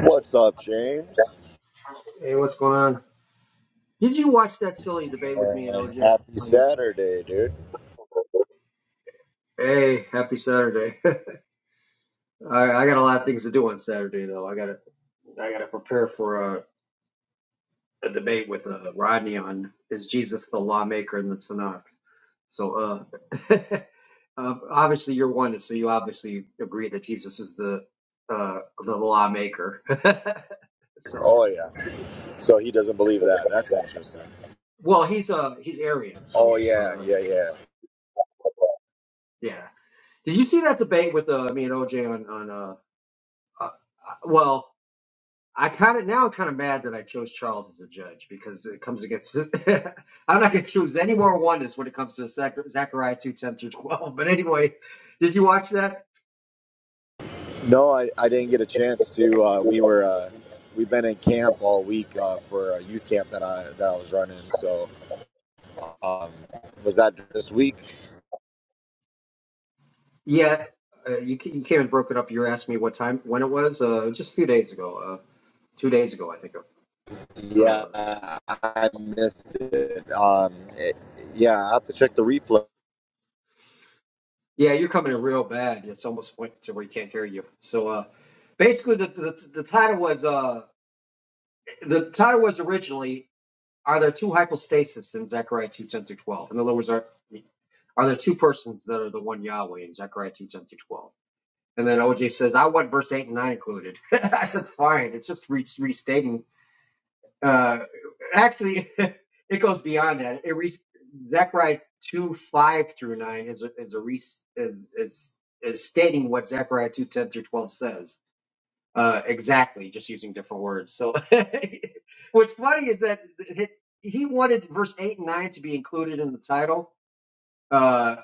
What's up, James? Hey, what's going on? Did you watch that silly debate with me and And OJ? happy Saturday, dude. Hey, happy Saturday. I, I got a lot of things to do on Saturday though. I gotta I gotta prepare for a, a debate with Rodney on is Jesus the lawmaker in the Tanakh. So uh, uh obviously you're one, so you obviously agree that Jesus is the uh the lawmaker. so Oh, yeah. So he doesn't believe that. That's interesting. well he's uh he's Arian, Oh, so yeah, uh yeah, yeah. yeah. Did you see that debate with uh, me and OJ on on uh, Uh, uh, well, I kind of now I'm kind of mad that I chose Charles as a judge because it comes against. I'm not going to choose any more oneness when it comes to Zach, Zachariah two ten through twelve. But anyway, did you watch that? No, I, I didn't get a chance to. Uh, we were, uh, we've been in camp all week uh, for a youth camp that I, that I was running. So, um, was that this week? Yeah, uh, you ca- you came and broke it up. You were asking me what time when it was. Uh, just a few days ago. Uh, two days ago, I think. Uh, Yeah, uh, I missed it. Um, it. Yeah, I have to check the replay. yeah, you're coming in real bad. It's almost went to where you can't hear you. So uh, basically, the the, the title was uh the title was originally. Are there two hypostases in Zechariah two ten through twelve? In other words, are are there two persons that are the one Yahweh in Zechariah two ten through twelve? And then OJ says, I want verse eight and nine included. I said, fine. It's just re- restating. Uh, actually, it goes beyond that. It re- Zechariah two five through nine is a, is a re- is is is stating what Zechariah two ten through twelve says uh, exactly, just using different words. So, what's funny is that he wanted verse 8 and 9 to be included in the title, uh,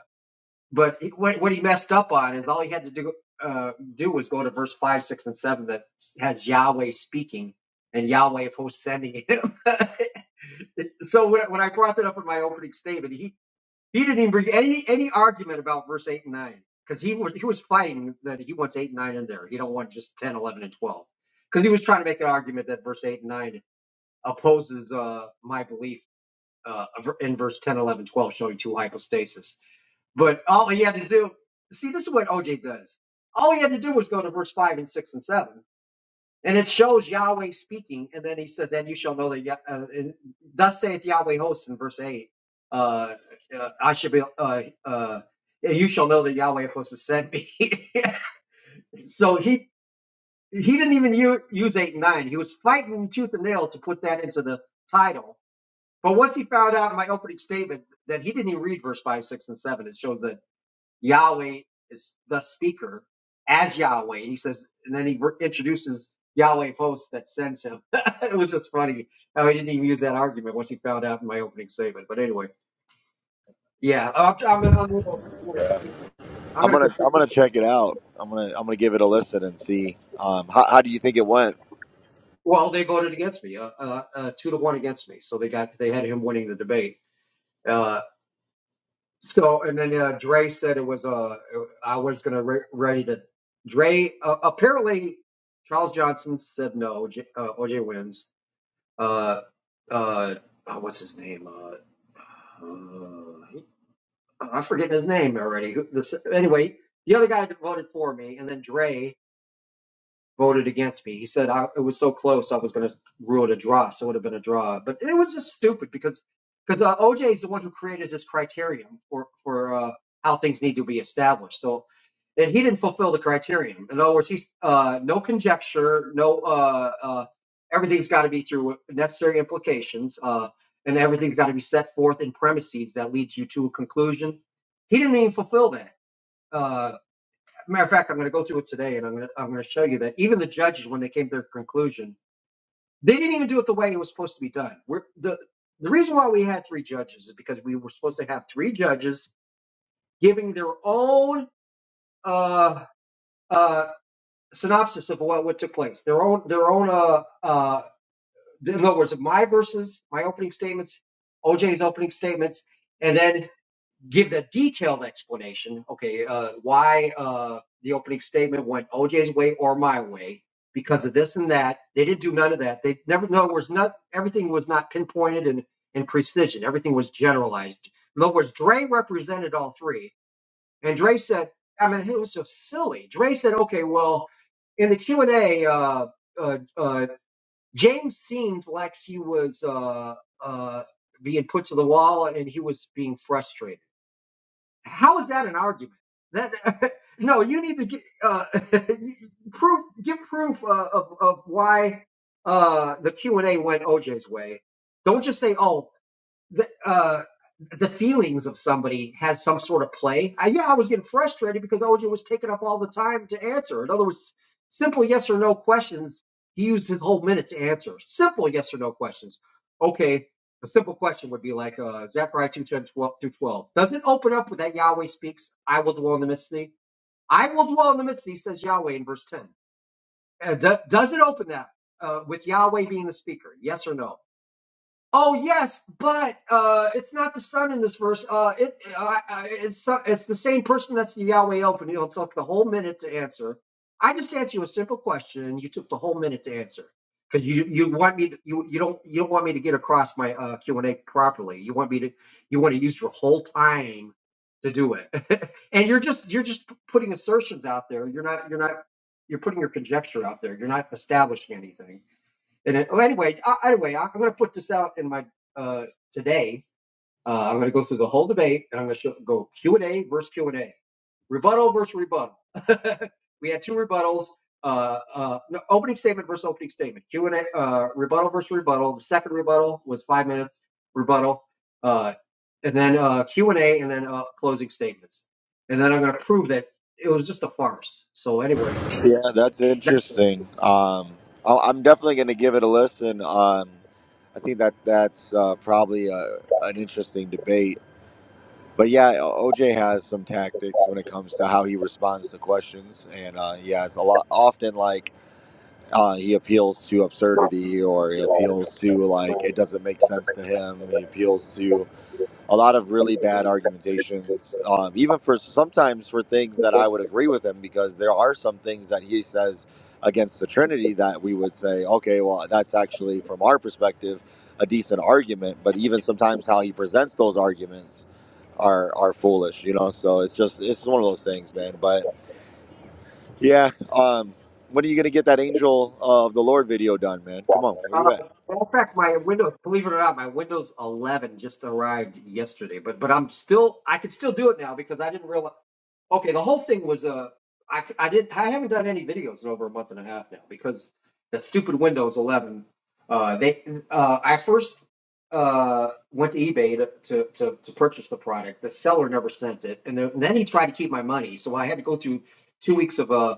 but he, what, what he messed up on is all he had to do, uh, do was go to verse 5, 6, and 7 that has Yahweh speaking and Yahweh of hosts sending him. so, when, when I brought that up in my opening statement, he he didn't even bring any any argument about verse eight and nine because he was he was fighting that he wants eight and nine in there. He don't want just 10, 11, and twelve because he was trying to make an argument that verse eight and nine opposes uh, my belief uh, in verse 10, 11, 12, showing two hypostases. But all he had to do, see, this is what OJ does. All he had to do was go to verse five and six and seven. And it shows Yahweh speaking, and then he says, "And you shall know that." Yah- Uh, and thus saith Yahweh hosts in verse eight. Uh, uh, I should be. Uh, uh, you shall know that Yahweh hosts has sent me. so he he didn't even u- use eight and nine. He was fighting tooth and nail to put that into the title. But once he found out in my opening statement that he didn't even read verse five, six, and seven, it shows that Yahweh is the speaker as Yahweh. And He says, and then he re- introduces Yahweh post that sends him. it was just funny how he didn't even use that argument once he found out in my opening statement. But anyway, yeah, I'm, I'm, I'm going to continue. I'm I'm going to gonna, I'm continue. gonna check it out. I'm gonna, I'm gonna give it a listen and see. Um, how, how do you think it went? Well, they voted against me, uh, uh, uh, two to one against me. So they got they had him winning the debate. Uh, So and then uh, Dre said it was uh I was gonna re- ready to Dre uh, apparently Charles Johnson said no J, uh, OJ wins uh uh oh, what's his name uh, uh I'm forgetting his name already Who- this, anyway the other guy that voted for me and then Dre voted against me. He said I, it was so close I was going to rule it a draw, so it would have been a draw. But it was just stupid because because uh, OJ is the one who created this criterion for for uh, how things need to be established. So and he didn't fulfill the criterion. In other words, he's uh, no conjecture, no uh, uh, everything's got to be through necessary implications, uh, and everything's got to be set forth in premises that leads you to a conclusion. He didn't even fulfill that. Uh, matter of fact, I'm going to go through it today, and I'm going to I'm going to show you that even the judges, when they came to their conclusion, they didn't even do it the way it was supposed to be done. We're, the the reason why we had three judges is because we were supposed to have three judges giving their own uh, uh, synopsis of what, what took place, their own their own uh, uh, in other words, my verses, my opening statements, OJ's opening statements, and then. give the detailed explanation. Okay, uh, why uh, the opening statement went OJ's way or my way because of this and that. They didn't do none of that. They never. In other words, not everything was not pinpointed and and precision. Everything was generalized. In other words, Dre represented all three, and Dre said, I mean, it was so silly. Dre said, okay, well, in the Q and A. Uh, uh, uh, James seemed like he was uh, uh, being put to the wall, and he was being frustrated how is that an argument? That, no, you need to get uh, proof. Give proof uh, of of why uh, the Q and A went OJ's way. Don't just say, "Oh, the uh, the feelings of somebody has some sort of play. I, yeah, I was getting frustrated because OJ was taking up all the time to answer. In other words, simple yes or no questions. He used his whole minute to answer simple yes or no questions. Okay, a simple question would be like uh, Zechariah 2, ten through 12. Does it open up with that Yahweh speaks, I will dwell in the midst of thee? I will dwell in the midst of thee, says Yahweh in verse 10. Uh, do- does it open that uh, with Yahweh being the speaker? Yes or no? Oh yes, but uh, it's not the son in this verse. Uh, it I, it's so- it's the same person that's the Yahweh open. You know, it took the whole minute to answer. I just asked you a simple question, and you took the whole minute to answer because you you want me to, you you don't you don't want me to get across my uh, Q and A properly. You want me to you want to use your whole time to do it, and you're just you're just putting assertions out there. You're not you're not you're putting your conjecture out there. You're not establishing anything. And it, oh, anyway, uh, anyway, I- I'm going to put this out in my uh, today. Uh, I'm going to go through the whole debate, and I'm going to go Q and A versus Q and A, rebuttal versus rebuttal. we had two rebuttals. Uh, uh, no, opening statement versus opening statement. Q and A, uh, rebuttal versus rebuttal. The second rebuttal was five minutes rebuttal, uh, and then uh, Q and A, and then uh, closing statements. And then I'm going to prove that it was just a farce. So anyway, Yeah, that's interesting. Um, I- I'm definitely going to give it a listen. Um, I think that that's uh, probably uh an interesting debate. But yeah, OJ has some tactics when it comes to how he responds to questions, and uh, yeah, it's a lot often like uh, he appeals to absurdity or he appeals to like it doesn't make sense to him. He appeals to a lot of really bad argumentations, um, even for sometimes for things that I would agree with him because there are some things that he says against the Trinity that we would say, okay, well, that's actually from our perspective a decent argument, but even sometimes how he presents those arguments are are foolish, you know. So it's just it's one of those things, man. But yeah, um, when are you gonna get that Angel of the Lord video done, man? Come on, where you Uh, at? well, in fact, my Windows, believe it or not, my Windows 11 just arrived yesterday, but but I'm still I can still do it now because I didn't realize. Okay, the whole thing was uh, I c- I did I haven't done any videos in over a month and a half now because that stupid Windows 11. Uh, they uh, I first uh went to eBay to, to to to purchase the product. The seller never sent it, and then, and then he tried to keep my money, so I had to go through two weeks of uh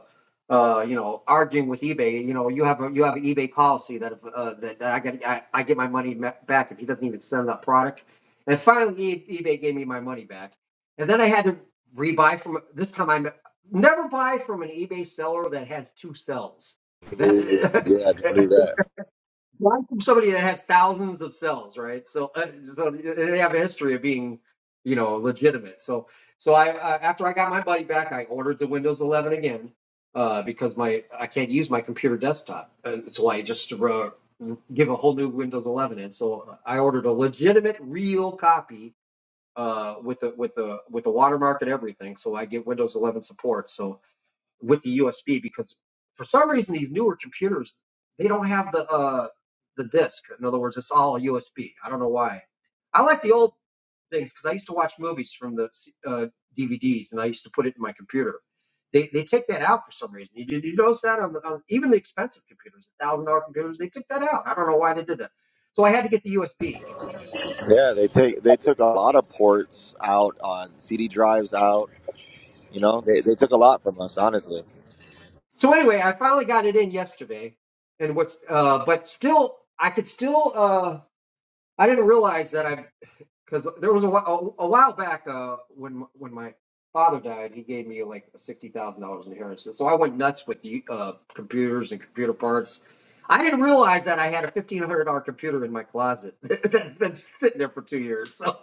uh, you know, arguing with eBay, you know, you have, a you have an eBay policy that, if, uh, that that I get, I, I get my money back if he doesn't even send that product. And finally, E- eBay gave me my money back. And then I had to rebuy from, this time I never buy from an eBay seller that has two cells. Ooh, That, yeah, don't do that. Well, I'm from somebody that has thousands of cells, right? So, uh, so they have a history of being, you know, legitimate. So, so I, I after I got my buddy back, I ordered the Windows 11 again uh, because my I can't use my computer desktop, and so I just uh, give a whole new Windows 11 in. So I ordered a legitimate, real copy uh, with a with a with a watermark and everything. So I get Windows 11 support. So with the USB because for some reason these newer computers they don't have the uh the disk. In other words, it's all USB. I don't know why. I like the old things because I used to watch movies from the uh, DVDs and I used to put it in my computer. They they take that out for some reason. You, did you notice that on, the, on even the expensive computers, thousand dollar computers, they took that out. I don't know why they did that. So I had to get the USB. Yeah, they take they took a lot of ports out on CD drives out. You know, they, they took a lot from us, honestly. So anyway, I finally got it in yesterday, and what's uh, but still I could still uh. I didn't realize that I because there was a, a, a while back uh, when when my father died, he gave me like sixty thousand dollars in inheritance. So I went nuts with the uh, computers and computer parts. I didn't realize that I had a fifteen hundred dollar computer in my closet that's been sitting there for two years. So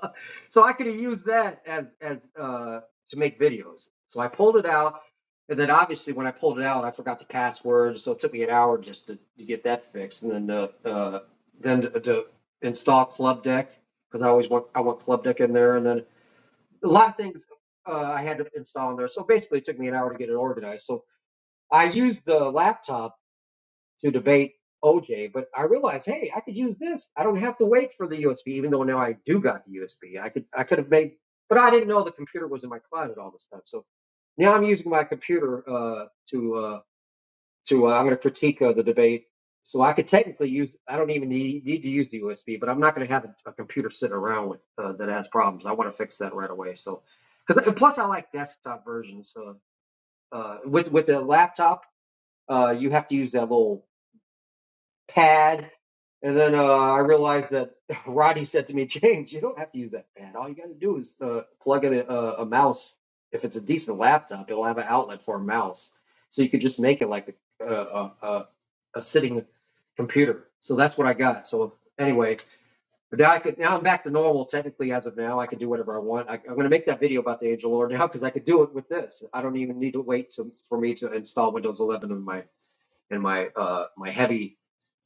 so I could have used that as as uh, to make videos. So I pulled it out. And then obviously, when I pulled it out, I forgot the password, so it took me an hour just to, to get that fixed. And then uh, uh, then to, to install Club Deck, because I always want I want club deck in there, and then a lot of things uh, I had to install in there. So basically, it took me an hour to get it organized. So I used the laptop to debate OJ, but I realized, hey, I could use this. I don't have to wait for the USB, even though now I do got the USB. I could I could have made, but I didn't know the computer was in my closet all this time. So now I'm using my computer uh, to uh, to uh, I'm going to critique uh, the debate. So I could technically use I don't even need, need to use the USB, but I'm not going to have a, a computer sitting around with uh, that has problems. I want to fix that right away. So because plus I like desktop versions. So uh, with with the laptop, uh, you have to use that little pad. And then uh, I realized that Roddy said to me, James, you don't have to use that pad. All you got to do is uh, plug in a, a, mouse. If it's a decent laptop, it'll have an outlet for a mouse. So you could just make it like a, a, a, a sitting computer. So that's what I got. So anyway, but now I could now I'm back to normal. Technically, as of now, I can do whatever I want. I, I'm going to make that video about the Angel Lord now because I could do it with this. I don't even need to wait to, for me to install Windows 11 in my in my uh, my heavy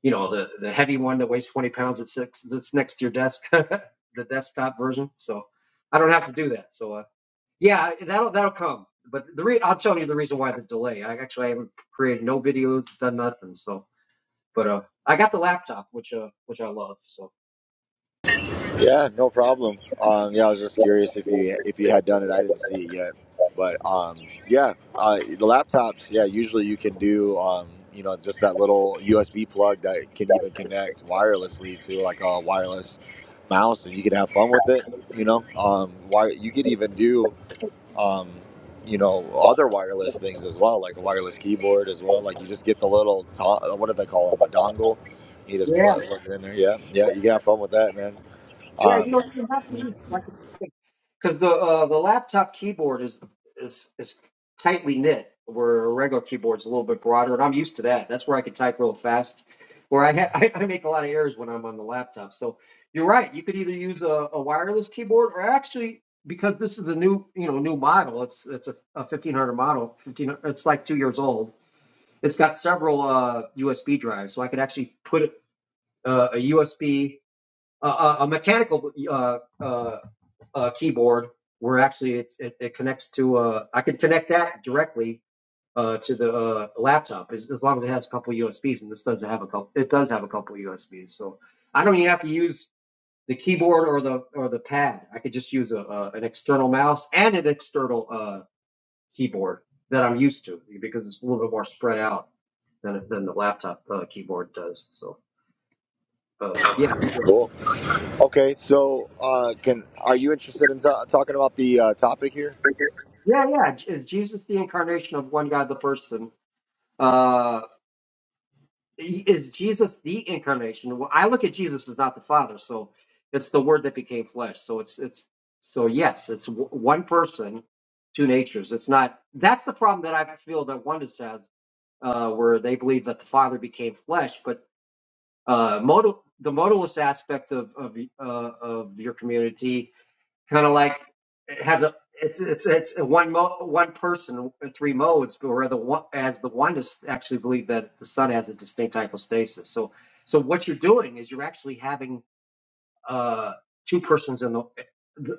you know, the, the heavy one that weighs 20 pounds at six, that's next to your desk, the desktop version. So I don't have to do that. So, uh, yeah, that'll, that'll come. But the re- I'll tell you the reason why the delay. I actually haven't created no videos, done nothing. So, but, uh, I got the laptop, which, uh, which I love. So Yeah, no problem. Um, yeah, I was just curious if you if you had done it. I didn't see it yet, but um, yeah, uh, the laptops. Yeah, usually you can do um, you know just that little USB plug that can even connect wirelessly to like a wireless mouse, and you can have fun with it. You know, um, why you could even do um, you know, other wireless things as well, like a wireless keyboard as well. Like you just get the little, to- what do they call them, a dongle. You just Yeah, plug, plug it in there. Yeah, yeah, you can have fun with that, man. yeah. You Um, don't even have to use like. because the uh, the laptop keyboard is is is tightly knit, where a regular keyboard's a little bit broader, and I'm used to that. That's where I can type real fast. Where I ha- I, I make a lot of errors when I'm on the laptop. So you're right. You could either use a, a wireless keyboard, or actually, because this is a new you know new model, it's it's a, a 1500 model. 15, it's like two years old. It's got several uh, USB drives, so I could actually put uh, a USB a, a mechanical uh, uh, uh, keyboard where actually it's, it, it connects to uh, I can connect that directly uh, to the uh, laptop as, as long as it has a couple USBs and this doesn't have a couple it does have a couple USBs so I don't even have to use the keyboard or the or the pad I could just use a, a an external mouse and an external uh, keyboard that I'm used to because it's a little bit more spread out than than the laptop uh, keyboard does so uh, yeah cool. Okay, so uh, can are you interested in ta talking about the uh, topic here? Yeah, yeah. J- Is Jesus the incarnation of one God, the person? Uh, i- is Jesus the incarnation? Well, I look at Jesus as not the Father, so it's the Word that became flesh. So it's it's so yes, it's w- one person, two natures. It's not. That's the problem that I feel that one says, uh, where they believe that the Father became flesh, but uh, modal the modalist aspect of of y- uh, of your community kind of like it has a it's it's it's a one mo- one person in three modes, but where the one as the oneness actually believe that the sun has a distinct hypostasis. So so what you're doing is you're actually having uh two persons in the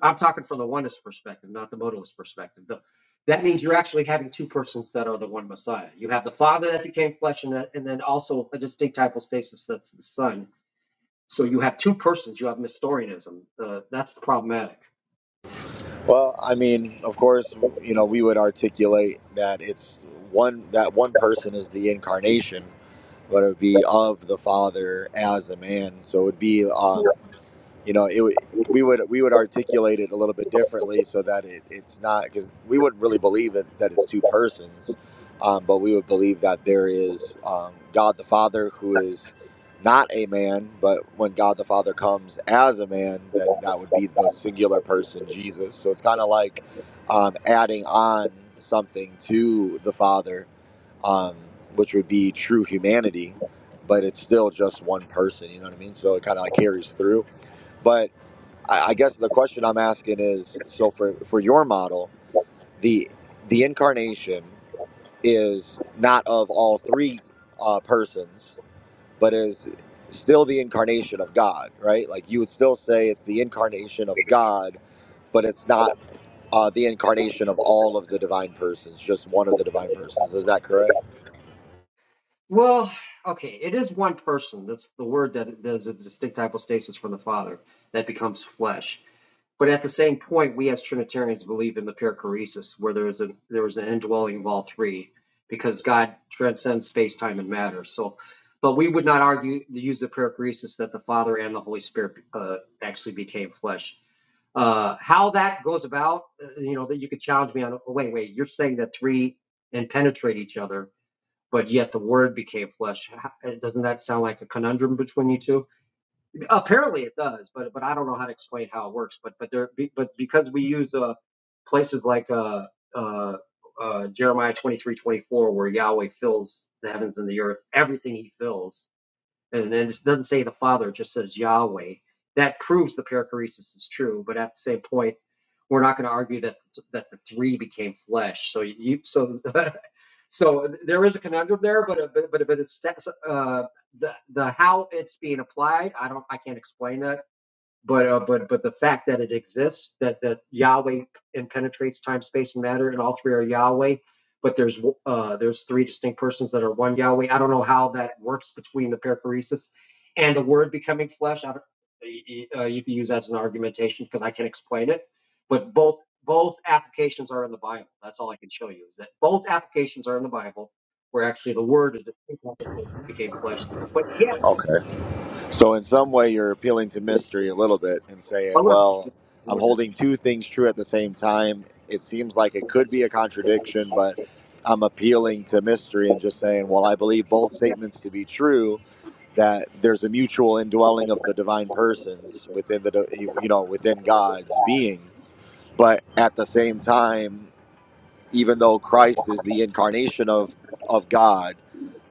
I'm talking from the oneness perspective, not the modalist perspective. The, that means you're actually having two persons that are the one Messiah. You have the Father that became flesh, and, that, and then also a distinct hypostasis that's the Son. So you have two persons. You have Nestorianism. Uh, that's problematic. Well, I mean, of course, you know, we would articulate that it's one that one person is the incarnation, but it would be of the Father as a man. So it would be. Um, you know, it would we would we would articulate it a little bit differently so that it, it's not because we wouldn't really believe it, that it's two persons, um, but we would believe that there is um, God the Father who is not a man, but when God the Father comes as a man, then that would be the singular person Jesus. So it's kind of like um, adding on something to the Father, um, which would be true humanity, but it's still just one person. You know what I mean? So it kind of like carries through, but I, I guess the question I'm asking is so for, for your model, the the incarnation is not of all three uh, persons, but is still the incarnation of God, right? Like you would still say it's the incarnation of God, but it's not uh, the incarnation of all of the divine persons, just one of the divine persons. Is that correct? Well, okay, it is one person. That's the word that there's a distinct hypostasis from the Father that becomes flesh. But at the same point, we as Trinitarians believe in the perichoresis, where there is a there is an indwelling of all three, because God transcends space, time, and matter. So, but we would not argue use the perichoresis that the Father and the Holy Spirit uh, actually became flesh. Uh, how that goes about, uh, you know, that you could challenge me on. Oh, Wait, wait, you're saying that three and penetrate each other but yet the word became flesh. Doesn't that sound like a conundrum between you two? Apparently it does, but but I don't know how to explain how it works. But but there but because we use uh places like uh uh, uh Jeremiah twenty three twenty four where Yahweh fills the heavens and the earth, everything He fills, and then it doesn't say the Father, it just says Yahweh. That proves the perichoresis is true, but at the same point, we're not going to argue that that the three became flesh. So you so So there is a conundrum there, but uh, but but, it's uh, the the how it's being applied. I don't I can't explain that but uh, but but the fact that it exists, that that Yahweh and penetrates time, space, and matter, and all three are Yahweh, but there's uh, there's three distinct persons that are one Yahweh. I don't know how that works between the perichoresis and the Word becoming flesh. I don't, y- y- uh, you can use that as an argumentation because I can explain it, but both both applications are in the Bible. That's all I can show you is that both applications are in the Bible, where actually the Word is the distinct application became flesh. But yet, Okay. So, in some way, you're appealing to mystery a little bit and saying, well, well, I'm holding two things true at the same time. It seems like it could be a contradiction, but I'm appealing to mystery and just saying, well, I believe both statements to be true, that there's a mutual indwelling of the divine persons within the, di- you know, within God's being. But at the same time, even though Christ is the incarnation of, of God,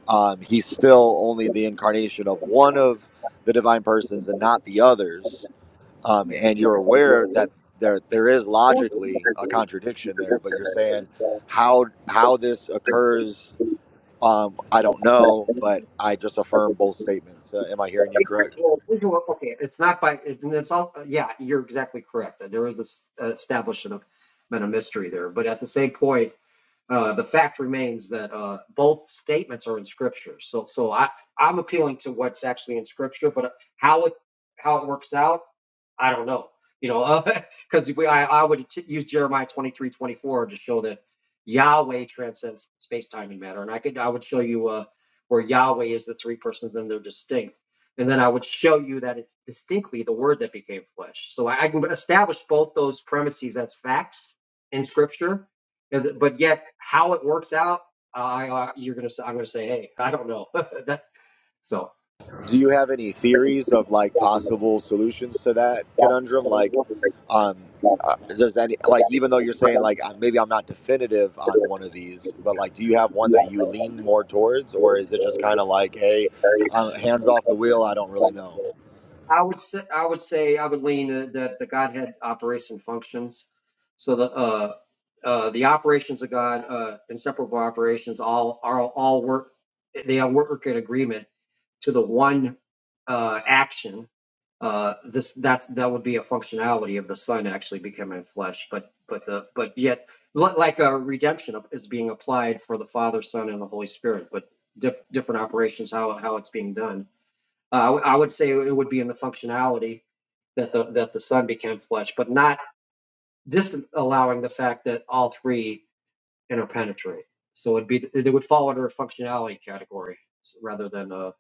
um, he's still only the incarnation of one of the divine persons and not the others. Um, Yeah. and Yeah. you're As aware Well, that it's there there is one of the logically a categories that you contradiction there, but suggested you're that it saying was, how how this occurs. Um, I don't know, but I just uh, affirm both statements. Uh, am I hearing you like, correct? well, visual- Okay, it's not by, it- and it's all, yeah, you're exactly correct. There is a s- a establishment of, been a mystery there, but at the same point, Uh, the fact remains that uh, both statements are in Scripture. So, so I, I'm appealing to what's actually in Scripture, but how it how it works out, I don't know. You know, because we I, I would t- use Jeremiah 23:24 to show that Yahweh transcends space, time, and matter, and I could I would show you uh, where Yahweh is the three persons and they're distinct, and then I would show you that it's distinctly the Word that became flesh. So I, I can establish both those premises as facts in Scripture but yet, how it works out, I I- you're gonna I'm gonna say, hey, I don't know. that Do you have any theories of like possible solutions to that conundrum? Like, um, uh, does any like even though you're saying like uh, maybe I'm not definitive on one of these, but like, do you have one that you lean more towards, or is it just kind of like, hey, uh hands off the wheel, I don't really so know. I would say I would say I would lean uh, that the Godhead operates and functions. So the uh, uh, the operations of God, uh, inseparable operations, all are all work. They all work in agreement to the one uh, action. Uh, this that's that would be a functionality of the Son actually becoming flesh, but but the but yet li- like a redemption is being applied for the Father, Son, and the Holy Spirit, but diff, different operations how how it's being done. Uh, I w- I would say it would be in the functionality that the that the Son became flesh, but not disallowing the fact that all three interpenetrate. So it'd be it would fall under a functionality category rather than uh,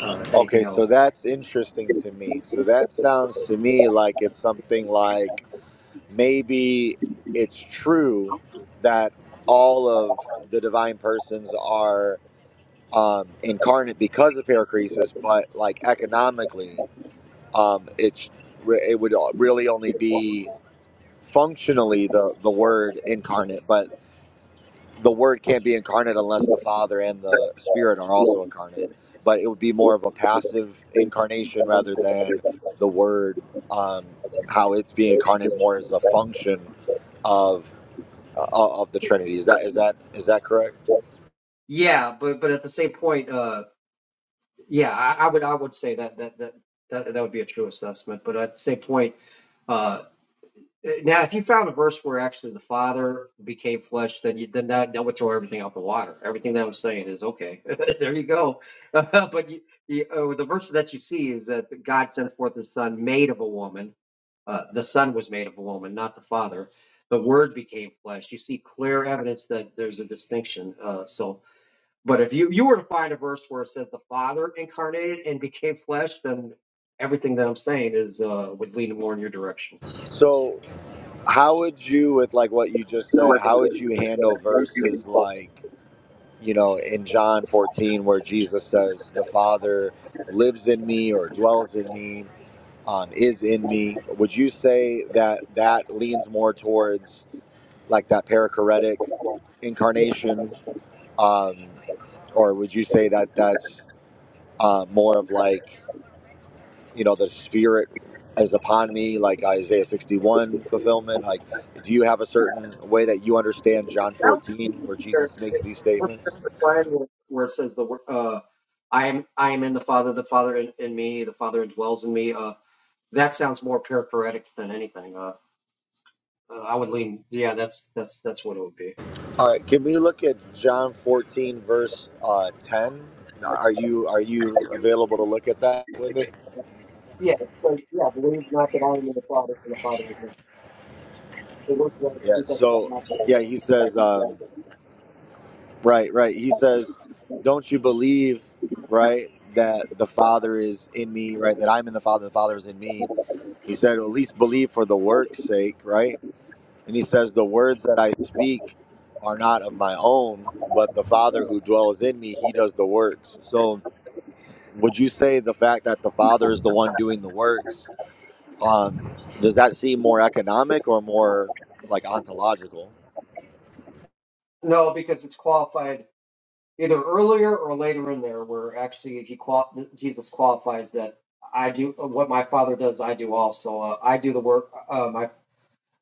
uh, anything Okay, so else. that's interesting to me. So that sounds to me like it's something like maybe it's true that all of the divine persons are um, incarnate because of Paracresis, but like economically, um, it's re- it would really only be functionally the the word incarnate, but the word can't be incarnate unless the Father and the Spirit are also incarnate. But it would be more of a passive incarnation rather than the word um, how it's being incarnate more as a function of uh, of the Trinity. Is that is that is that correct? Yeah, but but at the same point, uh, Yeah, I, I would I would say that that that that, that would be a true assessment. But at the same point, uh, now if you found a verse where actually the Father became flesh, then you then that, that would throw everything out the water. Everything that I'm saying is okay. there you go. but you, you, uh, the verse that you see is that God sent forth His Son, made of a woman. Uh, the Son was made of a woman, not the Father. The Word became flesh. You see clear evidence that there's a distinction. Uh, so but if you you were to find a verse where it says the Father incarnated and became flesh, then everything that I'm saying is uh, would lean more in your direction. So how would you with like what you just No, said we're going to how get would into you this, but I handle want you to verses them. like you know in john 14 where jesus says the father lives in me or dwells in me um, is in me would you say that that leans more towards like that perichoretic Yeah, incarnation um, or would you say that that's uh, more of like you know, the spirit is upon me, like Isaiah 61 fulfillment? Like, do you have a certain way that you understand John that's 14 where fair. Jesus makes these What's the statements? line where where it says the wor- uh, I am I am in the Father, the Father in, in me, the Father dwells in me. Uh, that sounds more perichoretic than anything. Uh, Uh, I would lean. Yeah, that's that's that's what it would be. All right, can we look at John 14 verse uh, 10? Are you are you available to look at that with me? Yeah, it's like, yeah, believe not that I am in the Father and the Father in me. The words that I Yeah. speak, I shall So, not let yeah, he go. says, um, right, right. He says, don't you believe, right, that the Father is in me, right? That I'm in the Father, and the Father is in me. He said, at least believe for the work's sake, right? And he says, The words that I speak are not of my own, but the Father who dwells in me, he does the works. So, would you say the fact that the Father is the one doing the works, um, does that seem more economic or more like ontological? No, because it's qualified either earlier or later in there, where actually he qual- Jesus qualifies that I do what my Father does, I do also. Uh, I do the work. Uh, my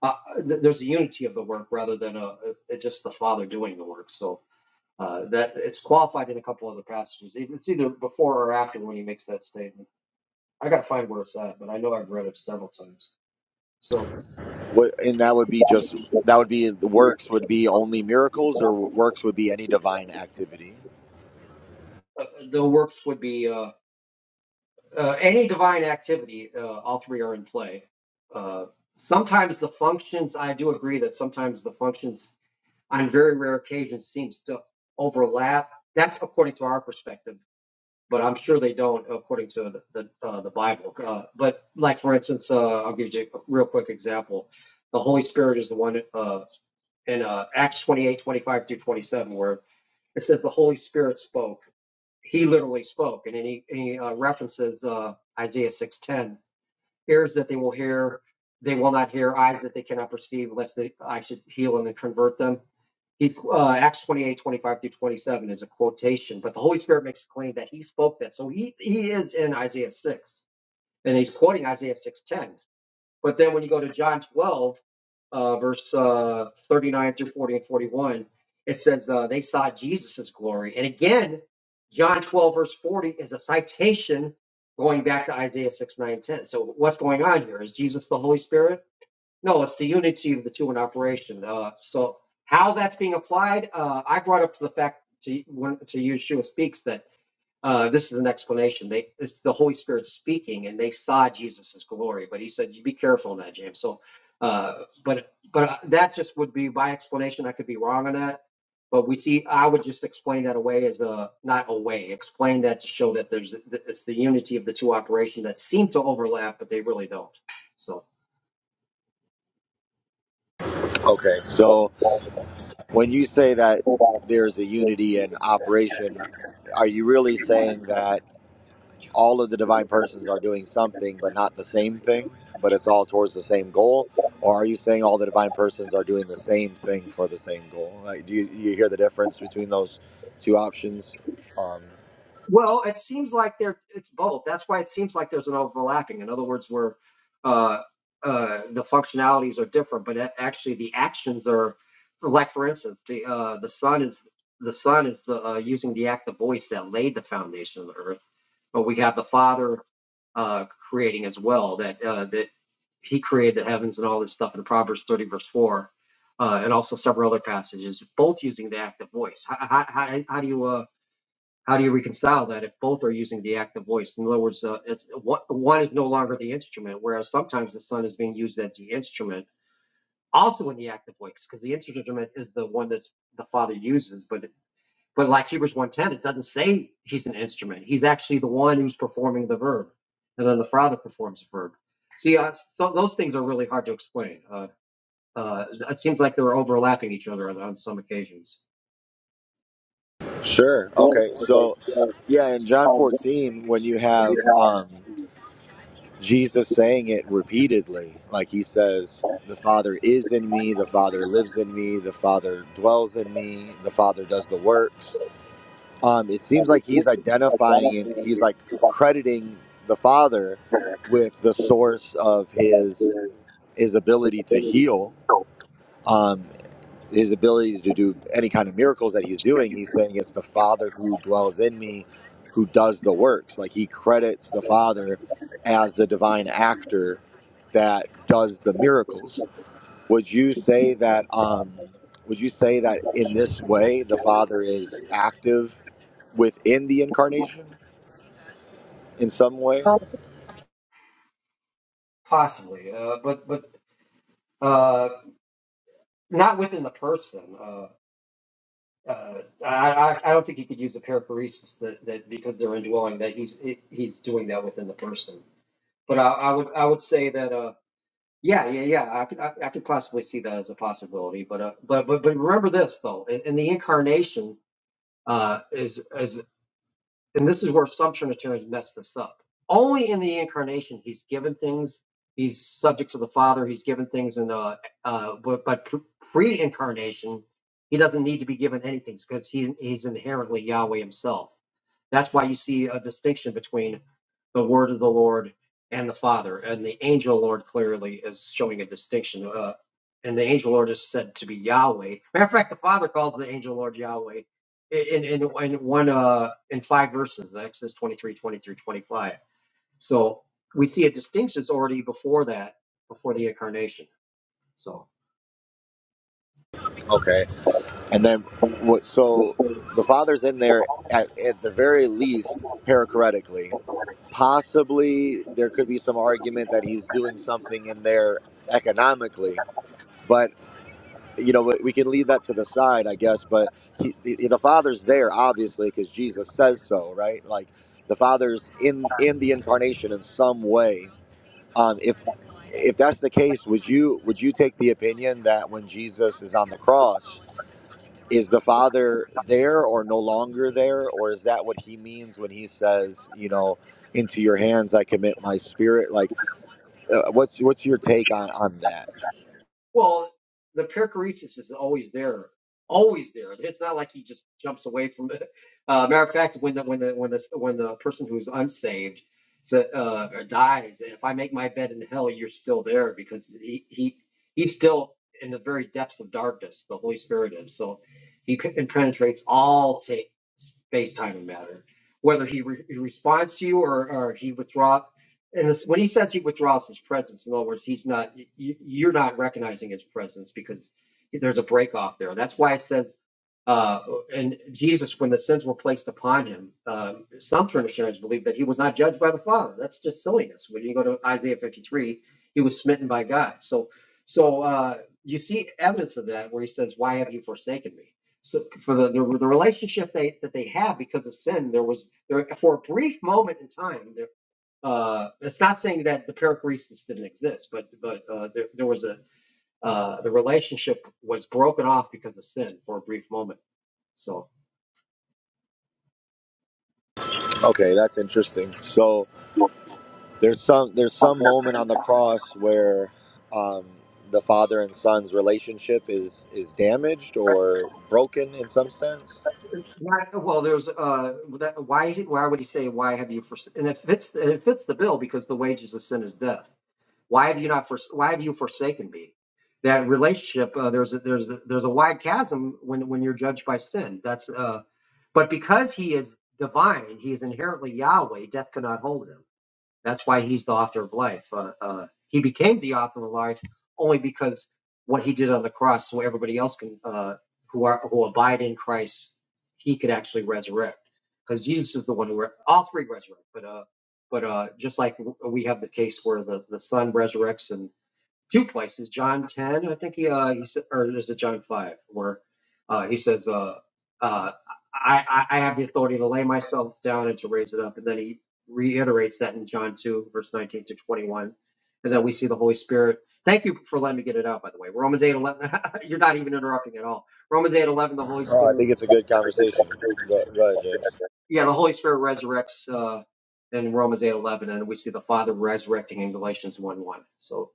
uh, th- there's a unity of the work rather than a, a, it's just the Father doing the work. So. Uh, that it's qualified in a couple of the passages. It's either before or after when he makes that statement. I gotta find where it's at, but I know I've read it several times. So What, and that would be just, uh, that would be, the works would be only miracles or works would be any divine activity? the works would be uh, uh, any divine activity. Uh, all three are in play. Uh, sometimes the functions. I do agree that sometimes the functions, on very rare occasions, seems to overlap. That's according to our perspective. but I'm sure they don't according to the the, uh, the Bible. Uh, but like for instance, uh, I'll give you a real quick example. The Holy Spirit is the one uh, in uh, Acts 28:25 through 27, where it says the Holy Spirit spoke. He literally spoke, and then he, he uh, references uh, Isaiah 6:10 ears that they will hear, they will not hear, eyes that they cannot perceive, lest they, I should heal and then convert them. He's, uh, Acts 28 25 through 27 is a quotation, but the Holy Spirit makes a claim that he spoke that. So he, he is in Isaiah 6, and he's quoting Isaiah 6.10. But then when you go to John 12, uh, verse uh, 39 through 40 and 41, it says uh, they saw Jesus' glory. And again, John 12, verse 40 is a citation going back to Isaiah 6, 9, 10. So what's going on here? Is Jesus the Holy Spirit? No, it's the unity of the two in operation. Uh, so how that's being applied, uh, I brought up to the fact to, when, to Yeshua speaks that uh, this is an explanation. They, it's the Holy Spirit speaking, and they saw Jesus' glory. But he said, "You be careful in that, James." So, uh, but but uh, that just would be my explanation. I could be wrong on that, but we see. I would just explain that away as a not away. Explain that to show that there's that it's the unity of the two operations that seem to overlap, but they really don't. So, Okay. So, when you say that there's a unity in operation, are you really saying that? all of the divine persons are doing something but not the same thing but it's all towards the same goal or are you saying all the divine persons are doing the same thing for the same goal like do you, you hear the difference between those two options um Well, it seems like they're it's both. That's why it seems like there's an overlapping. In other words, where uh, uh, the functionalities are different, but a- actually the actions are, like for instance, the uh, the sun is the sun is the uh, using the act of voice that laid the foundation of the earth, but we have the Father uh, creating as well that uh, that He created the heavens and all this stuff in Proverbs 30 verse four, uh, and also several other passages, both using the act of voice. How, how, how, how do you uh, how do you reconcile that if both are using the active voice? In other words, uh, it's one one is no longer the instrument, whereas sometimes the son is being used as the instrument, also in the active voice, because the instrument is the one that's the father uses. But but like Hebrews one ten, it doesn't say he's an instrument. He's actually the one who's performing the verb, and then the father performs the verb. See, uh, so those things are really hard to explain. Uh, uh, it seems like they're overlapping each other on, on some occasions. sure Right, okay because, so yeah in uh, john um, 14 when you have um jesus saying it repeatedly like he says the father is in me the father lives in me the father dwells in me the father does the works um, it seems like he's identifying and he's like crediting the father with the source of his his ability to heal um, his ability to do any kind of miracles that he's doing he's saying it's the father who dwells in me who does the works like he credits the father as the divine actor that does the miracles would you say that um, would you say that in this way the father is active within the incarnation in some way? Possibly, uh, but but uh, not within the person. Uh, uh, I, I I don't think he could use a perichoresis that, that because they're indwelling that he's he's doing that within the person. But I, I would I would say that uh, yeah yeah yeah I could I, I could possibly see that as a possibility. But uh, but but but remember this though in, in the incarnation uh, is is and this is where some Trinitarians mess this up. Only in the incarnation he's given things. He's subject to the Father. He's given things in the uh, but, but pre-incarnation he doesn't need to be given anything because he, he's inherently Yahweh himself. That's why you see a distinction between the word of the Lord and the Father. And the angel Lord clearly is showing a distinction. Uh, and the angel Lord is said to be Yahweh. Matter of fact, the Father calls the angel Lord Yahweh in in, in one uh in five verses, Exodus 23, twenty through 25. So we see a distinction that's already before that, before the incarnation. So Okay. And then what? So the father's in there at, at the very least, perichoretically. Possibly there could be some argument that he's doing something in there economically, but you know we we can leave that to the side, I guess. But he, the the father's there obviously because Jesus says so, right? Like the father's in in the incarnation in some way. Um, if if that's the case, would you would you take the opinion that when Jesus is on the cross? is the father there or no longer there or is that what he means when he says you know into your hands i commit my spirit like uh, what's what's your take on on that Well, the perichoresis is always there, always there. It's not like he just jumps away from it. Uh, matter of fact, when the when the when the when the person who's unsaved sa- uh, dies, if I make my bed in hell, you're still there because he he he's still in the very depths of darkness. The Holy Spirit is so he pen- penetrates all ta space, time, and matter. Whether he, re- he responds to you or, or he withdraws and this, when he says he withdraws his presence, in other words, he's not, you're not recognizing his presence because there's a break off there. That's why it says, uh, and Jesus, when the sins were placed upon him, um, some traditionaries believe that he was not judged by the Father. That's just silliness. When you go to Isaiah 53, he was smitten by God. So, so uh, you see evidence of that where he says, "Why have you forsaken me?" So for the the, the relationship they that they have because of sin, there was there for a brief moment in time. there, uh, it's not saying that the perichoresis didn't exist, but but uh, there, there was a uh, the relationship was broken off because of sin for a brief moment. So okay that's interesting so not, there's some there's some moment on the cross where um the father and son's relationship is is damaged or broken in some sense well, there's uh, that, why why would he say why have you forsaken? And it fits it fits the bill because the wages of sin is death. Why have you not for, Why have you forsaken me? That relationship, uh, there's a, there's a, there's a wide chasm when when you're judged by sin. That's uh, but because he is divine, he is inherently Yahweh. Death cannot hold him that's why he's the author of life. Uh, uh, he became the author of life only because what he did on the cross, so everybody else can uh, who are who abide in Christ, he could actually resurrect. Because Jesus is the one who re- all three resurrect. But uh, but uh, just like we have the case where the the Son resurrects and few places. John ten, I think he uh he said, or is it John five, where uh he says uh uh I I I have the authority to lay myself down and to raise it up, and then he reiterates that in John two verse nineteen to twenty one, and then we see the Holy Spirit. Thank you for letting me get it out. By the way, Romans eight eleven. You're not even interrupting at all. Romans eight eleven. The Holy oh i Spirit. think it's a good conversation go, go ahead james Yeah, the Holy Spirit resurrects uh, in Romans eight eleven, and we see the Father resurrecting in Galatians one one. So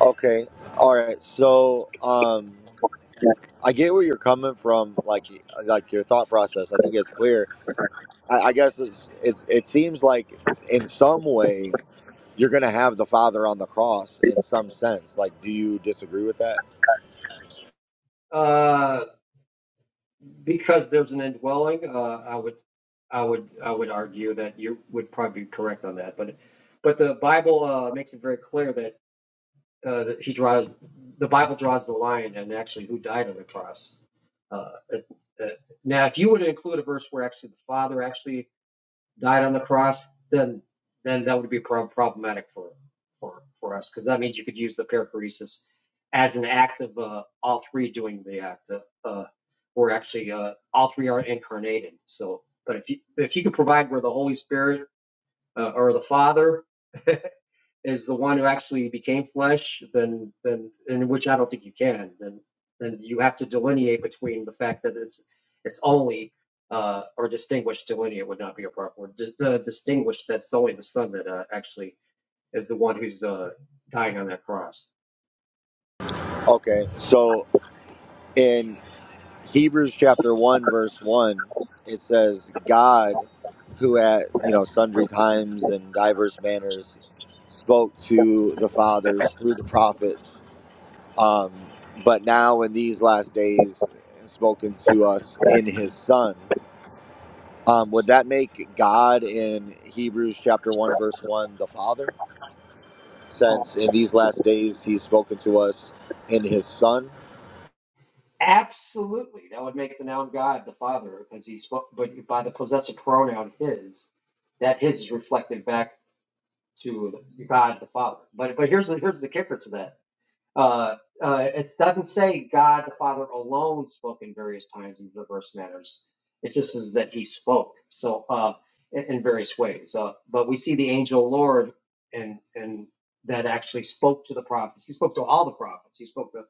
okay all right so um I get where you're coming from, like like your thought process. I think it's clear. I, I guess it's, it's it seems like in some way you're going to have the Father on the cross in some sense. Like, do you disagree with that? Uh, because there's an indwelling, uh, I would, I would, I would argue that you would probably be correct on that. But, but the Bible uh, makes it very clear that, uh, that he draws, the Bible draws the line, and actually who died on the cross. Uh, uh, uh, now, if you were to include a verse where actually the Father actually died on the cross, then then that would be prob- problematic for for for us because that means you could use the perichoresis as an act of uh, all three doing the act. Of, uh, we're actually uh, all three are incarnated. So, but if you if you could provide where the Holy Spirit uh, or the Father is the one who actually became flesh, then then in which I don't think you can, then then you have to delineate between the fact that it's it's only uh, or distinguish delineate would not be a proper word. D- uh, distinguish that's only the son that uh, actually is the one who's uh, dying on that cross. Okay, so in Hebrews chapter one verse one, it says God, who at you know sundry times and diverse manners spoke to the fathers through the prophets Um, but now in these last days, spoken to us in his son. Um, would that make God in Hebrews chapter 1, verse 1, the Father? Since in these last days he's spoken to us in his son? Absolutely, that would make the noun God the Father, because he spoke, but by the possessive pronoun his, that his is reflected back to God the Father. But but here's the here's the kicker to that Uh, uh, it doesn't say God the Father alone spoke in various times in diverse matters. It just says that He spoke. So uh, in, in various ways. Uh, but we see the angel Lord and and that actually spoke to the prophets. He spoke to all the prophets. He spoke to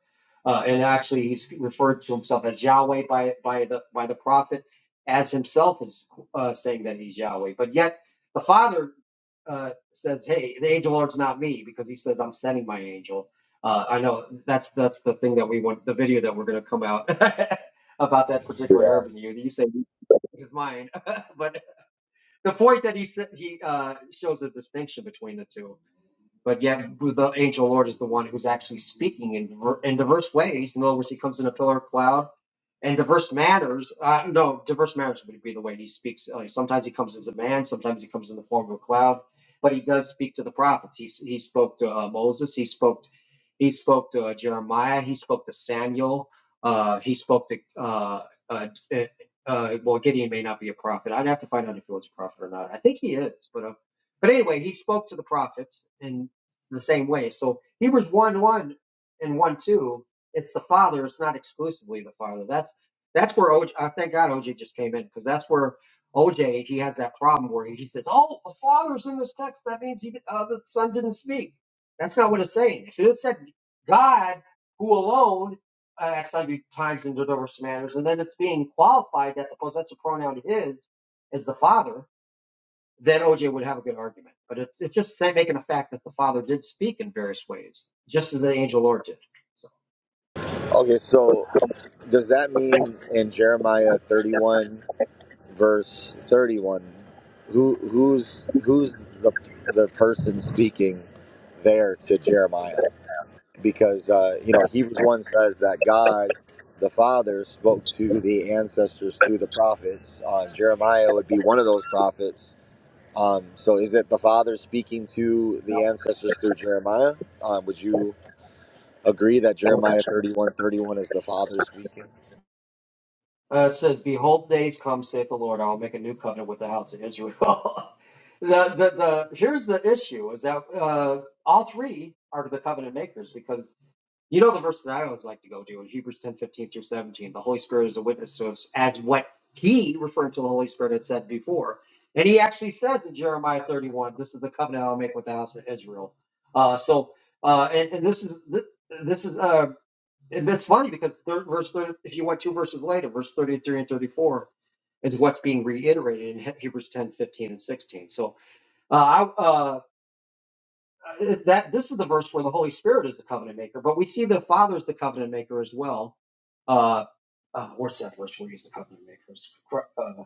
uh, and actually he's referred to himself as Yahweh by by the by the prophet as himself is uh, saying that he's Yahweh. But yet the Father uh, says, "Hey, the angel Lord's not me," because he says, "I'm sending my angel." Uh, I know that's that's the thing that we want the video that we're going to come out about that particular Yeah. herb in you. You say this is mine, but the point that he said he uh, shows a distinction between the two but yet, the angel Lord is the one who's actually speaking in, in diverse ways. In other words, he comes in a pillar of cloud and diverse matters. Uh, no, diverse matters would be the way he speaks. Uh, sometimes he comes as a man, sometimes he comes in the form of a cloud, but he does speak to the prophets. He, he spoke to uh, Moses, he spoke he spoke to uh, Jeremiah. He spoke to Samuel. Uh, he spoke to uh, uh, uh, uh, well, Gideon may not be a prophet. I'd have to find out if he was a prophet or not. I think he is, but uh, but anyway, he spoke to the prophets in the same way. So Hebrews one one and one two. It's the Father. It's not exclusively the Father. That's that's where OJ. I thank God OJ just came in because that's where OJ he has that problem where he says, "Oh, the Father's in this text. That means he did- uh, the Son didn't speak." That's not what it's saying. It should have said God, who alone, uh, at sundry times in diverse manners, and then it's being qualified that the possessive pronoun His is the Father, then OJ would have a good argument. But it's, it's just saying, making a fact that the Father did speak in various ways, just as the angel Lord did. So, Okay, so does that mean in Jeremiah 31, verse 31, who who's who's the, the person speaking there to Jeremiah? because uh, you know Hebrews one says that God, the Father, spoke to the ancestors through the prophets. Uh, Jeremiah would be one of those prophets. Um, so, is it the Father speaking to the no. ancestors through Jeremiah? Um, would you agree that Jeremiah thirty one thirty one is the Father speaking? Uh, it says, "Behold, days come," saith the Lord. I will make a new covenant with the house of Israel. the, the the here's the issue: is that uh, all three are the covenant makers because You know the verse that I always like to go to in Hebrews ten fifteen through 17. The Holy Spirit is a witness to us as what he, referring to the Holy Spirit, had said before. And he actually says in Jeremiah 31, this is the covenant I'll make with the house of Israel. Uh, so, uh, and, and this is, this, is, uh, and it's funny because third verse, 30, if you went two verses later, verse 33 and 34 is what's being reiterated in Hebrews ten fifteen and 16. So, uh, I, uh, that this is the verse where the Holy Spirit is the covenant maker, but we see the Father is the covenant maker as well. Uh, uh, what's that verse where he's the covenant maker? It's cor- Uh,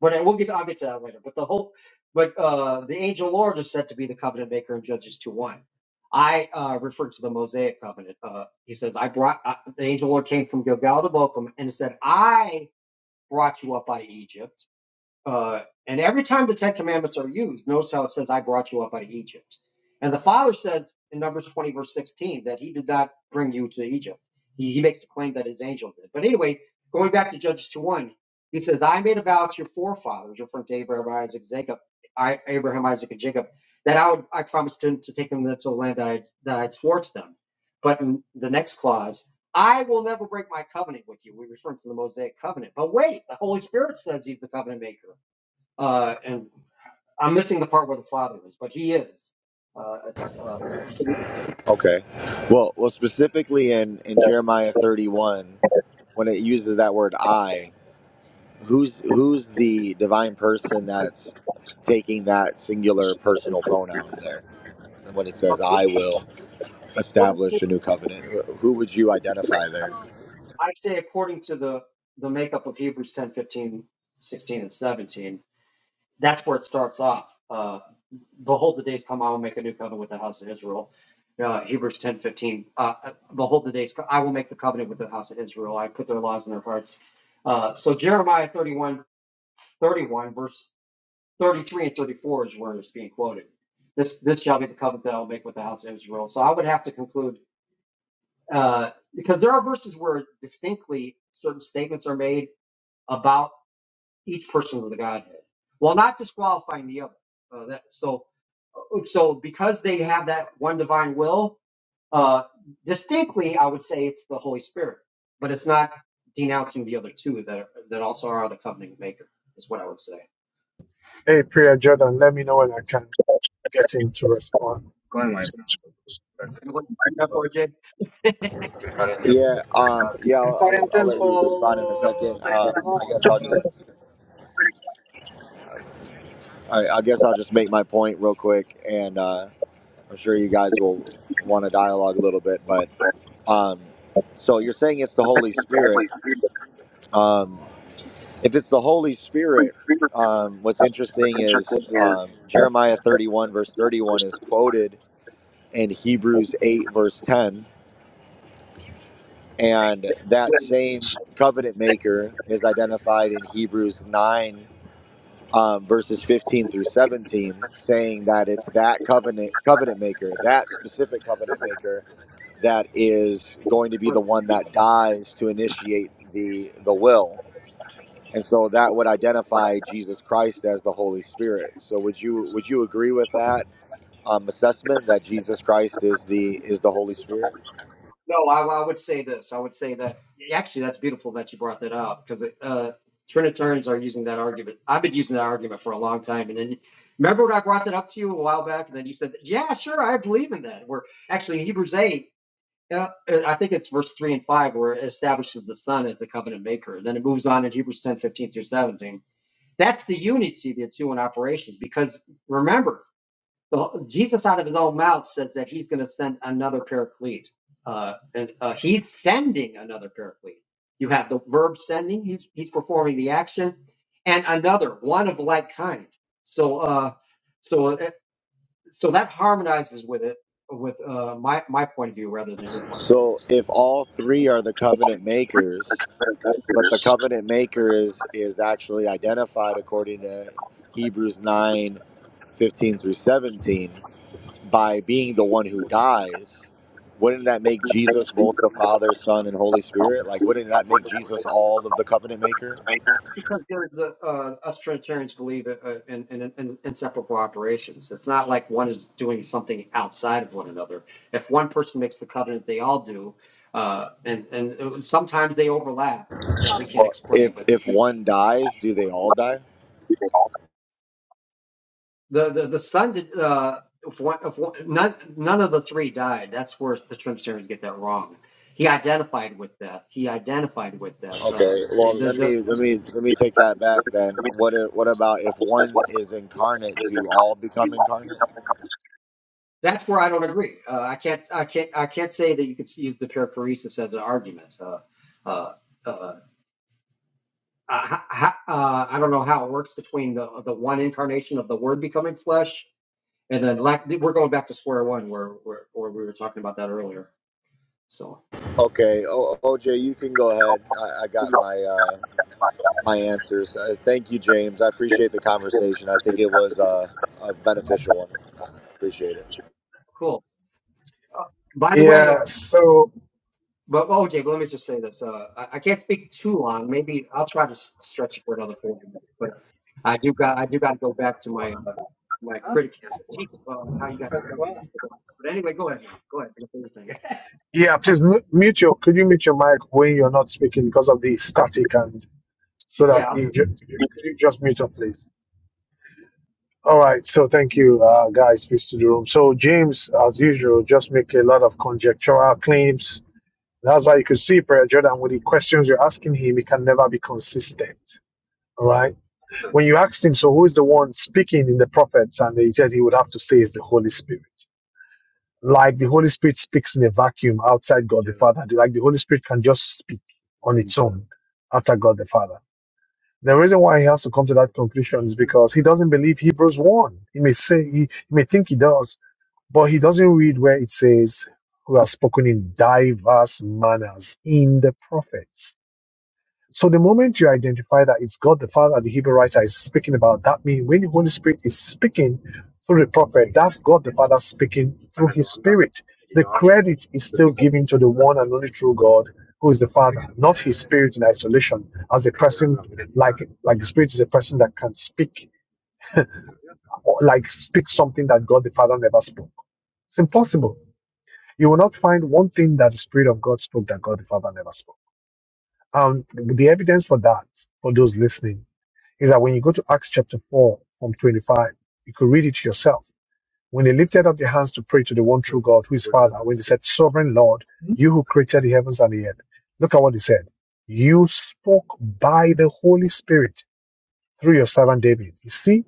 but I- we'll get I'll get to that later. But the whole, but uh, the angel Lord is said to be the covenant maker in Judges two one. I uh, refer to the Mosaic covenant. Uh, he says, "I brought I, the angel Lord came from Gilgal to Bochum, and it said, I brought you up out of Egypt." Uh, and every time the Ten Commandments are used, notice how it says, I brought you up out of Egypt. And the Father says in Numbers 20, verse 16, that He did not bring you to Egypt. He, he makes the claim that His angel did. But anyway, going back to Judges 2 1, He says, I made a vow to your forefathers, referring to Abraham, Isaac, Jacob, I, Abraham, Isaac, and Jacob, that I would I promised to to take them into the land that I that I had swore to them. But in the next clause, I will never break my covenant with you. We refer to the Mosaic covenant. But wait, the Holy Spirit says He's the covenant maker. Uh, and I'm missing the part where the Father is, but He is. Uh, it's uh, Okay. Well, well, specifically in in Jeremiah thirty one, when it uses that word "I," who's who's the divine person that's taking that singular personal pronoun there? when it says, "I will establish a new covenant." Who would you identify there? I say according to the the makeup of Hebrews 10 15 16 and 17. That's where it starts off. Uh, Behold, the days come, I will make a new covenant with the house of Israel. Uh, Hebrews 10 15. Uh, uh, Behold, the days co- I will make the covenant with the house of Israel. I put their laws in their hearts. Uh, so Jeremiah 31 31 verse 33 and 34 is where it's being quoted. This this shall be the covenant that I will make with the house of Israel. So I would have to conclude uh, because there are verses where distinctly certain statements are made about each person of the Godhead, while not disqualifying the other. Uh, that, so so because they have that one divine will, uh, distinctly, I would say it's the Holy Spirit, but it's not denouncing the other two that are, that also are the covenant maker. Is what I would say. Hey, Priya Jordan, let me know when I can get in to respond. I'm going to find that project. Yeah, um, yeah, Per I'll, Fare I'll, in I'll Oh, let you respond in a tempo second. per il yeah. Um, I guess So, so tramonto, I'll I bravo. just, don't know, it's very slight. I, I guess I'll just make my point real quick, and uh, I'm sure you But guys will want to dialogue a little bit. But um, so you're saying it's the the thing Holy is that Spirit. we agree with Um, if it's the Holy we Spirit, agree with um, what's that. But interesting then you're going is here, um, that that Jeremiah You 31 verse 31 wouldn't is quoted in Hebrews 8 verse 10 And that same covenant maker is identified in Hebrews 9, um, verses 15 through 17, saying that it's that covenant, covenant maker, that specific covenant maker, that is going to be the one that dies to initiate the, the will. And so that would identify Jesus Christ as the Holy Spirit. So would you would you agree with that um, assessment that mind Jesus Christ is the is the that for Holy a Spirit? Jay? No, I, I would say this. I would say that yeah, actually, that's beautiful that you brought that up because uh, Trinitarians are using that argument. I've been using that argument for a long time, and then remember when I brought that up to you a while back, and then you said, "Yeah, sure, I believe in that." Where actually in Hebrews eight, uh, uh, I think it's verse three and five, where it establishes the Son as the covenant maker. And Then it moves on in Hebrews ten fifteen through seventeen. That's the unity of the two in operation because remember the, Jesus out of his own mouth says that he's going to send another paraclete. Uh, and uh, he's sending another paraclete. You have the verb sending. He's he's performing the action, and another one of like kind. So uh, so it, so that harmonizes with it with uh, my my point of view rather than your point of view. So if all three are the covenant makers, but the covenant maker is is actually identified according to Hebrews 9 15 through 17 by being the one who dies wouldn't that make Jesus both the Father, Son, and Holy Spirit? Like, wouldn't that make Jesus So all of the covenant maker? Because there's a, uh, us Trinitarians believe uh, uh, in, in, in inseparable operations. It's not like one is doing something outside of one another. If one person makes the covenant, they all do. Uh, and, and uh, sometimes they overlap that we can't Well, explain, if but if one dies, do they all die? the the, the son did uh if one, if one, none none of the three died that's where the trinitarians get that wrong he identified with death he identified with death uh Okay. the, Well, let the, me let me let me take that back then. What i- what about if one is incarnate? Do all become incarnate? That's where I don't agree. Uh, I can't, I can't, I can't say that you could use the perichoresis as an argument. Uh, uh, uh, I, uh, I don't know how it works between the the one incarnation of the Word becoming flesh and then lack. We're going back to square one where where, where we were talking about that earlier. So Okay. O, OJ, you can go ahead. I, I got my uh, my answers. Uh, thank you, James. I appreciate the conversation. I think it was uh, a beneficial one. I appreciate it. cool. Uh, by the way, uh, Yeah, so But well, okay, but let me just say this. Uh, I, I can't speak too long. Maybe I'll try to s- stretch it for another forty minutes. But I do got I do got to go back to my uh, my critic critique uh, how you got to play. But anyway, go ahead now. Go ahead. do the thing. yeah, please mu- mute your. Could you mute your mic when you're not speaking because of the static and so Yeah, that I'll you, do. ju- you, could you just mute up, please. All right, so thank you, uh, guys. Peace to the room. So James, as usual, just make a lot of conjectural claims. That's why you could see Prayer Jordan with the questions you're asking him, he can never be consistent. All right. When you asked him, so who is the one speaking in the prophets? And he said he would have to say is the Holy Spirit. Like the Holy Spirit speaks in a vacuum outside God the Yeah. Father. Like the Holy Spirit can just speak on its Mm. own after God the Father. The reason why he has to come to that conclusion is because he doesn't believe Hebrews 1. He may say, he, he may think he does, but he doesn't read where it says, who has spoken in diverse manners in the prophets. So the moment you identify that it's God the Father, the Hebrew writer is speaking about, that means when the Holy Spirit is speaking through the prophet, that's God the Father speaking through His Spirit. The credit is still given to the one and only true God, who is the Father, not His Spirit in isolation, as a person like like the Spirit is a person that can speak, or like speak something that God the Father never spoke. It's impossible. You will not find one thing that the Spirit of God spoke that God the Father never spoke. And the evidence for that, for those listening is that when you go to Acts chapter 4 from 25, you could read it yourself. When they lifted up their hands to pray to the one true God, who is Father, when they said, Sovereign Lord, you who created the heavens and the earth, look at what he said. You spoke by the Holy Spirit through your servant David. You see,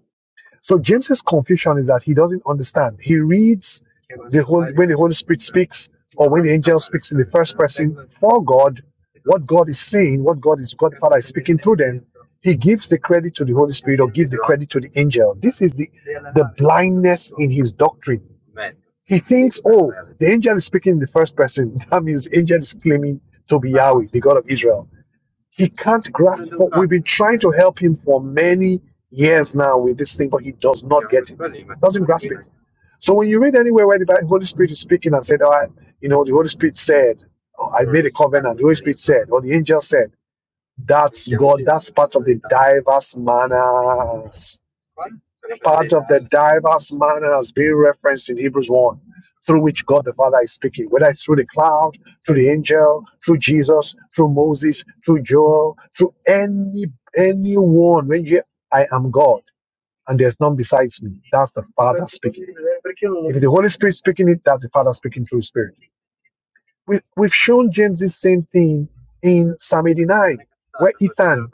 so James's confusion is that he doesn't understand. He reads the whole when the Holy Spirit speaks or when the angel speaks in the first person for God, what God is saying, what God is God Father is speaking through them. He gives the credit to the Holy Spirit or gives the credit to the angel. This is the the blindness in his doctrine. He thinks, oh, the angel is speaking in the first person. That means the angel is claiming to be Yahweh, the God of Israel he can't grasp what we've been trying to help him for many years now with this thing, but he does not get it. Doesn't grasp it. So when you read anywhere where the Holy Spirit is speaking and said, "Oh, I, you know, the Holy Spirit said, or I made a covenant." The Holy Spirit said, or the angel said. That's God. That's part of the diverse manner part of the diverse manner manners being referenced in Hebrews 1, through which God the Father is speaking, whether it's through the cloud, through the angel, through Jesus, through Moses, through Joel, through any anyone. When you hear, I am God, and there's none besides me, that's the Father speaking. If the Holy Spirit speaking it, that's the Father speaking through His Spirit. We, we've shown James the same thing in Psalm 89, where Ethan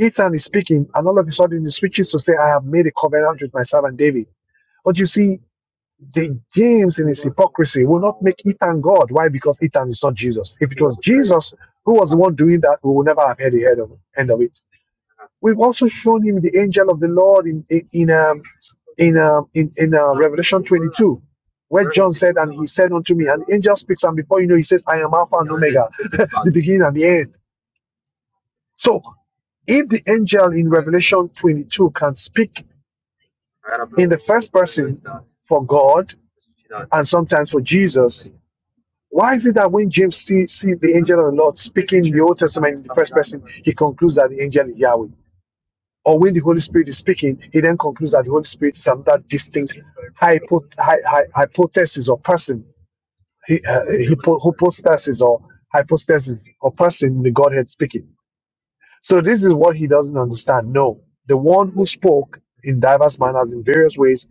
Ethan is speaking, and all of a sudden he switches to say, I have made a covenant with my servant David. But you see, the James in his hypocrisy will not make Ethan God. Why? Because Ethan is not Jesus. If it was Jesus who was the one doing that, we would never have had the head of, end of it. We've also shown him the angel of the Lord in in in um, in, um, in, in uh, Revelation 22, where John said, "And he said unto me, an angel speaks, and before you know, he says, I am Alpha and Omega, the beginning and the end." So, if the angel in Revelation 22 can speak in the first person for God and sometimes for Jesus. Why is it that when James sees see see the angel of the Lord speaking in the Old Testament in the first person, he concludes that the angel is Yahweh? Or when the Holy Spirit is speaking, he then concludes that the Holy Spirit is another distinct hypo, hy, hy, hypothesis or person, hy, uh, hypo, hypostasis or hypostasis or person in the Godhead speaking. So this is what he doesn't understand. No, the one who spoke in diverse manners in various ways,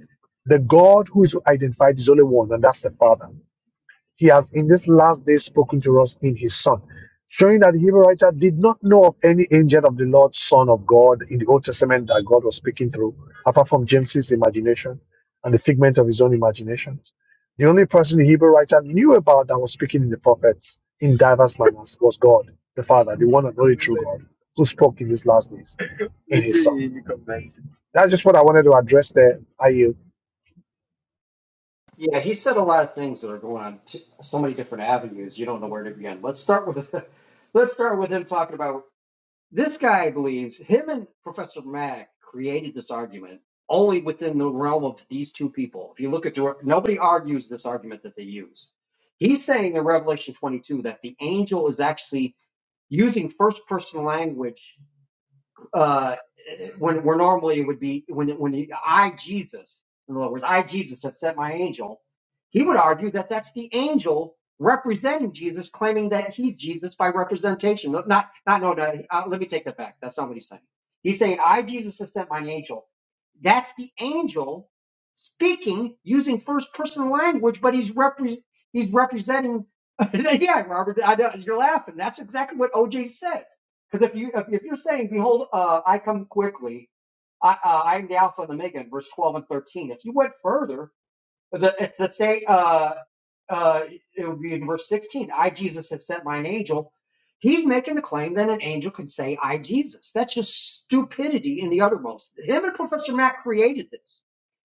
the God who is identified is only one, and that's the Father he has in this last day spoken to us in his son showing that the hebrew writer did not know of any angel of the lord son of god in the old testament that god was speaking through apart from james's imagination and the figment of his own imagination the only person the hebrew writer knew about that was speaking in the prophets in diverse manners was god the father the one and only true god who spoke in these last days in his son that's just what i wanted to address there are you Yeah, he said a lot of things that are going on t- so many different avenues. You don't know where to begin. Let's start with let's start with him talking about This guy believes him and Professor Mack created this argument only within the realm of these two people. If you look at the nobody argues this argument that they use. He's saying in Revelation 22 that the angel is actually using first person language uh, when where normally it would be when when you, I Jesus, in other words, I Jesus have sent my angel, he would argue that that's the angel representing Jesus, claiming that he's Jesus by representation. No, Not not no no. Uh, let me take that back. That's not what he's saying. He's saying I Jesus have sent my angel. That's the angel speaking using first person language, but he's repre- he's representing. yeah, Robert, I know, you're laughing. That's exactly what OJ says. Because if you if, if you're saying, "Behold, uh, I come quickly," I, uh, I'm the Alpha and the Omega in verse 12 and 13. If you went further, the, it's the state, uh, uh, it would be in verse 16. I, Jesus, have sent mine angel. He's making the claim that an angel could say, I, Jesus. That's just stupidity in the uttermost. Him and Professor Mack created this.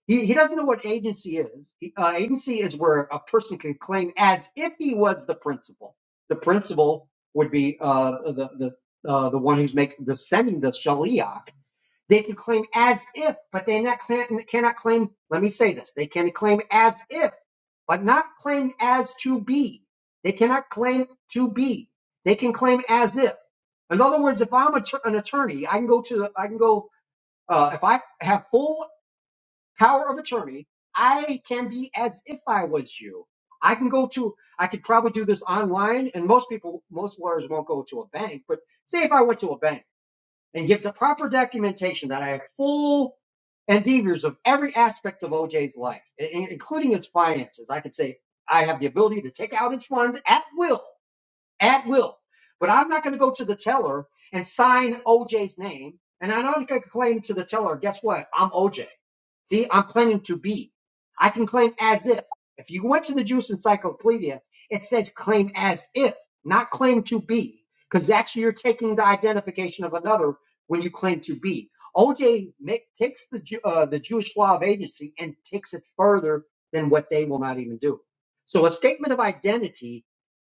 He, he doesn't know what agency is. He- uh, agency is where a person can claim as if he was the principal. The principal would be uh, the, the, uh, the one who's making the sending the shaliach they can claim as if, but they not, cannot claim, let me say this, they can claim as if, but not claim as to be. They cannot claim to be. They can claim as if. In other words, if I'm an attorney, I can go to, I can go, uh, if I have full power of attorney, I can be as if I was you. I can go to, I could probably do this online, and most people, most lawyers won't go to a bank, but say if I went to a bank and give the proper documentation that I have full endeavors of every aspect of OJ's life, including its finances. I could say I have the ability to take out its funds at will at will. But I'm not going to go to the teller and sign OJ's name. And I'm not going to claim to the teller, guess what? I'm OJ. See, I'm claiming to be. I can claim as if. If you went to the Jewish Encyclopedia, it says claim as if, not claim to be, because actually you're taking the identification of another when you claim to be. OJ ma- takes the, uh, the Jewish law of agency and takes it further than what they will not even do. So a statement of identity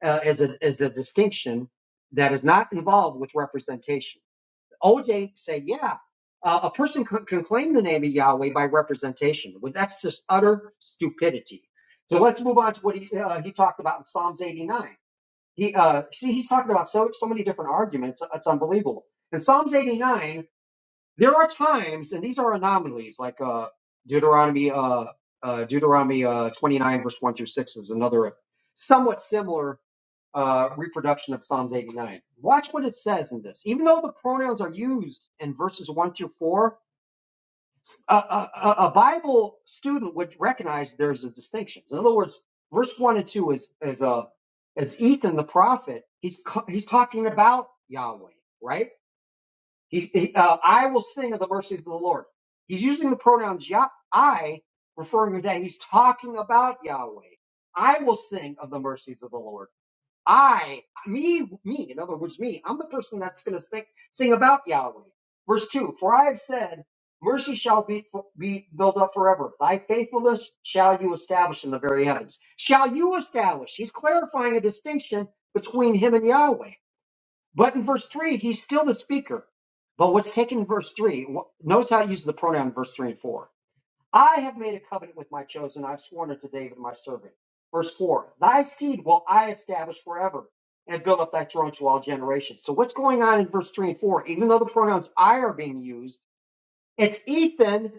uh, as a as a distinction that is not involved with representation. OJ say, yeah, uh, a person can, can claim the name of Yahweh by representation. Well, that's just utter stupidity. So let's move on to what he uh, he talked about in Psalms 89. He uh, see he's talking about so so many different arguments. It's unbelievable. In Psalms 89. There are times, and these are anomalies, like uh, Deuteronomy uh, uh, Deuteronomy uh, 29, verse 1 through 6 is another somewhat similar uh, reproduction of Psalms 89. Watch what it says in this. Even though the pronouns are used in verses 1 through 4, s- a, a- a- a Bible student would recognize there's a distinction. In other words, verse 1 and 2 is, is, uh, is Ethan the prophet, he's, co- he's talking about Yahweh, right? He's, he, uh, I will sing of the mercies of the Lord. He's using the pronouns Yah, I, referring to that. He's talking about Yahweh. I will sing of the mercies of the Lord. I, me, me, in other words, me, I'm the person that's going to sing, sing about Yahweh. Verse 2 For I have said, Mercy shall be, be built up forever. Thy faithfulness shall you establish in the very heavens. Shall you establish? He's clarifying a distinction between him and Yahweh. But in verse 3, he's still the speaker. But what's taken in verse 3, notice how it uses the pronoun in verse 3 and 4. I have made a covenant with my chosen. I've sworn unto David, my servant. Verse 4, thy seed will I establish forever and build up thy throne to all generations. So what's going on in verse 3 and 4? Even though the pronouns I are being used, it's Ethan,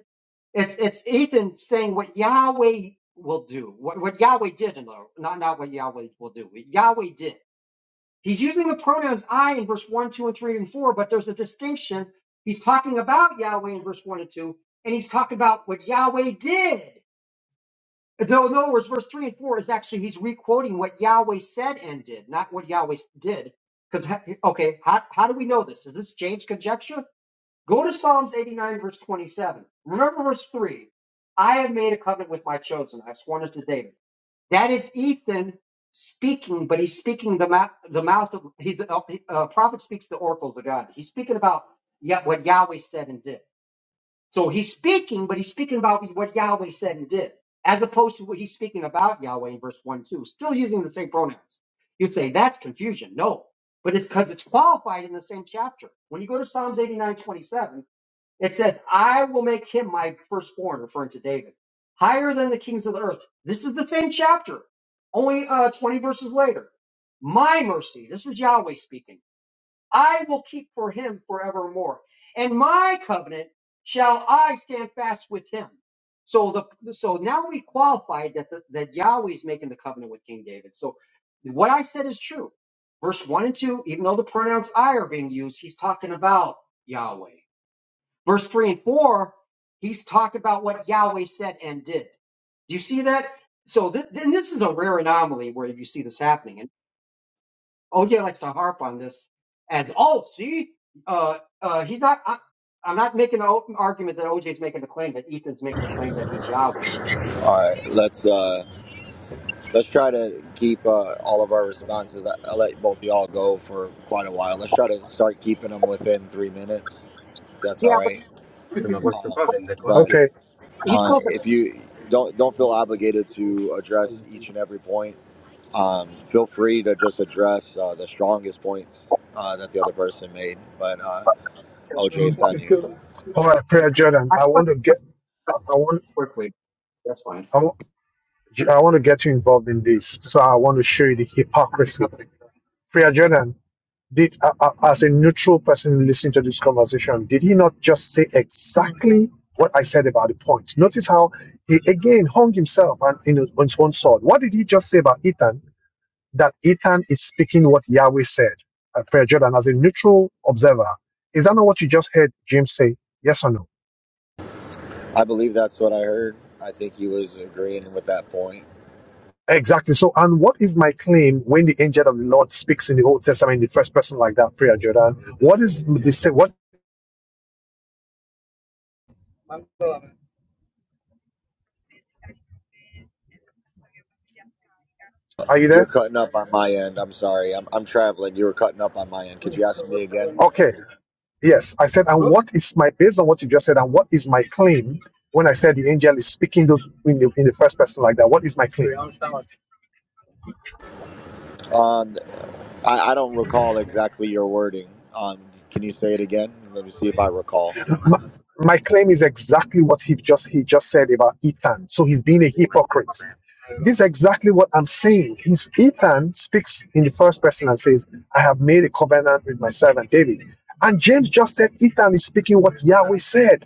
it's, it's Ethan saying what Yahweh will do, what, what Yahweh did, in other, not, not what Yahweh will do, what Yahweh did. He's using the pronouns I in verse 1, 2, and 3, and 4, but there's a distinction. He's talking about Yahweh in verse 1 and 2, and he's talking about what Yahweh did. No, no, in other words, verse 3 and 4 is actually, he's re quoting what Yahweh said and did, not what Yahweh did. Because, okay, how, how do we know this? Is this James' conjecture? Go to Psalms 89, verse 27. Remember verse 3. I have made a covenant with my chosen. I've sworn it to David. That is Ethan speaking, but he's speaking the mouth, the mouth of his uh, uh, prophet speaks the oracles of God. He's speaking about Yah- what Yahweh said and did. So he's speaking, but he's speaking about what Yahweh said and did, as opposed to what he's speaking about Yahweh in verse one two. Still using the same pronouns. You say that's confusion. No, but it's because it's qualified in the same chapter. When you go to Psalms 89:27, it says, I will make him my firstborn, referring to David, higher than the kings of the earth. This is the same chapter, only uh, 20 verses later. My mercy, this is Yahweh speaking, I will keep for him forevermore. And my covenant shall I stand fast with him. So the so now we qualified that the, that Yahweh is making the covenant with King David. So what I said is true. Verse one and two, even though the pronouns I are being used, he's talking about Yahweh. Verse 3 and 4, he's talking about what Yahweh said and did. Do you see that? So th- then this is a rare anomaly where you see this happening. And OJ likes to harp on this as, oh, see, uh, uh, he's not, I, I'm not making an open argument that OJ's making a claim that Ethan's making a claim that he's Yahweh. All right, let's uh, let's try to keep uh, all of our responses. I, I let both of y'all go for quite a while. Let's try to start keeping them within three minutes. If that's Yeah, all but right. Um, but okay he's, um, if you don't don't feel obligated to address each and every point, um, feel free to just address uh, the strongest points uh, that the other person made. But uh, OJ, it's on you. All right, Prayer Jordan, I I just like want to get, I I want, quickly. That's fine. I want, I want to get you involved in this. So I want to show you the hypocrisy. Prayer Jordan, did uh, uh, as a neutral person listening to this conversation, did he not just say exactly what I said about the point? Notice how he again hung himself on, in, on his own sword. What did he just say about Ethan? That Ethan is speaking what Yahweh said. Uh, Prayer Jordan, as a neutral observer, is that not what you just heard James say? Yes or no? I believe that's what I heard. I think he was agreeing with that point. Exactly. So, and what is my claim when the angel of the Lord speaks in the Old Testament in the first person like that prayer, Jordan? What is the say? What are you You're there? cutting up on my end. I'm sorry. I'm, I'm traveling. You were cutting up on my end. Could you ask me again? Okay. Yes, I said. And what is my based on what you just said? And what is my claim when I said the angel is speaking those in the, in the first person like that? What is my claim? Um, I, I don't recall exactly your wording. Um, can you say it again? Let me see if I recall. My, my claim is exactly what he just he just said about Ethan. So he's being a hypocrite. This is exactly what I'm saying. He's Ethan speaks in the first person and says, "I have made a covenant with my servant David." And James just said Ethan is speaking what Yahweh said.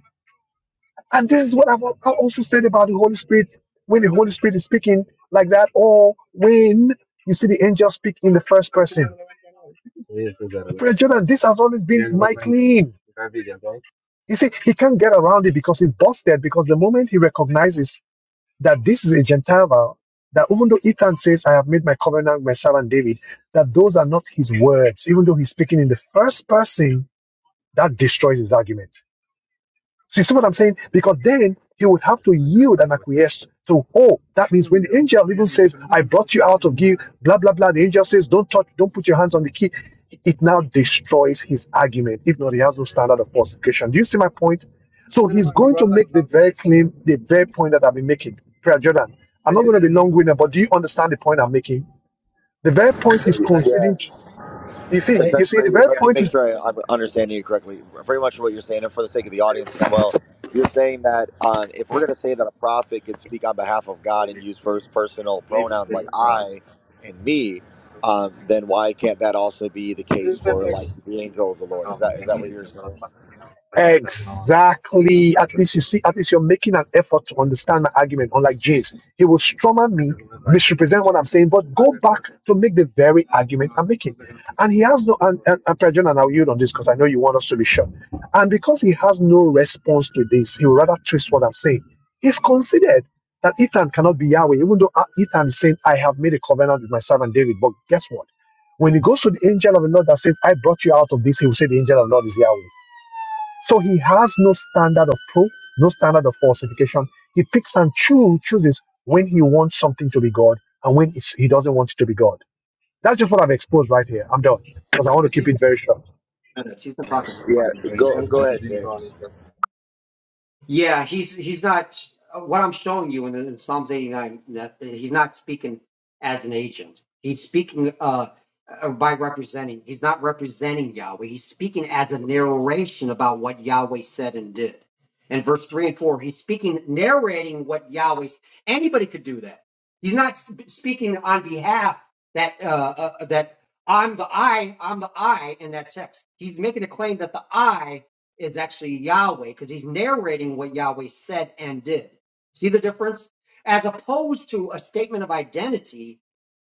And this is what I've al- I also said about the Holy Spirit. When the Holy Spirit is speaking like that, or when you see the angel speak in the first person. Brother Jordan, this has always been my claim. You see, he can't get around it because he's busted. Because the moment he recognizes that this is a Gentile vow, that even though Ethan says, I have made my covenant with my servant David, that those are not his words, even though he's speaking in the first person, that destroys his argument. So you see what I'm saying? Because then he would have to yield and acquiesce So, oh, that means when the angel even says, I brought you out of guilt, blah, blah, blah, the angel says, don't touch, don't put your hands on the key. It now destroys his argument. If not, he has no standard of falsification. Do you see my point? So he's going to make the very claim, the very point that I've been making. Prayer Jordan, I'm not going to be long winded, but do you understand the point I'm making? The very point he's Yeah. conceding, to- you see, you see, the essentially, very let me point make is sure I, I'm understanding you correctly. Very much what you're saying, and for the sake of the audience as well, you're saying that um, if we're going to say that a prophet could speak on behalf of God and use first personal pronouns like I and me, um, then why can't that also be the case for like the angel of the Lord? Is that is that what you're saying? Exactly. At least you see, at least you're making an effort to understand my argument, unlike James. He will strawman me, misrepresent what I'm saying, but go back to make the very argument I'm making. And he has no, and, and, and President, and I'll yield on this because I know you want us to be sure. And because he has no response to this, he will rather twist what I'm saying. He's considered that Ethan cannot be Yahweh, even though uh, Ethan said, I have made a covenant with my servant David. But guess what? When he goes to the angel of the Lord that says, I brought you out of this, he will say, The angel of the Lord is Yahweh. So he has no standard of proof, no standard of falsification. He picks and choo- chooses when he wants something to be God and when it's, he doesn't want it to be God. That's just what I've exposed right here. I'm done because I want to Because keep he's been it very short. He's been talking for five Yeah. minutes. Go go ahead, James. Yeah, he's he's not what I'm showing you in, the, in Psalms 89. That he's not speaking as an agent. He's speaking uh, uh, by representing. He's not representing Yahweh. He's speaking as a narration about what Yahweh said and did. In verse three and four, he's speaking, narrating what Yahweh. Anybody could do that. He's not sp- speaking on behalf that uh, uh, that I'm the I. I'm the I in that text. He's making a claim that the I is actually Yahweh because he's narrating what Yahweh said and did. See the difference? As opposed to a statement of identity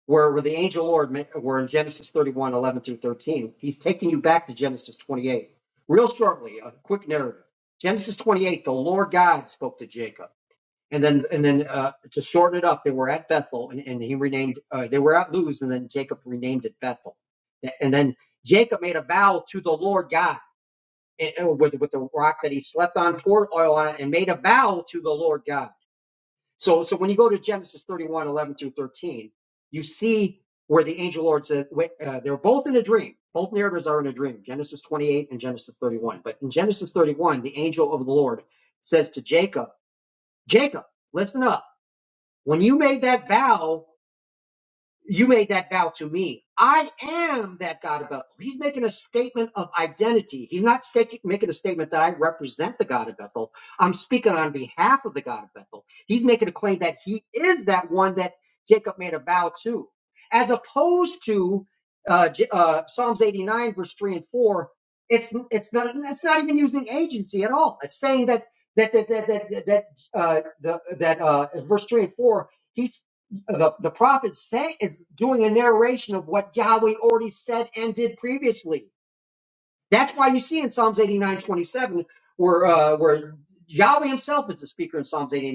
where, where the angel Lord ma- were in Genesis 31, 11 through 13. He's taking you back to Genesis 28. Real shortly, a quick narrative. Genesis 28, the Lord God spoke to Jacob. And then, and then uh, to shorten it up, they were at Bethel and, and he renamed, uh, they were at Luz and then Jacob renamed it Bethel. And then Jacob made a vow to the Lord God and, with, with the rock that he slept on, poured oil on it, and made a vow to the Lord God. So, so when you go to Genesis 31 11 through 13, you see where the angel Lord said, wait, uh, they're both in a dream. Both narratives are in a dream, Genesis 28 and Genesis 31. But in Genesis 31, the angel of the Lord says to Jacob, Jacob, listen up. When you made that vow you made that vow to me. I am that God of Bethel. He's making a statement of identity. He's not staking- making a statement that I represent the God of Bethel. I'm speaking on behalf of the God of Bethel. He's making a claim that he is that one that Jacob made a vow to, as opposed to uh, J- uh, Psalms 89, verse three and four. It's it's not it's not even using agency at all. It's saying that that that that that that uh, the, that uh, verse three and four. He's the, the prophet say, is doing a narration of what Yahweh already said and did previously. That's why you see in Psalms 89 27 where, uh, where Yahweh himself is the speaker in Psalms eighty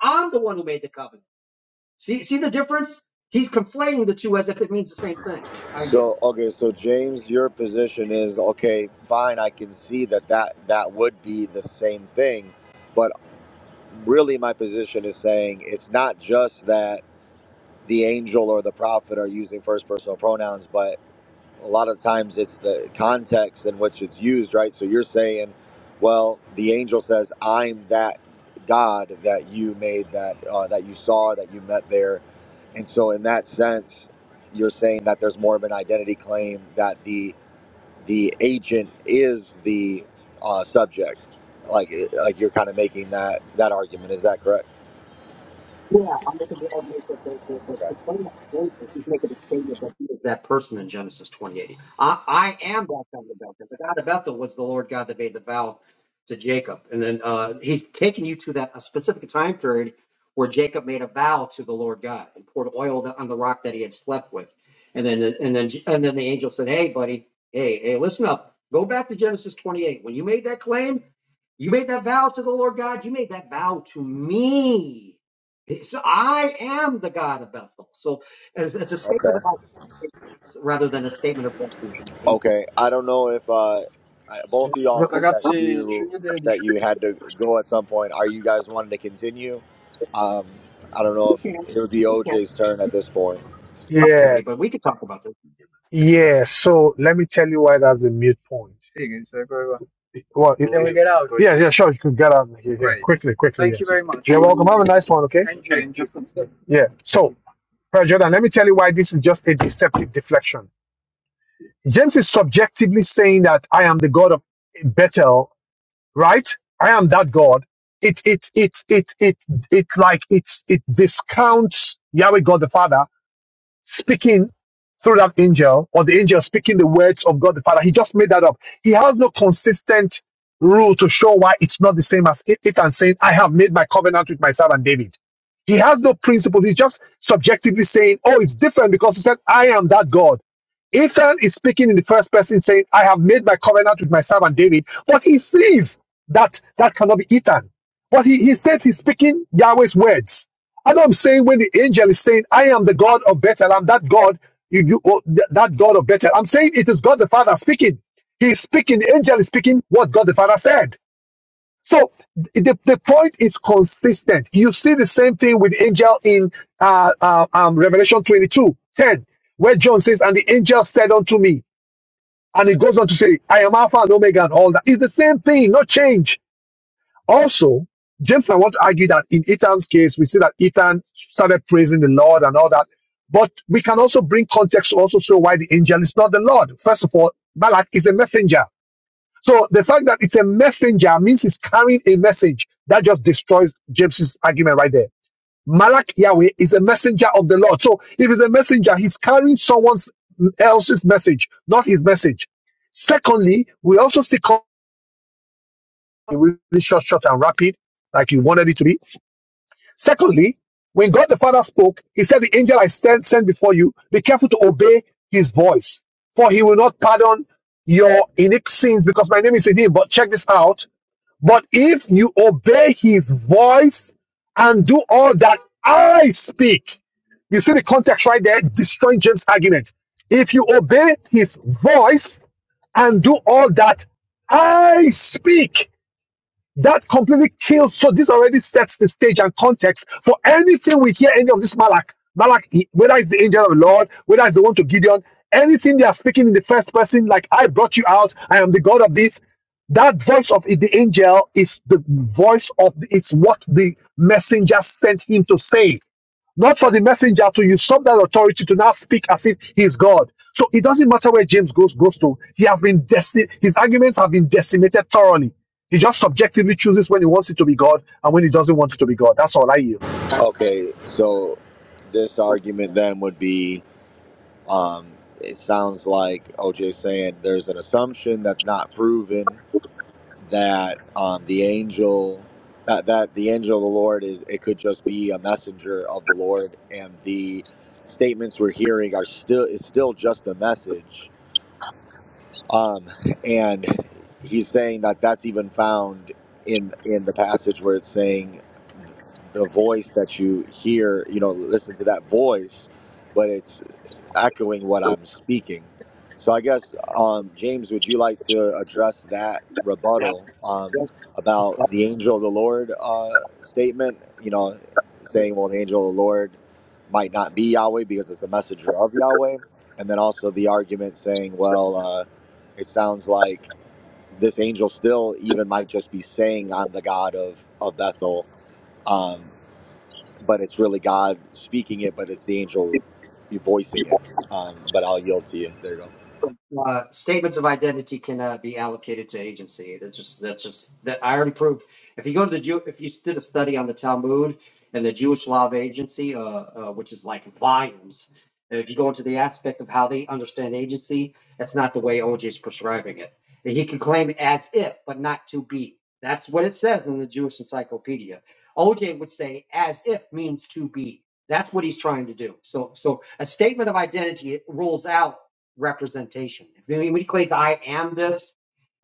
I'm the one who made the covenant. See, see the difference? He's conflating the two as if it means the same thing. I yield. So okay, so James, your position is okay. Fine, I can see that that that would be the same thing. really my position is saying it's not just that the angel or the prophet are using first personal pronouns, but a lot of times it's the context in which it's used, right? So you're saying, well, the angel says, "I'm that God that you made, that uh, that you saw, that you met there," and so in that sense, you're saying that there's more of an identity claim that the the agent is the uh, subject, like like you're kind of making that that argument. Is that correct? Yeah, I'm making the argument that the, the, the, the plaintiff knows that Joseph, he's making a statement that he is that person in Genesis 28. I, I am that God of Bethel. The God of Bethel was the Lord God that made the vow to Jacob. And then uh, he's taking you to that a specific time period where Jacob made a vow to the Lord God and poured oil on the rock that he had slept with. And then and then and then the angel said, Hey, buddy, hey, hey, listen up. Go back to Genesis 28. When you made that claim, you made that vow to the Lord God. You made that vow to me. So I am the God of Bethel. So it's, it's a statement about existence rather than a statement of representation. Okay, I don't know if uh, I- both of y'all said that Now, you that you had to go at some point. Are you guys wanting to continue? Um, I don't know we can if it would be can't OJ's turn at this point. help Yeah, somebody, but we could talk about yeah. So let me tell you why that's the mute point. Well, it, yeah, yeah, sure. You could get out of here, yeah, quickly, quickly. Yes, you're welcome. Have a nice one. Okay. Yeah. So, Prayer Jordan, let me tell you why this is just a deceptive deflection. James is subjectively saying that I am the God of Bethel, right? I am that God. It it it it it it like it's it discounts Yahweh God the Father speaking through that angel or the angel speaking the words of God the Father. He just made that up. He has no consistent rule to show why it's not the same as it and saying, I have made my covenant with myself and David. He has no principle. He's just subjectively saying, Oh, it's different because he said, I am that God. Ethan is speaking in the first person saying, I have made my covenant with my servant David, but he says that that cannot be Ethan. But he, he says he's speaking Yahweh's words. And I'm saying when the angel is saying, I am the God of Bethel, I'm that God, you, you, oh, th- that God of Bethel. I'm saying it is God the Father speaking. He's speaking, the angel is speaking what God the Father said. So the, the point is consistent. You see the same thing with angel in uh, uh, um, Revelation 22 10, where John says, And the angel said unto me, and it goes on to say, I am Alpha and Omega and all that. It's the same thing, no change. Also, James, I want to argue that in Ethan's case, we see that Ethan started praising the Lord and all that. But we can also bring context to also show why the angel is not the Lord. First of all, Malak is the messenger. So the fact that it's a messenger means he's carrying a message that just destroys James's argument right there. Malak Yahweh is a messenger of the Lord. So if he's a messenger, he's carrying someone else's message, not his message. Secondly, we also see co- really short, short and rapid, like you wanted it to be. Secondly, when God the Father spoke, he said, the angel I sent, sent before you, be careful to obey his voice, for he will not pardon your iniquity sins because my name is with him. But check this out but if you obey his voice and do all that I speak, you see the context right there, destroying James' argument. If you obey his voice and do all that I speak, that completely kills. So this already sets the stage and context for anything we hear any of this Malak. Malak, he- whether it's the angel of the Lord, whether it's the one to Gideon, anything they are speaking in the first person, like I brought you out, I am the God of this. That voice of the angel is the voice of it's what the messenger sent him to say not for the messenger to usurp that authority to now speak as if he is God. So it doesn't matter where James goes goes to. He has been deci- his arguments have been decimated thoroughly. He just subjectively chooses when he wants it to be God and when he doesn't want it to be God. That's all I yield. Okay, so this argument then would be um, it sounds like OJ's saying there's an assumption that's not proven that um, the angel that, that the angel of the Lord is it could just be a messenger of the Lord, and the statements we're hearing are still is still just a message. Um, and he's saying that that's even found in in the passage where it's saying the voice that you hear, you know, listen to that voice, but it's echoing what I'm speaking. So I guess, um, James, would you like to address that rebuttal um, this. about the angel of the Lord uh, statement? You know, saying, well, the angel of the Lord might not be Yahweh because it's a messenger of Yahweh. And then also the argument saying, well, uh, it sounds like this angel still even might just be saying, I'm the God of, of Bethel. Um, but it's really God speaking it, but it's the angel voicing it. Um, but I'll yield to you. There you go. Uh, statements of identity cannot be allocated to agency. That's just that's just that I already proved. If you go to the Jew, if you did a study on the Talmud and the Jewish law of agency, uh, uh, which is like volumes, and if you go into the aspect of how they understand agency, that's not the way OJ is prescribing it. And he can claim it as if, but not to be. That's what it says in the Jewish Encyclopedia. OJ would say as if means to be. That's what he's trying to do. So, so a statement of identity rolls out representation. If anybody claims I am this,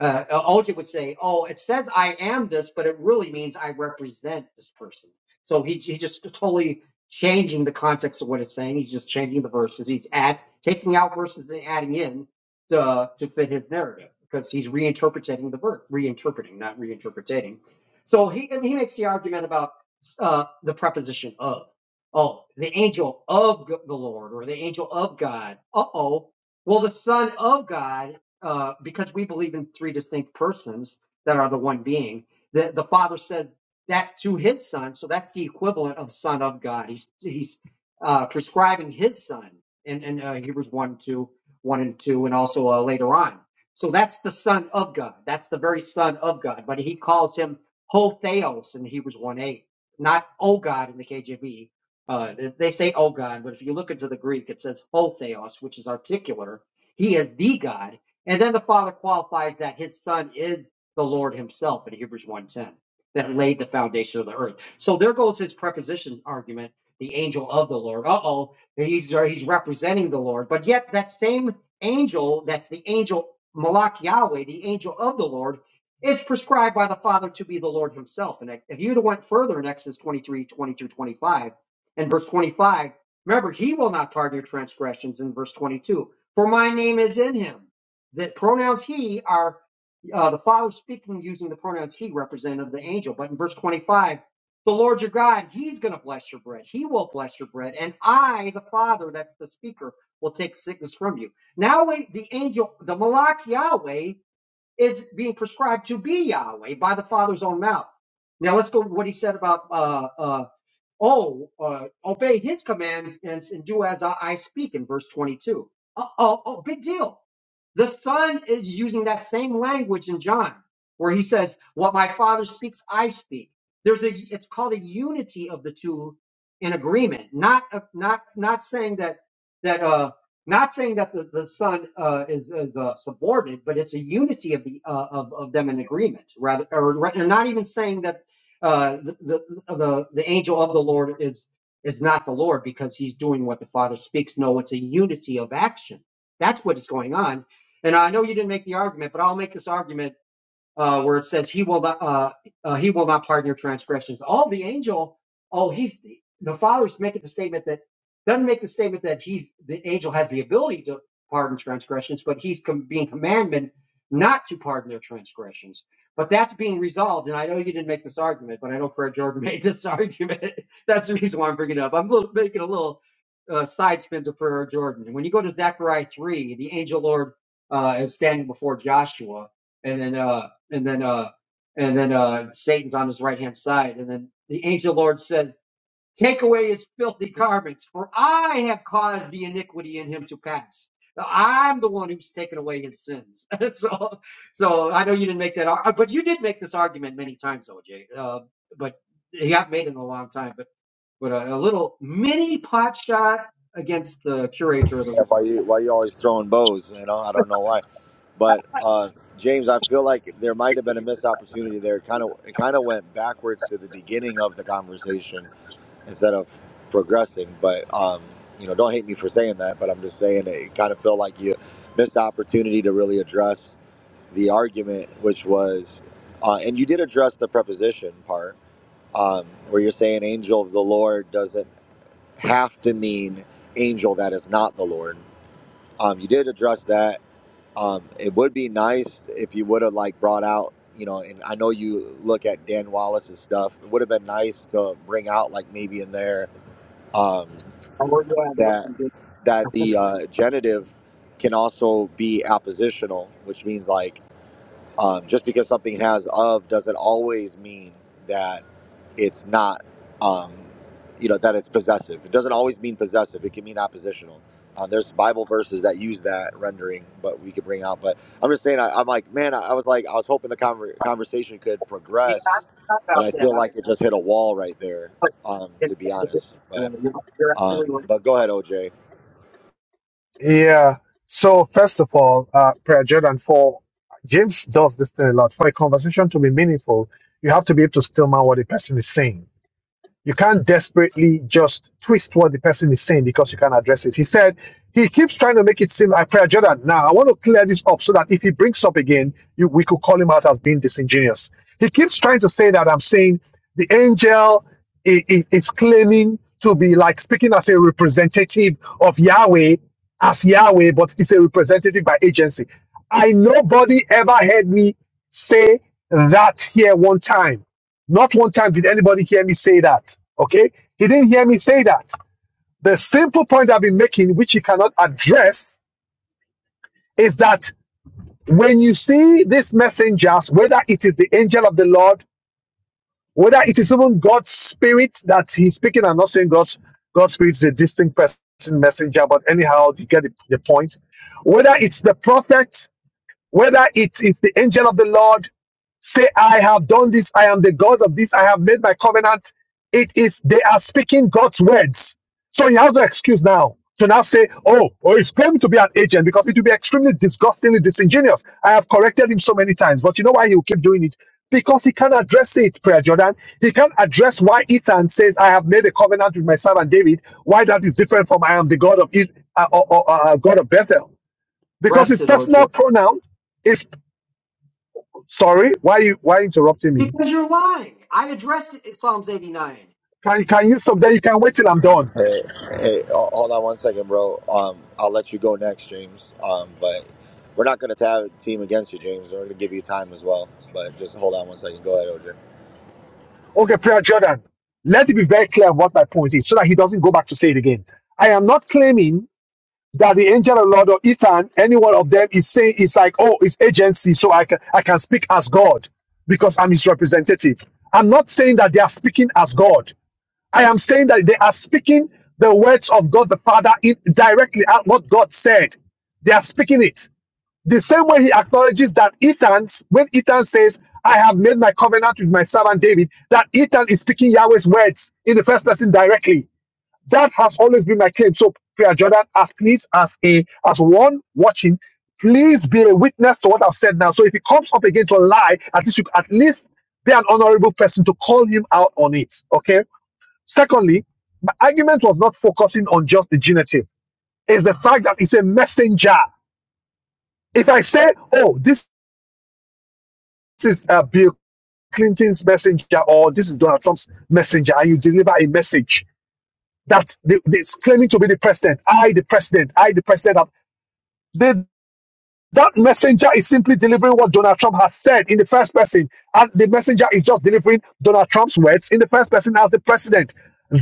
uh, Aldrich would say, "Oh, it says I am this, but it really means I represent this person." So he he just totally changing the context of what it's saying. He's just changing the verses. He's add taking out verses and adding in to to fit his narrative because he's reinterpreting the verse, reinterpreting, not reinterpreting. So he and he makes the argument about uh, the preposition of. Oh, the angel of the Lord or the angel of God. Uh oh, well, the Son of God, uh, because we believe in three distinct persons that are the one being, the, the Father says that to his Son. So that's the equivalent of Son of God. He's, he's uh, prescribing his Son in, in uh, Hebrews one two, one and 2, and also uh, later on. So that's the Son of God. That's the very Son of God. But he calls him Ho Theos in Hebrews 1 8, not O God in the KJV. Uh, they say, oh God, but if you look into the Greek, it says ho theos, which is articular. He is the God. And then the Father qualifies that his Son is the Lord himself in Hebrews one ten that laid the foundation of the earth. So there goes his preposition argument, the angel of the Lord. Uh-oh, he's, he's representing the Lord. But yet that same angel, that's the angel Malak Yahweh, the angel of the Lord, is prescribed by the Father to be the Lord himself. And if you'd have went further in Exodus 23, twenty through 25, in verse 25. Remember, he will not pardon your transgressions in verse 22. For my name is in him. The pronouns he are uh, the Father speaking using the pronouns he representative of the angel. But in verse 25, the Lord your God, he's going to bless your bread. He will bless your bread. And I, the Father, that's the speaker, will take sickness from you. Now the angel, the Malach Yahweh, is being prescribed to be Yahweh by the Father's own mouth. Now let's go to what he said about uh, uh, Oh, uh, obey his commands and, and do as I, I speak in verse 22. Oh, oh, oh, big deal. The son is using that same language in John, where he says, "What my father speaks, I speak." There's a. It's called a unity of the two in agreement. Not a, not not saying that that uh not saying that the, the son uh, is is uh, subordinate, but it's a unity of the uh, of of them in agreement. Rather, or, or not even saying that uh, the, the the the angel of the Lord is is not the Lord because he's doing what the Father speaks. No, it's a unity of action. That's what is going on. And I know you didn't make the argument, but I'll make this argument uh, where it says he will not uh, uh, he will not pardon your transgressions. All the angel, oh, he's the father's making the statement that doesn't make the statement that he's the angel has the ability to pardon transgressions, but he's com- being commanded not to pardon their transgressions. But that's being resolved, and I know you didn't make this argument, but I know Fred Jordan made this argument. that's the reason why I'm bringing it up. I'm a little, making a little uh, side spin to Fred Jordan. When you go to Zechariah 3, the angel Lord uh, is standing before Joshua, and then uh, and then uh and then uh Satan's on his right hand side, and then the angel Lord says, Take away his filthy garments, for I have caused the iniquity in him to pass. Now, I'm the one who's taken away his sins. so so I know you didn't make that ar- uh, but you did make this argument many times, OJ. Uh, but you haven't made it in a long time, but but a, a little mini pot shot against the curator of the Yeah, week. Why you why you always throwing bows? You know, I don't know why. But uh, James, I feel like there might have been a missed opportunity there. Kind of it kind of went backwards to the beginning of the conversation instead of progressing. But um, you know, don't hate me for saying that. But I'm just saying it, it kind of felt like you missed the opportunity to really address the argument, which was, uh, and you did address the preposition part um, where you're saying angel of the Lord doesn't have to mean angel that is not the Lord. Um, you did address that. Um, it would be nice if you would have like brought out, you know, and I know you look at Dan Wallace's stuff. It would have been nice to bring out like maybe in there um, Oh yeah, that was that some good- that the uh, genitive can also be appositional, which means like um, just because something has of doesn't always mean that it's not, um, you know, that it's possessive. It doesn't always mean possessive. It can mean oppositional. Uh, there's Bible verses that use that rendering, but we could bring out. But I'm just saying, I, I'm like, man, I, I was like, I was hoping the conver- conversation could yeah, progress, I but thought I feel about like it just hit a wall right there, um, to be honest. But that. um, I, but go ahead, OJ. Yeah. So first of all, uh, Prayer Jordan, for James does this thing a lot. For a conversation to be meaningful, you have to be able to still mind what a person is saying. you can't desperately just twist what the person is saying because you can't address it. He said he keeps trying to make it seem like prayer Jordan. Now I want to clear this up so that if he brings up again, you, we could call him out as being disingenuous. He keeps trying to say that I'm saying the angel i- i- is claiming to be like speaking as a representative of Yahweh as Yahweh, but it's a representative by agency. I nobody ever heard me say that here one time. Not one time did anybody hear me say that. Okay? He didn't hear me say that. The simple point I've been making, which he cannot address, is that when you see these messengers, whether it is the angel of the Lord, whether it is even God's spirit that he's speaking, I'm not saying God's God's spirit is a distinct person messenger, but anyhow, you get the, the point. Whether it's the prophet, Whether it is the angel of the Lord, say, I have done this, I am the God of this, I have made my covenant. It is, they are speaking God's words. So he has no excuse now to now say, oh, oh, it's claiming to be an agent because it will be extremely disgustingly disingenuous. I have corrected him so many times, but you know why he will keep doing it? Because he can't address it, Prayer Jordan. He can't address why Ethan says, I have made a covenant with my servant David, why that is different from I am the God of, it, uh, uh, uh, uh, God of Bethel because Rest his it, OJ. personal pronoun is sorry. Why you why interrupting me? Because you're lying. I addressed it in Psalms 89. Can can you stop there? You can wait till I'm done. Hey, hey, ho- hold on one second, bro. Um, I'll let you go next, James. Um, but we're not going to tab team against you, James. We're going to give you time as well. But just hold on one second. Go ahead, OJ. Okay, prayer Jordan. Let it be very clear what my point is, so that he doesn't go back to say it again. I am not claiming that the angel of the Lord or Ethan, any one of them, is saying it's like oh, it's agency, so I can I can speak as God because I'm his representative. I'm not saying that they are speaking as God. I am saying that they are speaking the words of God the Father in, directly at what God said. They are speaking it. The same way he acknowledges that Ethan, when Ethan says, I have made my covenant with my servant David, that Ethan is speaking Yahweh's words in the first person directly. That has always been my claim. So, Prayer Jordan, as please, as a as one watching, please be a witness to what I've said now. So if he comes up against a lie, at least you at least be an honorable person to call him out on it. Okay. Secondly, my argument was not focusing on just the genitive. It's the fact that it's a messenger. If I say, oh, this this is uh, Bill Clinton's messenger or this is Donald Trump's messenger, and you deliver a message that they, they's claiming to be the president. I, the president. I, the president. Of, they, that messenger is simply delivering what Donald Trump has said in the first person, and the messenger is just delivering Donald Trump's words in the first person as the president.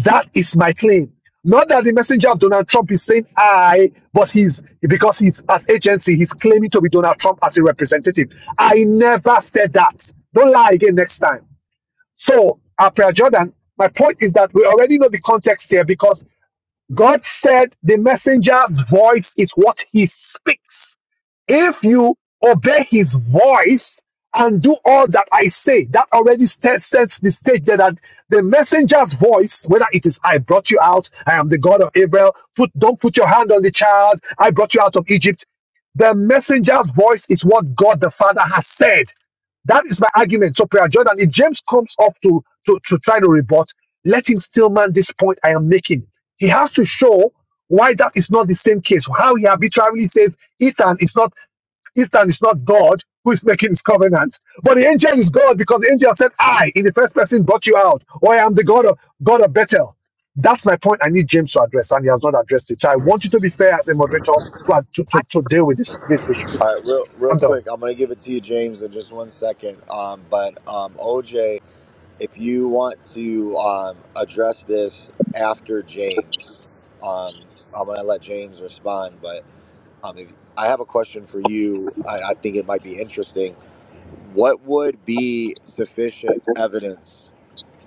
That is my claim. Not that the messenger of Donald Trump is saying I, but he's because he's as agency, he's claiming to be Donald Trump as a representative. I never said that. Don't lie again next time. So, April Jordan, my point is that we already know the context here because God said the messenger's voice is what he speaks. If you obey his voice and do all that I say, that already sta- sets the stage there that the messenger's voice, whether it is I brought you out, I am the God of Israel, put, don't put your hand on the child, I brought you out of Egypt. The messenger's voice is what God the Father has said. That is my argument. So, Prayer Jordan, if James comes up to, to, to try to rebut, let him still man this point I am making. He has to show why that is not the same case. How he arbitrarily says Ethan is not Ethan is not God who is making his covenant, but the angel is God because the angel said, "I in the first person brought you out, or I am the God of God of Bethel." That's my point. I need James to address, and he has not addressed it. So I want you to be fair as a moderator to to, I, to, to deal with this this issue. All right, real, real I'm done. quick. I'm going to give it to you, James, in just one second. Um, but um, OJ, if you want to um, address this after James, um, I'm going to let James respond. But um, I have a question for you. I, I think it might be interesting What would be sufficient evidence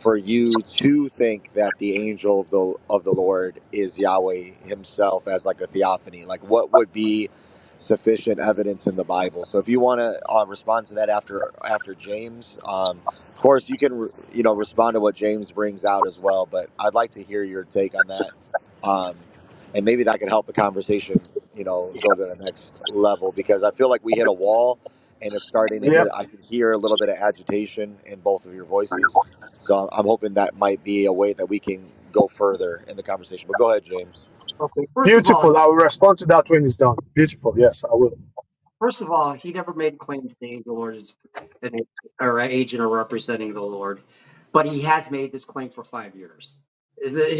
for you to think that the angel of the of the Lord is Yahweh himself as like a theophany? Like what would be sufficient evidence in the Bible? So if you want to uh, respond to that after after James, um, of course you can you know respond to what James brings out as well, but I'd like to hear your take on that. Um, and maybe that could help the conversation, you know, go to the next level because I feel like we hit a wall and it's starting to Yeah, get. I can hear a little bit of agitation in both of your voices, so I'm, I'm hoping that might be a way that we can go further in the conversation. But go ahead, James. okay, first of all, Beautiful. I will respond to that when it's done. Beautiful. Yes, I will. First of all, he never made claim to the angel or an or agent or representing the Lord, but he has made this claim for five years.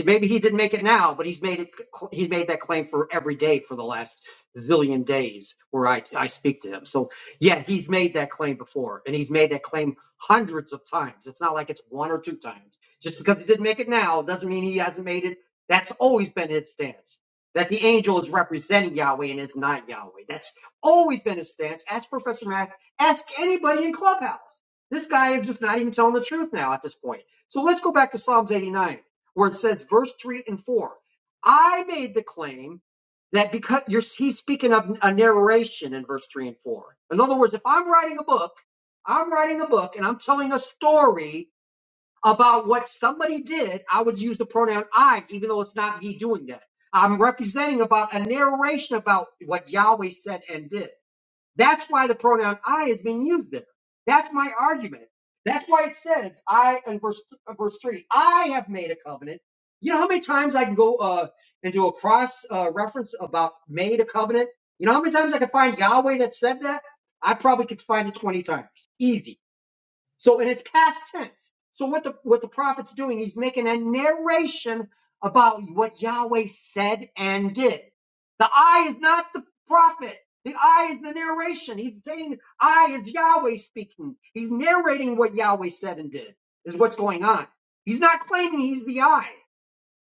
Maybe he didn't make it now, but he's made it. He made that claim for every day for the last zillion days where I I speak to him. So yeah, he's made that claim before, and he's made that claim hundreds of times. It's not like it's one or two times. Just because he didn't make it now doesn't mean he hasn't made it. That's always been his stance. That the angel is representing Yahweh and is not Yahweh. That's Always been his stance. Ask Professor Mack. Ask anybody in Clubhouse. This guy is just not even telling the truth now at this point. So let's go back to Psalms 89, where it says, verse 3 and 4. I made the claim that because you're, he's speaking of a narration in verse 3 and 4. In other words, if I'm writing a book, I'm writing a book and I'm telling a story about what somebody did, I would use the pronoun I, even though it's not me doing that. I'm representing about a narration about what Yahweh said and did. That's why the pronoun I is being used there. That's my argument. That's why it says I in verse uh, verse three. I have made a covenant. You know how many times I can go uh, and do a cross uh, reference about made a covenant. You know how many times I can find Yahweh that said that. I probably could find it twenty times, easy. So, and it's past tense. So what the what the prophet's doing, he's making a narration about what Yahweh said and did. The I is not the prophet. The I is the narration. He's saying I is Yahweh speaking. He's narrating what Yahweh said and did is what's going on. He's not claiming he's the I.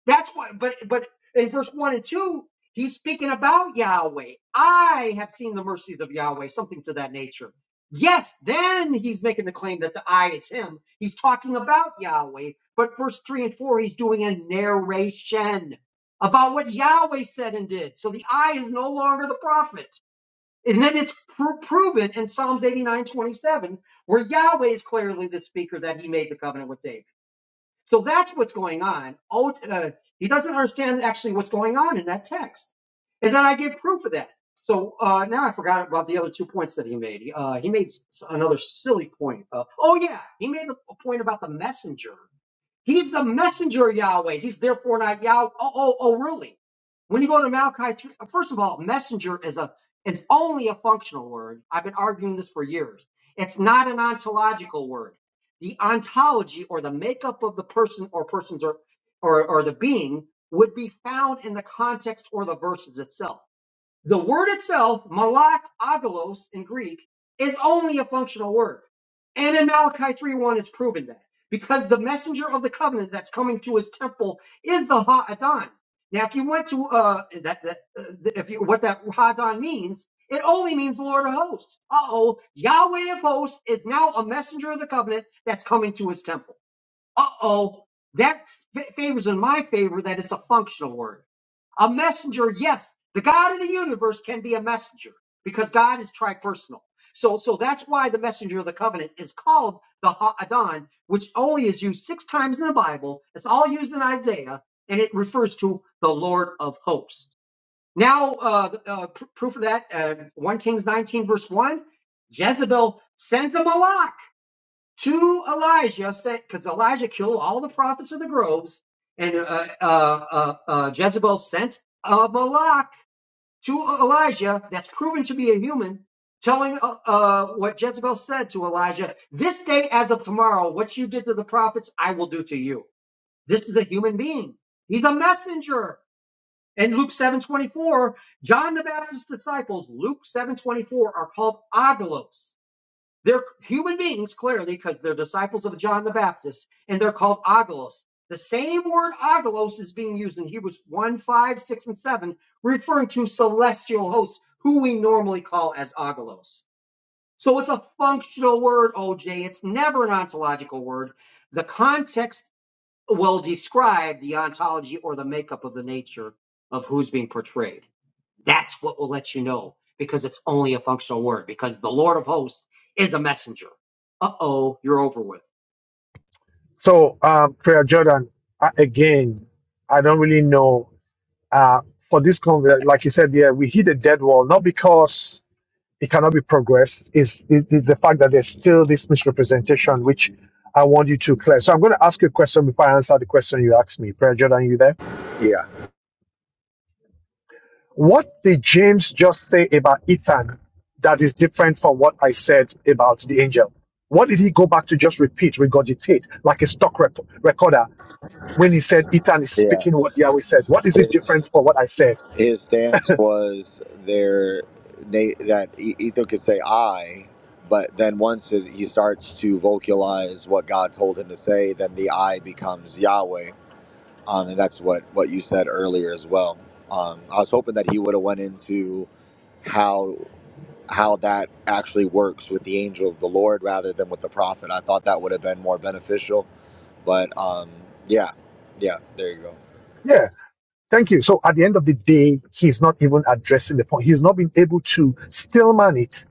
That's what, but but in verse one and two, he's speaking about Yahweh. I have seen the mercies of Yahweh, something to that nature. Yes, then he's making the claim that the I is him. He's talking about Yahweh, but verse three and four, he's doing a narration about what Yahweh said and did. So the I is no longer the prophet. And then it's pro- proven in Psalms 89 27 where Yahweh is clearly the speaker that he made the covenant with David. So that's what's going on. Oh, uh, he doesn't understand actually what's going on in that text. And then I give proof of that. So uh, now I forgot about the other two points that he made. Uh, he made s- another silly point. Uh, oh, yeah, he made a point about the messenger. He's the messenger of Yahweh. He's therefore not Yahweh. Oh, oh, oh, really? When you go to Malachi 3, first of all, messenger is a it's only a functional word. I've been arguing this for years. It's not an ontological word. The ontology or the makeup of the person or persons or or, or the being would be found in the context or the verses itself. The word itself, malak, agalos in Greek, is only a functional word. And in Malachi three one, it's proven that. Because the messenger of the covenant that's coming to his temple is the Ha'adan. Now, if you went to uh, that, that uh, if you what that Ha'adan means, it only means Lord of hosts. Uh-oh, Yahweh of hosts is now a messenger of the covenant that's coming to his temple uh-oh, that f- favors in my favor that it's a functional word. A messenger, yes, the God of the universe can be a messenger because God is tripersonal. So, so that's why the messenger of the covenant is called the Ha'adan, which only is used six times in the Bible. It's all used in Isaiah, and it refers to the Lord of hosts. Now, uh, the- uh, pr- proof of that, uh, 1 Kings 19, verse 1, Jezebel sends him a lot to Elijah, because Elijah killed all the prophets of the groves, and uh, uh, uh, uh, Jezebel sent a Malak to Elijah that's proven to be a human, telling uh, uh, what Jezebel said to Elijah, This day, as of tomorrow, what you did to the prophets, I will do to you. This is a human being, he's a messenger. In Luke 7:24, John the Baptist's disciples, Luke 7:24, are called agolos they're human beings, clearly, because they're disciples of John the Baptist, and they're called agalos. The same word agalos is being used in Hebrews 1, 5, six, and 7, referring to celestial hosts, who we normally call as agalos. So it's a functional word, OJ. It's never an ontological word. The context will describe the ontology or the makeup of the nature of who's being portrayed. That's what will let you know because it's only a functional word because the Lord of hosts is a messenger. Uh oh, you're over with. So, um, Prayer Jordan, I, again, I don't really know. Uh, for this conversation, like you said, yeah, we hit a dead wall, not because it cannot be progressed, is it, it's the fact that there's still this misrepresentation, which I want you to clear. So, I'm going to ask you a question before I answer the question you asked me. Prayer Jordan, you there? Yeah, What did James just say about Ethan that is different from what I said about the angel? What did he go back to just repeat, regurgitate, like a stock rep- recorder when he said Ethan is yeah. speaking what Yahweh said? What is it different His from what I said? his stance was there na- that E- Ethan could say I, but then once his, he starts to vocalize what God told him to say, then the I becomes Yahweh, um, and that's what what you said earlier as well. Um, I was hoping that he would have went into how. how that actually works with the angel of the Lord rather than with the prophet. I thought that would have been more beneficial, but um, yeah, yeah, there you go. Yeah, thank you. So at the end of the day, he's not even addressing the point. He's not been able to stillman it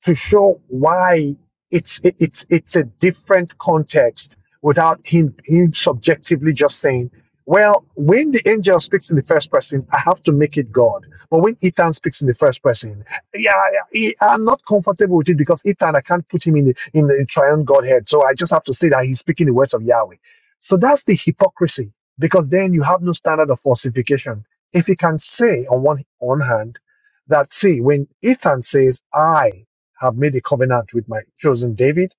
to show why it's it, it's it's a different context without him him subjectively just saying well when the angel speaks in the first person i have to make it god but when ethan speaks in the first person yeah I, I- i'm not comfortable with it because ethan i can't put him in the in the triune godhead so i just have to say that he's speaking the words of yahweh so that's the hypocrisy because then you have no standard of falsification if you can say on one on hand that see when ethan says i have made a covenant with my chosen David.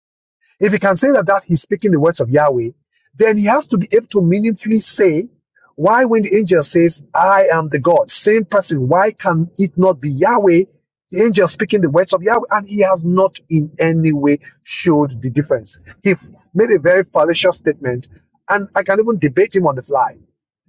If he can say that, that he's speaking the words of Yahweh, then he has to be able to meaningfully say, why when the angel says, I am the God, same person, why can it not be Yahweh? The angel speaking the words of Yahweh, and he has not in any way showed the difference. He f- made a very fallacious statement, and I can even debate him on the fly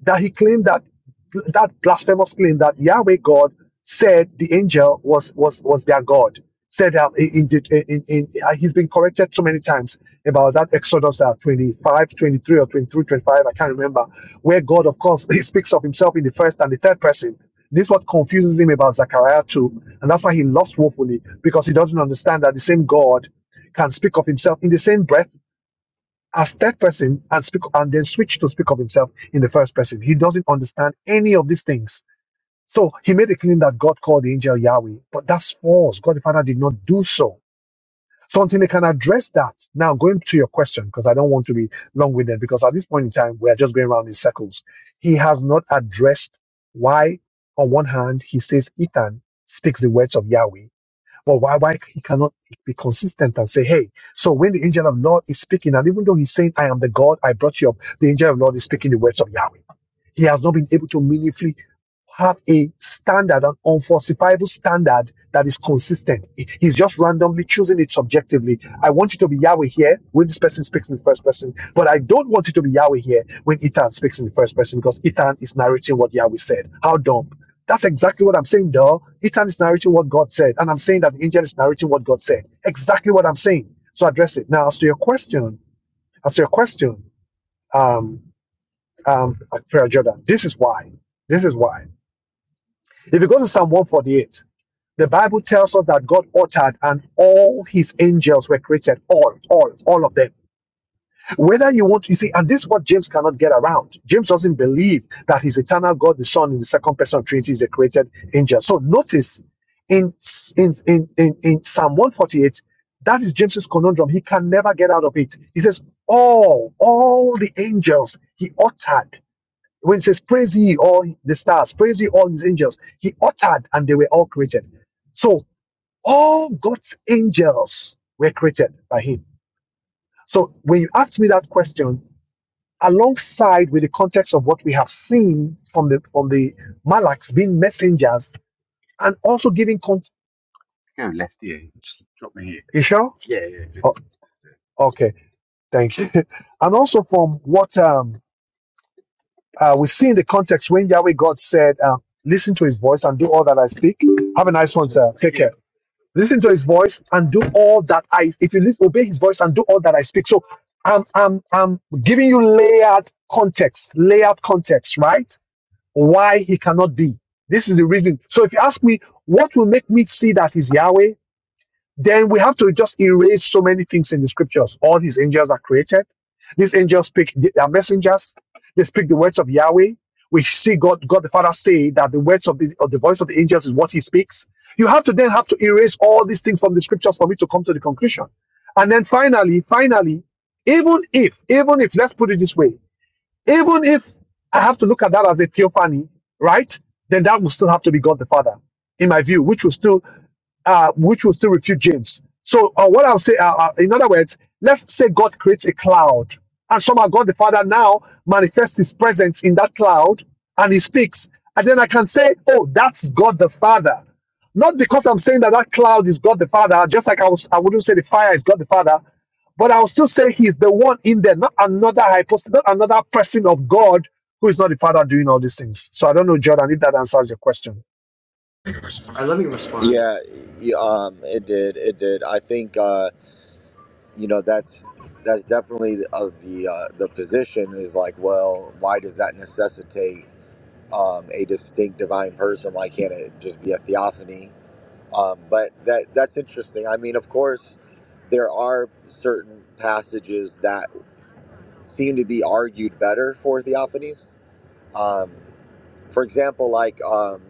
that he claimed that that blasphemous claim that Yahweh God said the angel was was was their God. Said that in, in, in, in, uh, he's been corrected so many times about that Exodus uh, 25, 23 or 23, 25, I can't remember, where God, of course, he speaks of himself in the first and the third person. This is what confuses him about Zechariah 2, and that's why he lost woefully, because he doesn't understand that the same God can speak of himself in the same breath as third person and speak and then switch to speak of himself in the first person. He doesn't understand any of these things. So he made a claim that God called the angel Yahweh, but that's false. God the Father did not do so. So until they can address that, now going to your question, because I don't want to be long-winded, because at this point in time, we are just going around in circles. He has not addressed why, on one hand, he says Ethan speaks the words of Yahweh, well, why why he cannot be consistent and say, hey, so when the angel of Lord is speaking, and even though he's saying, I am the God, I brought you up, the angel of Lord is speaking the words of Yahweh. He has not been able to meaningfully have a standard, an unfalsifiable standard that is consistent. He- He's just randomly choosing it subjectively. I want it to be Yahweh here when this person speaks in the first person, but I don't want it to be Yahweh here when Ethan speaks in the first person because Ethan is narrating what Yahweh said. How dumb. That's exactly what I'm saying, though. Ethan is narrating what God said, and I'm saying that the angel is narrating what God said. Exactly what I'm saying. So address it. Now, as to your question, as to your question, Um um, at Prayer Jordan. This is why. This is why. If you go to Psalm 148, the Bible tells us that God uttered and all his angels were created. All, all, all of them. Whether you want, you see, and this is what James cannot get around. James doesn't believe that his eternal God, the Son, in the second person of Trinity is a created angel. So notice in, in, in, in, in Psalm 148, that is James's conundrum. He can never get out of it. He says, all, all the angels he uttered when it says, Praise ye all the stars, praise ye all his angels, he uttered and they were all created. So all God's angels were created by him. So when you ask me that question, alongside with the context of what we have seen from the from the Malaks being messengers and also giving context. You sure? Oh, okay, thank you. And also from what um, uh, we see in the context when Yahweh God said, uh, "Listen to His voice and do all that I speak." Have a nice one, sir. Take yeah. care. listen to his voice and do all that I if you listen, obey his voice and do all that I speak. So I'm I'm I'm giving you layered context, layered context, right? Why he cannot be. This is the reason. So if you ask me what will make me see that he's Yahweh, then we have to just erase so many things in the scriptures. All these angels are created. These angels speak, they are messengers. They speak the words of Yahweh. We see God, God the Father say that the words of the, of the voice of the angels is what he speaks. You have to then have to erase all these things from the scriptures for me to come to the conclusion. And then finally, finally, even if, even if, let's put it this way, even if I have to look at that as a theophany, right? Then that will still have to be God the Father, in my view, which will still uh, which will still refute James. So uh, what I'll say, uh, uh, in other words, let's say God creates a cloud, and somehow God the Father now manifests His presence in that cloud, and He speaks, and then I can say, oh, that's God the Father. Not because I'm saying that that cloud is God the Father, just like I was, I wouldn't say the fire is God the Father, but I'll still say he's the one in there, not another hypostasis, not another person of God who is not the Father doing all these things. So I don't know, Jordan, if that answers your question. All right, let me respond. Yeah, y- um, it did, it did. I think uh, you know that's that's definitely the uh, the, uh, the position is like, well, why does that necessitate um, a distinct divine person? Why can't it just be a theophany? Um, but that that's interesting. I mean, of course, there are certain passages that seem to be argued better for Theophanes, Um, for example, like um,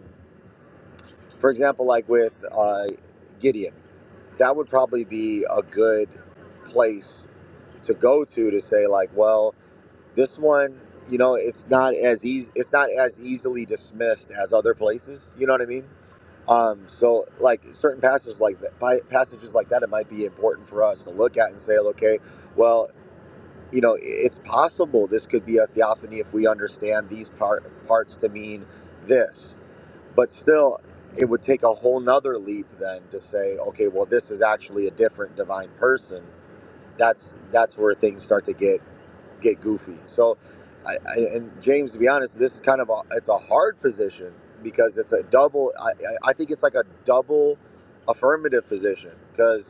for example, like with uh, Gideon, that would probably be a good place to go to to say like, well, this one, you know, it's not as easy, it's not as easily dismissed as other places. You know what I mean? Um, so like certain passages like that, by passages like that, it might be important for us to look at and say, like, okay, well, you know, it's possible this could be a theophany if we understand these par- parts to mean this. But still, it would take a whole nother leap then to say, okay, well, this is actually a different divine person. That's that's where things start to get get goofy. So, I, I, and James, to be honest, this is kind of a it's a hard position because it's a double. I, I I think it's like a double affirmative position because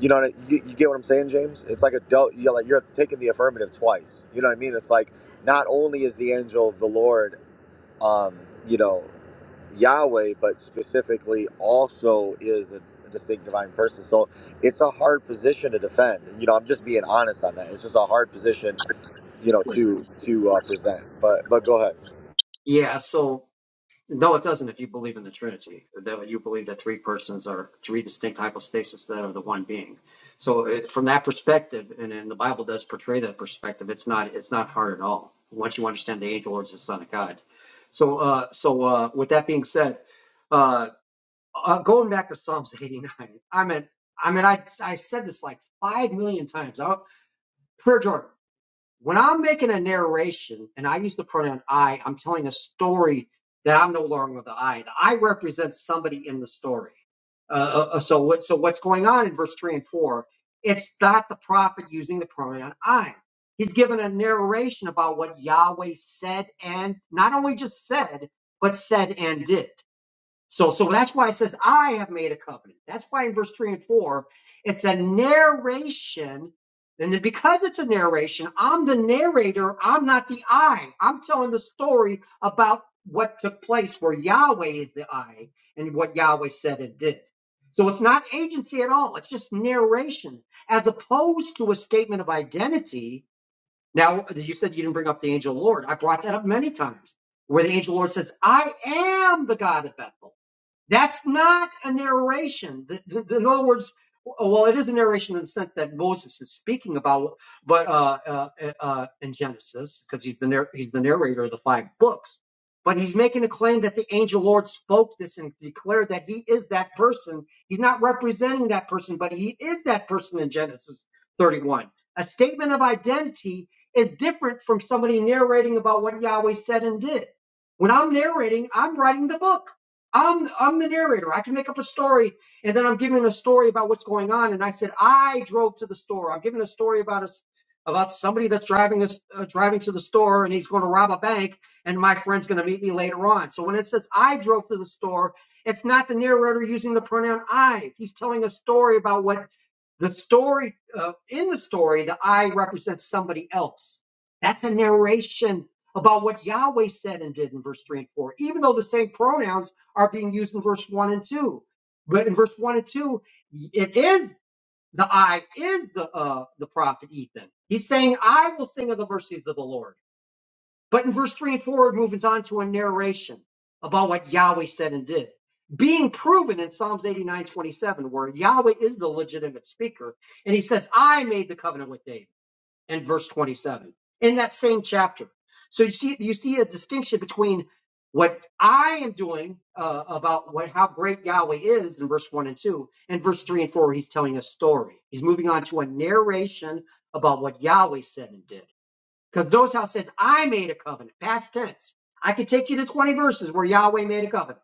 you know, what I- you, you get what I'm saying, James? It's like a del- you're like you're taking the affirmative twice. You know what I mean? It's like not only is the angel of the Lord, um, you know, Yahweh, but specifically also is a, a distinct divine person. So it's a hard position to defend. You know, I'm just being honest on that. It's just a hard position, you know, to to uh, present. But but go ahead. Yeah, so No, it doesn't if you believe in the Trinity, that you believe that three persons are three distinct hypostases that are the one being. So it, from that perspective, and, and the Bible does portray that perspective, it's not it's not hard at all once you understand the angel is the son of God. So uh, so uh, with that being said, uh, uh, going back to Psalms 89, I mean I mean I I said this like five million times. I, prayer Jordan. When I'm making a narration and I use the pronoun I, I'm telling a story that I'm no longer the I. The I represents somebody in the story. Uh, uh, uh, so what? So what's going on in verse three and four? It's not the prophet using the pronoun I. He's given a narration about what Yahweh said and not only just said, but said and did. So, so that's why it says, I have made a covenant. That's why in verse three and four, it's a narration. And because it's a narration, I'm the narrator. I'm not the I. I'm telling the story about what took place where Yahweh is the I and what Yahweh said and did. So it's not agency at all. It's just narration as opposed to a statement of identity. Now, you said you didn't bring up the angel of the Lord. I brought that up many times where the angel of the Lord says, I am the God of Bethel. That's not a narration. The- the- the- in other words, well, it is a narration in the sense that Moses is speaking about, but uh, uh, uh, in Genesis, because he's the nar- he's the narrator of the five books. But he's making a claim that the angel Lord spoke this and declared that he is that person. He's not representing that person, but he is that person in Genesis 31. A statement of identity is different from somebody narrating about what Yahweh said and did. When I'm narrating, I'm writing the book. I'm I'm the narrator. I can make up a story, and then I'm giving a story about what's going on. And I said I drove to the store. I'm giving a story about us about somebody that's driving us uh, driving to the store, and he's going to rob a bank. And my friend's going to meet me later on. So when it says I drove to the store, it's not the narrator using the pronoun I. He's telling a story about what the story uh, in the story. The I represents somebody else. That's a narration about what Yahweh said and did in verse three and four. Even though the same pronouns are being used in verse 1 and 2. But in verse 1 and 2, it is the I is the uh, the prophet Ethan. He's saying, I will sing of the mercies of the Lord. But in verse 3 and 4, it moves on to a narration about what Yahweh said and did. Being proven in Psalms 89 27, where Yahweh is the legitimate speaker, and he says, I made the covenant with David and verse 27 in that same chapter. So you see, you see a distinction between what I am doing uh, about what how great Yahweh is in verse one and two, and verse three and four. Where he's telling a story. He's moving on to a narration about what Yahweh said and did. Because notice how it says, "I made a covenant." Past tense. I could take you to 20 verses where Yahweh made a covenant.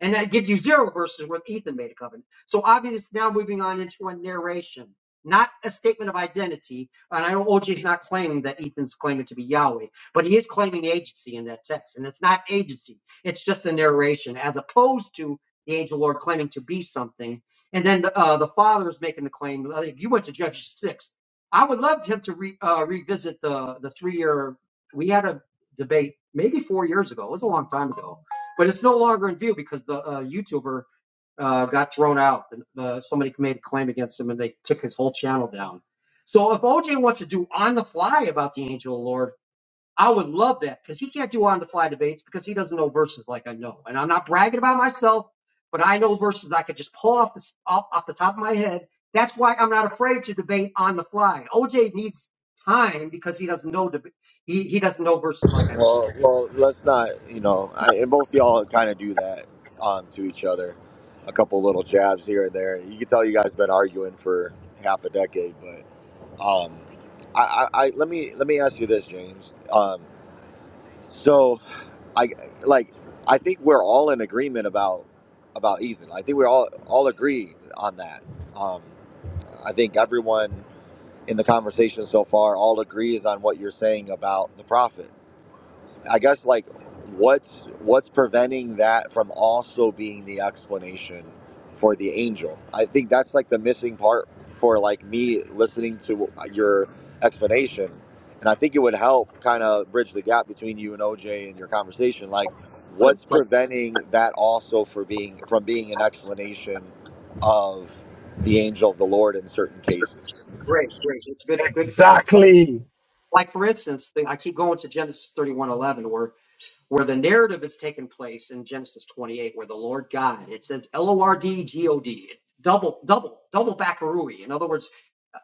And that gives you zero verses where Ethan made a covenant. So obviously it's now moving on into a narration, not a statement of identity. And I know OJ's not claiming that Ethan's claiming to be Yahweh, but he is claiming agency in that text. And it's not agency, it's just a narration, as opposed to the angel Lord claiming to be something. And then the, uh, the father is making the claim. Like you went to Judges 6. I would love him to re, uh, revisit the, the three year. We had a debate maybe four years ago. It was a long time ago but it's no longer in view because the uh, YouTuber uh, got thrown out. And, uh, somebody made a claim against him, and they took his whole channel down. So if OJ wants to do on the fly about the angel of the Lord, I would love that because he can't do on the fly debates because he doesn't know verses like I know. And I'm not bragging about myself, but I know verses I could just pull off the off, off the top of my head. That's why I'm not afraid to debate on the fly. OJ needs time because he doesn't know deb- he he doesn't know verses like I do. Well, well, let's not. You know, I, and both y'all kind of do that um, to each other, a couple little jabs here and there. You can tell you guys been arguing for half a decade, but um, I, I, I let me let me ask you this, James. Um, so, I like I think we're all in agreement about about Ethan. I think we all all agree on that. Um, I think everyone in the conversation so far all agrees on what you're saying about the prophet. I guess like what's what's preventing that from also being the explanation for the angel? I think that's like the missing part for like me listening to your explanation. And I think it would help kind of bridge the gap between you and OJ and your conversation like what's like preventing that also for being from being an explanation of the angel of the Lord in certain cases. great, great. It's a good, good Exactly. like for instance, the, I keep going to Genesis thirty-one eleven, where where the narrative is taking place in Genesis 28, where the Lord God, it says L O R D G O D, double, double, double bakarui. In other words,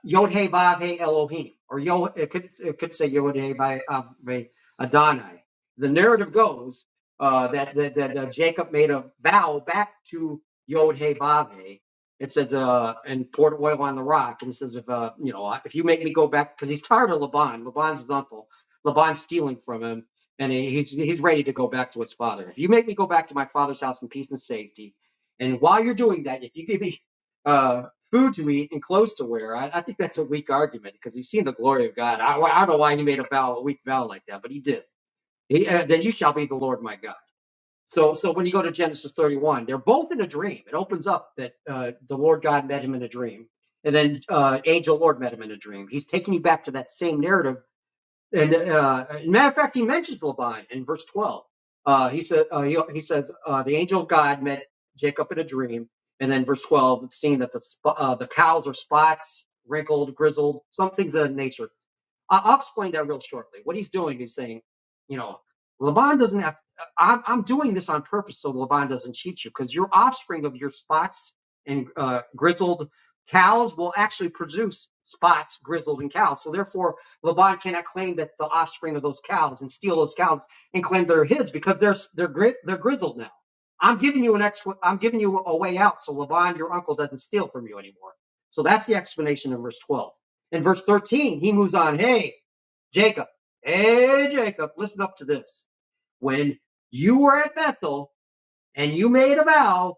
Yod Hey Vav Hey Elohim, or Yod it could it could say Yod Hey Vav Hey Adonai. The narrative goes uh, that that, that uh, Jacob made a vow back to Yod Hey Vav Hey. It says uh, and poured oil on the rock, and it says if uh, you know if you make me go back because he's tired of Laban, Laban's his uncle, Laban's stealing from him, and he, he's he's ready to go back to his father. If you make me go back to my father's house in peace and safety, and while you're doing that, if you give me uh, food to eat and clothes to wear. I, I think that's a weak argument because he's seen the glory of God. I, I don't know why he made a vow, a weak vow like that, but he did. He, uh, then you shall be the Lord my God. So, so when you go to Genesis 31, they're both in a dream. It opens up that uh, the Lord God met him in a dream, and then uh, angel Lord met him in a dream. He's taking you back to that same narrative and uh, and matter of fact, he mentions Laban in verse 12. Uh, he said, uh, he, he says, uh, the angel of God met Jacob in a dream. And then verse 12, seeing that the, uh, the cows are spots, wrinkled, grizzled, some things of that nature. I- I'll explain that real shortly. What he's doing is saying, you know, Laban doesn't have. I'm, I'm doing this on purpose so Laban doesn't cheat you because your offspring of your spots and uh, grizzled cows will actually produce spots, grizzled, and cows. So therefore, Laban cannot claim that the offspring of those cows and steal those cows and claim they're his because they're they're gri- they're grizzled now. I'm giving you an ex. I'm giving you a way out so Laban, your uncle, doesn't steal from you anymore. So that's the explanation in verse 12. In verse 13, he moves on. Hey, Jacob, hey, Jacob, listen up to this. When you were at Bethel and you made a vow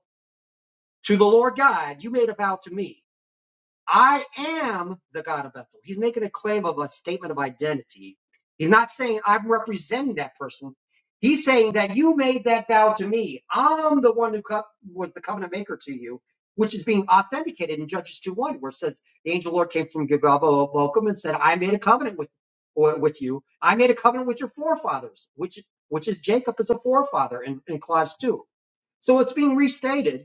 to the Lord God, you made a vow to me. I am the God of Bethel. He's making a claim of a statement of identity. He's not saying I'm representing that person. He's saying that you made that vow to me. I'm the one who co- was the covenant maker to you, which is being authenticated in Judges two one, where it says the angel of the Lord came from Gilgal of Bochum and said, "I made a covenant with or- with you. I made a covenant with your forefathers, which which is Jacob as a forefather in, in clause two. So it's being restated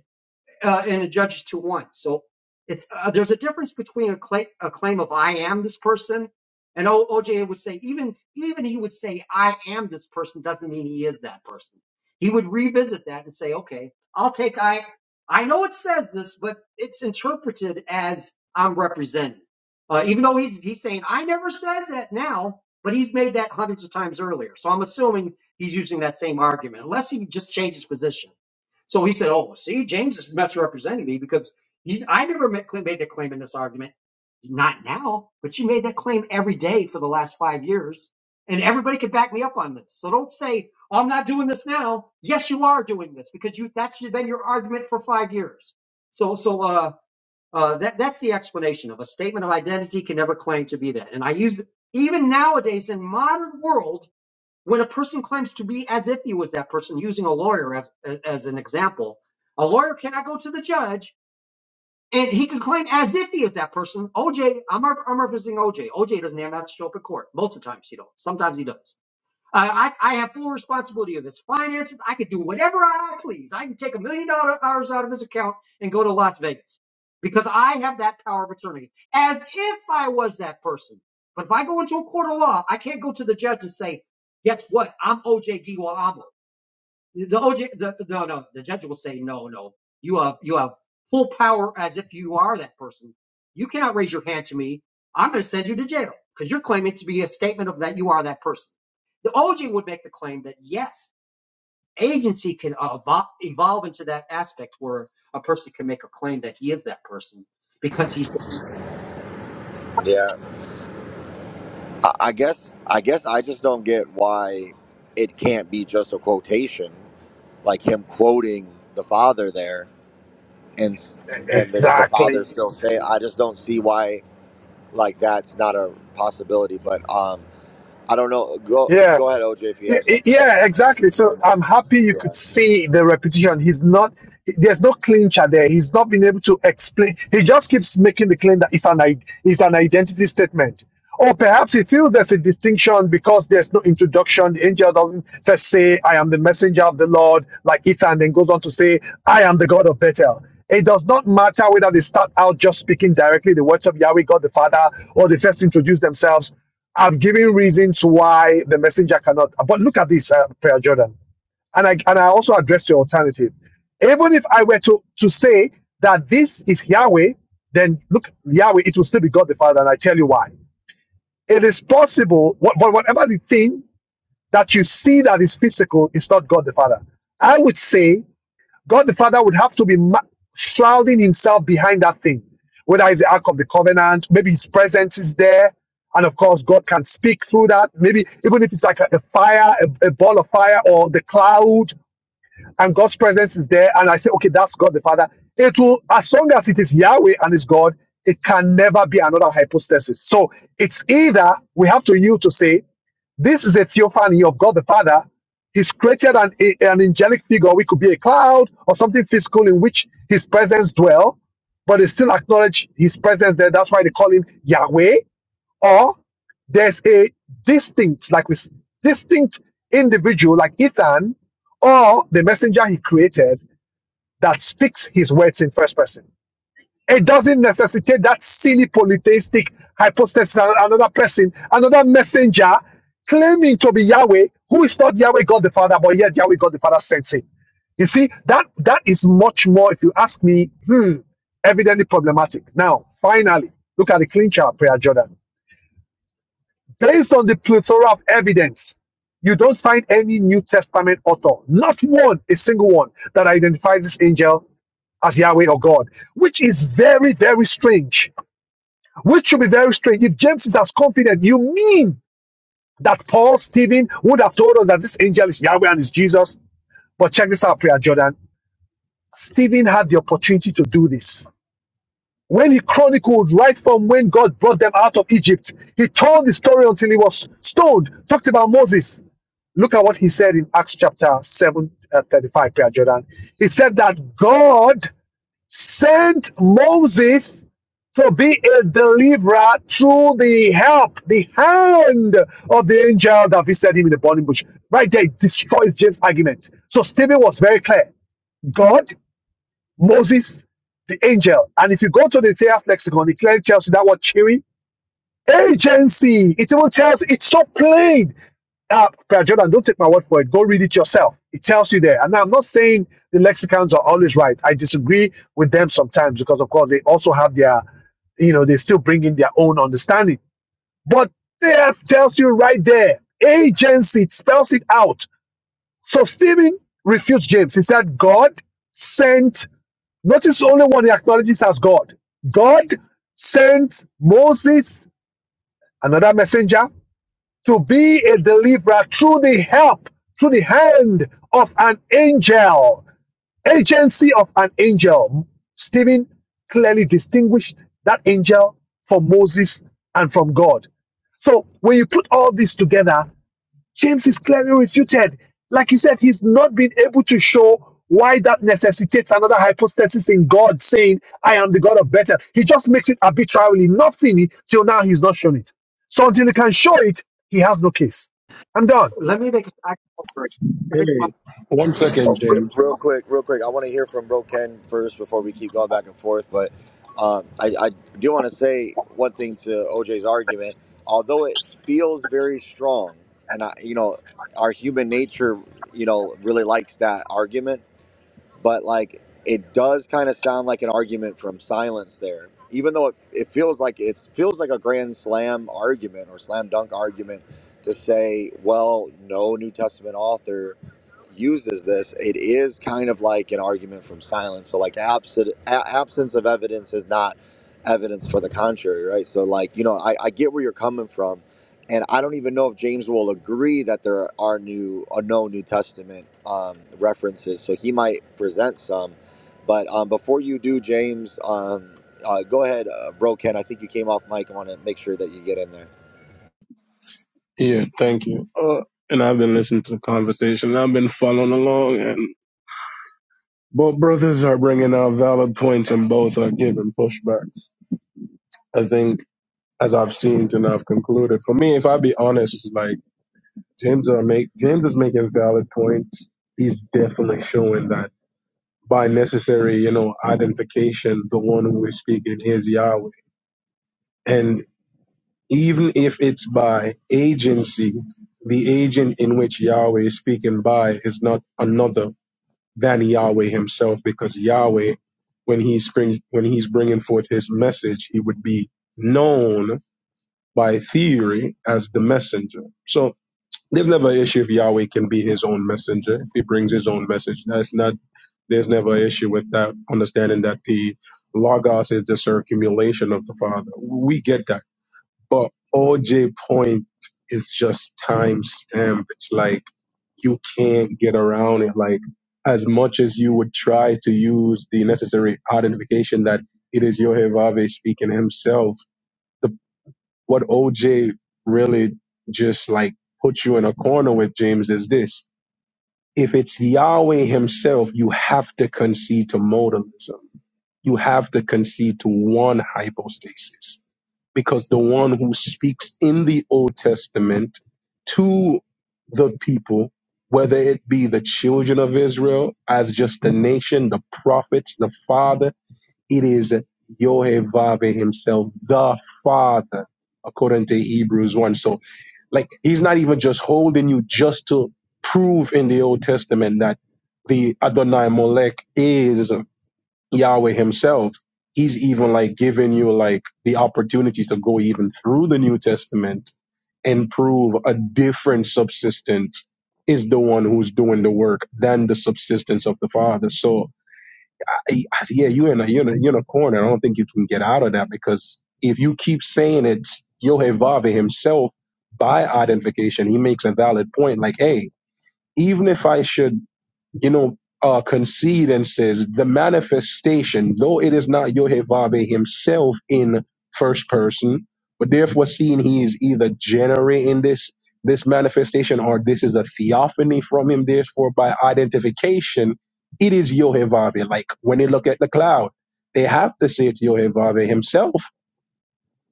uh, in the Judges two one. So it's uh, there's a difference between a claim, a claim of I am this person, and OJ would say even even he would say I am this person doesn't mean he is that person. He would revisit that and say, okay, I'll take I. I know it says this, but it's interpreted as I'm representing. Uh, even though he's he's saying I never said that now, but he's made that hundreds of times earlier. So I'm assuming he's using that same argument, unless he just changed his position. So he said, "Oh, see, James is misrepresenting me because he's, I never made that claim in this argument. Not now, but you made that claim every day for the last five years, and everybody can back me up on this. So don't say "Oh, I'm not doing this now. Yes, you are doing this because you that's your- been your argument for five years. So, so uh, uh, that that's the explanation of a statement of identity can never claim to be that. And I use even nowadays in modern world." when a person claims to be as if he was that person, using a lawyer as as an example, a lawyer cannot go to the judge and he can claim as if he is that person. OJ, I'm rep- I'm representing OJ. OJ doesn't have to show up in court most of the times. He don't. Sometimes he does. I, I I have full responsibility of his finances. I could do whatever I please. I can take a million dollar- out of his account and go to Las Vegas because I have that power of attorney, as if I was that person. But if I go into a court of law, I can't go to the judge and say, "Guess what? I'm O.J. Giwa the OJ, the, no, no, the judge will say, no, no, you have, you have full power as if you are that person. You cannot raise your hand to me. I'm going to send you to jail because you're claiming to be a statement of that you are that person. The OJ would make the claim that yes, agency can evolve, evolve into that aspect where a person can make a claim that he is that person because he's. Yeah. I I guess I guess I just don't get why it can't be just a quotation, like him quoting the father there, and and it's the father Exactly. still say. I just don't see why like that's not a possibility. But um, I don't know. Go Yeah. go ahead, OJ, if you Y- have y- something Yeah, else, um, exactly. and So then. I'm happy you yeah. could see the repetition. He's not, there's no clincher there. He's not been able to explain. He just keeps making the claim that it's an, i- it's an identity statement. Or perhaps he feels there's a distinction because there's no introduction. The angel doesn't first say, I am the messenger of the Lord, like Ethan, then goes on to say, I am the God of Bethel. It does not matter whether they start out just speaking directly the words of Yahweh, God the Father, or they first introduce themselves. I've given reasons why the messenger cannot. But look at this, uh, Prayer Jordan. And I, and I also address your alternative. Even if I were to, to say that this is Yahweh, then look, Yahweh, it will still be God the Father. And I tell you why. It is possible, what, but whatever the thing that you see that is physical is not God the Father. I would say God the Father would have to be ma- shrouding himself behind that thing, whether it's the Ark of the Covenant, maybe his presence is there. And of course, God can speak through that. Maybe even if it's like a, a fire, a, a ball of fire, or the cloud, and God's presence is there. And I say, okay, that's God the Father. It will, as long as it is Yahweh and it's God, it can never be another hypostasis. So it's either we have to yield to say this is a theophany of God the Father. He's created an, a- an angelic figure, which could be a cloud or something physical in which his presence dwell, but they still acknowledge his presence there. That's why they call him Yahweh. Or there's a distinct, like with distinct individual like Ethan, or the messenger he created that speaks his words in first person. It doesn't necessitate that silly polytheistic hypothesis and another person, another messenger claiming to be Yahweh, who is not Yahweh God the Father, but yet Yahweh God the Father sends him. You see, that that is much more, if you ask me, hmm, evidently problematic. Now, finally, look at the clincher prayer, Jordan. Based on the plethora of evidence, you don't find any New Testament author, not one, a single one, that identifies this angel as Yahweh or God, which is very, very strange which should be very strange. If James is as confident, you mean that Paul, Stephen would have told us that this angel is Yahweh and is Jesus. But check this out, Prayer Jordan. Stephen had the opportunity to do this. When he chronicled right from when God brought them out of Egypt, he told the story until he was stoned, talked about Moses. Look at what he said in Acts chapter 7, uh, 35, Prayer Jordan. He said that God sent Moses to be a deliverer through the help, the hand of the angel that visited him in the burning bush. Right there, it destroys James' argument. So Stephen was very clear. God, Moses, the angel. And if you go to the Theas lexicon, it clearly tells you that word cheery. Agency. It even tells it's so plain. Uh, Brother Jordan, don't take my word for it. Go read it yourself. It tells you there. And I'm not saying the lexicons are always right. I disagree with them sometimes because, of course, they also have their, you know, they still bring in their own understanding. But this tells you right there. Agency it spells it out. So Stephen refutes James. He said, God sent, notice only one he acknowledges as God. God sent Moses, another messenger to be a deliverer through the help, through the hand of an angel, agency of an angel. Stephen clearly distinguished that angel from Moses and from God. So when you put all this together, James is clearly refuted. Like he said, he's not been able to show why that necessitates another hypostasis in God saying, I am the God of better. He just makes it arbitrarily, nothing till now he's not shown it. So until he can show it, he has no case. I'm done. Let me make a. I Hey, one second, Oh, real, James. real quick, real quick. I want to hear from Bro Ken first before we keep going back and forth. But um, I, I do want to say one thing to OJ's argument. Although it feels very strong, and I, you know, our human nature, you know, really likes that argument but like it does kind of sound like an argument from silence there even though it, it feels like it feels like a grand slam argument or slam dunk argument to say well no new testament author uses this it is kind of like an argument from silence so like absent, a- absence of evidence is not evidence for the contrary right so like you know I, I get where you're coming from and I don't even know if James will agree that there are new or no New Testament um, references. So he might present some. But um, before you do, James, um, uh, go ahead, uh, bro. Ken, I think you came off mic. I want to make sure that you get in there. Yeah, thank you. Uh, and I've been listening to the conversation. I've been following along, and both brothers are bringing out valid points, and both are giving pushbacks. I think, as I've seen and I've concluded, for me, if I be honest, it's like James are make James is making valid points. He's definitely showing that by necessary, you know, identification, the one who is speaking is Yahweh. and. even if it's by agency, the agent in which Yahweh is speaking by is not another than Yahweh himself, because Yahweh, when he's bring, when he's bringing forth his message, he would be known by theory as the messenger. So there's never an issue if Yahweh can be his own messenger if he brings his own message. That's not there's never an issue with that. Understanding that the logos is the circumulation of the Father, we get that but OJ point is just time stamped. It's like you can't get around it. Like as much as you would try to use the necessary identification that it is Yohevave speaking himself, the what OJ really just like puts you in a corner with James is this. If it's Yahweh himself, you have to concede to modalism. You have to concede to one hypostasis because the one who speaks in the Old Testament to the people, whether it be the children of Israel, as just the nation, the prophets, the father, it is Yohevave himself, the father, according to Hebrews 1. So, like, he's not even just holding you just to prove in the Old Testament that the Adonai Molech is. Yahweh himself, he's even like giving you like the opportunity to go even through the New Testament and prove a different subsistence is the one who's doing the work than the subsistence of the Father. So I, I- yeah, you are in a you're in a, you're in a corner. I don't think you can get out of that because if you keep saying it's Yehovah himself by identification, he makes a valid point. Like, hey, even if I should you know, uh, concede and says the manifestation, though it is not Yohevave himself in first person, but therefore seeing he is either generating this this manifestation or this is a theophany from him, therefore by identification, it is Yohevave. Like when they look at the cloud, they have to say it's Yohevave himself.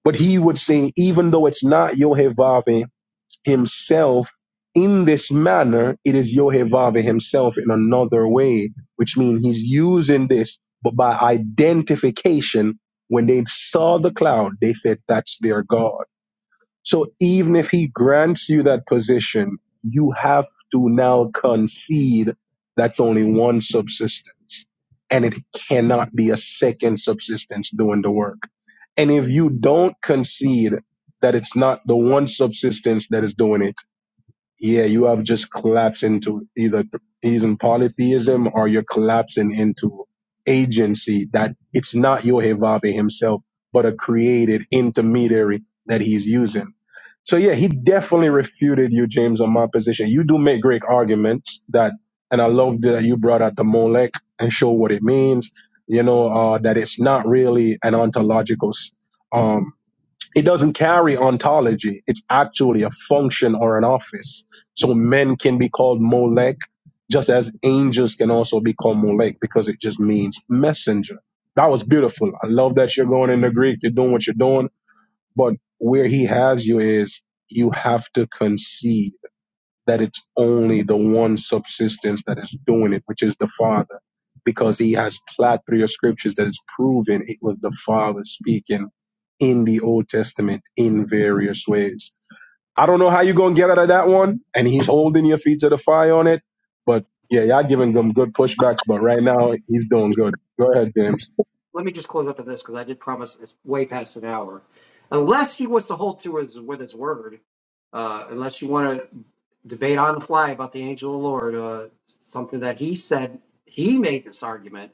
But he would say, even though it's not Yohevave himself in this manner, it is Yehovah himself in another way, which means he's using this, but by identification, when they saw the cloud, they said, That's their God. So even if he grants you that position, you have to now concede that's only one subsistence, and it cannot be a second subsistence doing the work. And if you don't concede that it's not the one subsistence that is doing it, yeah, you have just collapsed into either th- he's in polytheism or you're collapsing into agency that it's not Yohevave himself, but a created intermediary that he's using. So yeah, he definitely refuted you, James, on my position. You do make great arguments that, and I love that you brought out the Molech and show what it means. You know uh, that it's not really an ontological s- um, it doesn't carry ontology. It's actually a function or an office. So men can be called Molech, just as angels can also be called Molech because it just means messenger. That was beautiful. I love that you're going in the Greek. You're doing what you're doing, but where he has you is you have to concede that it's only the one subsistence that is doing it, which is the Father, because he has plethora of scriptures that is proven it was the Father speaking in the Old Testament in various ways. I don't know how you're gonna get out of that one, and he's holding your feet to the fire on it, but yeah, y'all giving them good pushbacks, but right now he's doing good. Go ahead, James. let me just close up with this because I did promise it's way past an hour. Unless he wants to hold to his with his word, uh, unless you want to debate on the fly about the angel of the Lord, uh, something that he said he made this argument,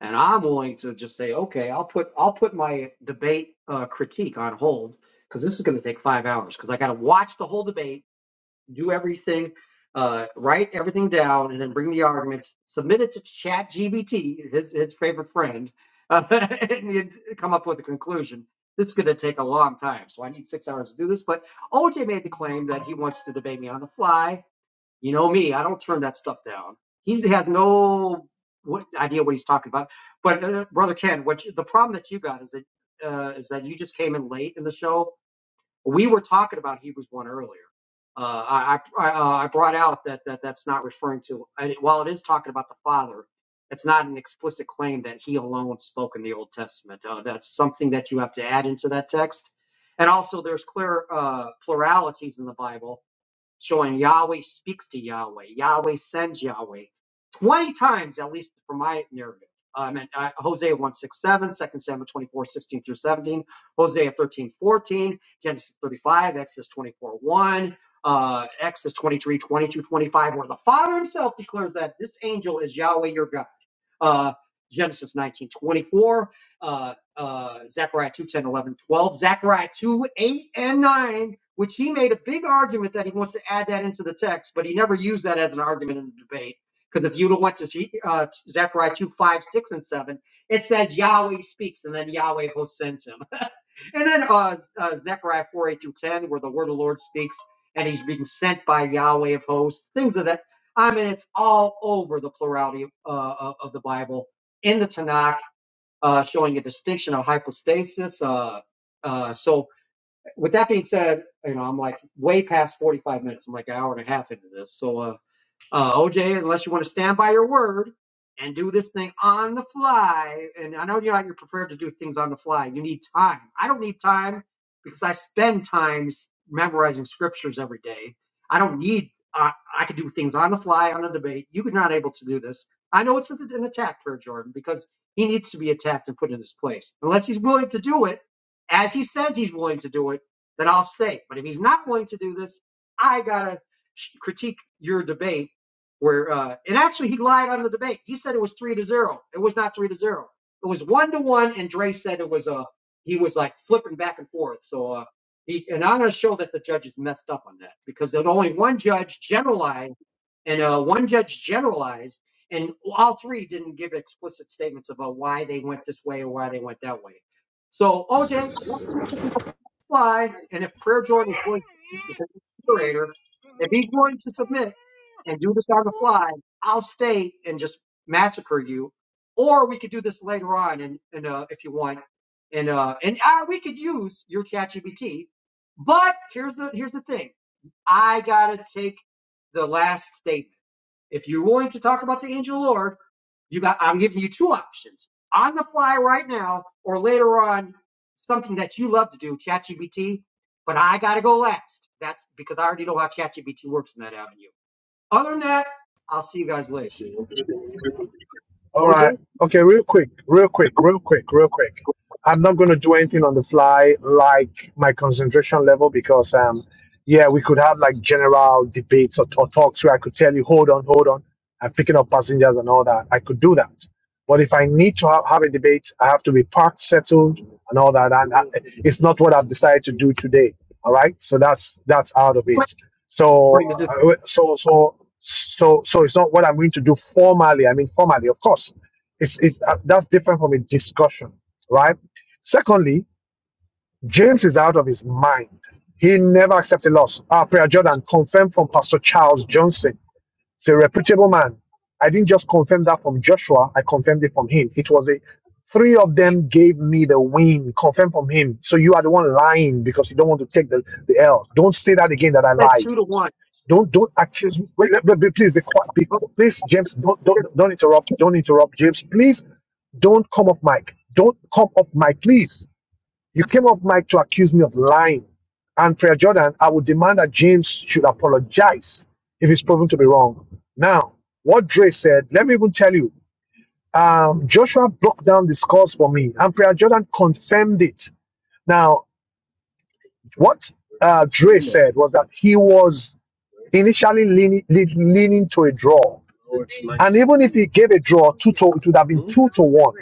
and I'm willing to just say, okay, I'll put I'll put my debate uh, critique on hold because this is going to take five hours because I got to watch the whole debate do everything, uh, write everything down, and then bring the arguments, submit it to ChatGPT, his his favorite friend, uh, and you come up with a conclusion. This is going to take a long time, so I need six hours to do this. But OJ made the claim that he wants to debate me on the fly. You know me; I don't turn that stuff down. He has no what, idea what he's talking about. But uh, brother Ken, what you, the problem that you got is that uh, is that you just came in late in the show, we were talking about Hebrews one earlier. Uh, I I, uh, I brought out that, that that's not referring to I, while it is talking about the Father. It's not an explicit claim that He alone spoke in the Old Testament. Uh, that's something that you have to add into that text. And also, there's clear uh, pluralities in the Bible so when Yahweh speaks to Yahweh, Yahweh sends Yahweh 20 times, at least for my narrative. Um, and, uh, Hosea one 6 7, Second Samuel 24 16 through 17, Hosea 13 14, Genesis 35, Exodus 24 1, uh, Exodus 23 20 through 25, where the Father himself declares that this angel is Yahweh your God. Uh, Genesis nineteen twenty four, 24, uh, uh, Zechariah 2 10 11 12 Zechariah 2, 8, and 9, which he made a big argument that he wants to add that into the text, but he never used that as an argument in the debate. Because if you'd have went to uh, Zechariah 2 5 6 and 7, it says Yahweh speaks, and then Yahweh will send him. And then uh, uh, Zechariah 4, 8 through 10, where the word of the Lord speaks, and he's being sent by Yahweh of hosts, things of that. I mean, it's all over the plurality uh, of the Bible in the Tanakh uh, showing a distinction of hypostasis. Uh, uh, so with that being said, you know, I'm like way past 45 minutes. I'm like an hour and a half into this. So, uh, uh, OJ, unless you want to stand by your word and do this thing on the fly, and I know you're not you're prepared to do things on the fly. You need time. I don't need time because I spend time memorizing scriptures every day. I don't need. Uh, I could do things on the fly on the debate. You're not able to do this. I know it's an an attack for Jordan because he needs to be attacked and put in his place. Unless he's willing to do it, as he says he's willing to do it, then I'll stay. But if he's not willing to do this, I gotta sh- critique your debate where uh, and actually he lied on the debate. He said it was three to zero. It was not three to zero. It was one to one, and Dre said it was uh he was like flipping back and forth. So uh he and I'm gonna show that the judges messed up on that because there's only one judge generalized and uh one judge generalized and all three didn't give explicit statements about why they went this way or why they went that way. So OJ, why. And if Prayer Jordan is going to, because he's the curator, if he's going to submit and do this on the fly, I'll stay and just massacre you. Or we could do this later on, and, and uh, if you want, and uh, and I, we could use your ChatGPT. But here's the here's the thing. I gotta take the last statement. If you're willing to talk about the angel of the Lord, you got I'm giving you two options. On the fly right now, or later on, something that you love to do, ChatGPT. But I gotta go last. That's because I already know how ChatGPT works in that avenue. Other than that, I'll see you guys later. All OJ, right. Okay, real quick, real quick, real quick, real quick. I'm not going to do anything on the fly like my concentration level because, um, yeah, we could have like general debates or, or talks where I could tell you, hold on, hold on, I'm picking up passengers and all that. I could do that. But if I need to have, have a debate, I have to be parked, settled, and all that. And I, it's not what I've decided to do today. All right. So that's that's out of it. going So, to this uh, so, so, so, so it's not what I'm going to do formally. I mean, formally, of course, it's, it's uh, that's different from a discussion, right? Secondly, James is out of his mind. He never accepted loss. Uh, Prayer Jordan confirmed from Pastor Charles Johnson. He's a reputable man. I didn't just confirm that from Joshua. I confirmed it from him. It was a three of them gave me the win. Confirmed from him. So you are the one lying because you don't want to take the, the L. Don't say that again that I said lied two to one. don't don't accuse me. Wait, let- let- please be quiet. Be, qui- please, James, don't, don't don't interrupt. Don't interrupt, James. Please don't come off mic. Don't come off mic, please. You came off mic to accuse me of lying. And Prayer Jordan, I would demand that James should apologize if he's proven to be wrong. Now, what Dre said, let me even tell you. Um, Joshua broke down this cause for me, and Prayer Jordan confirmed it. Now, what uh, Dre said was that he was initially leaning, lead, leaning to a draw. And even if he gave a draw, two to, it would have been two to one.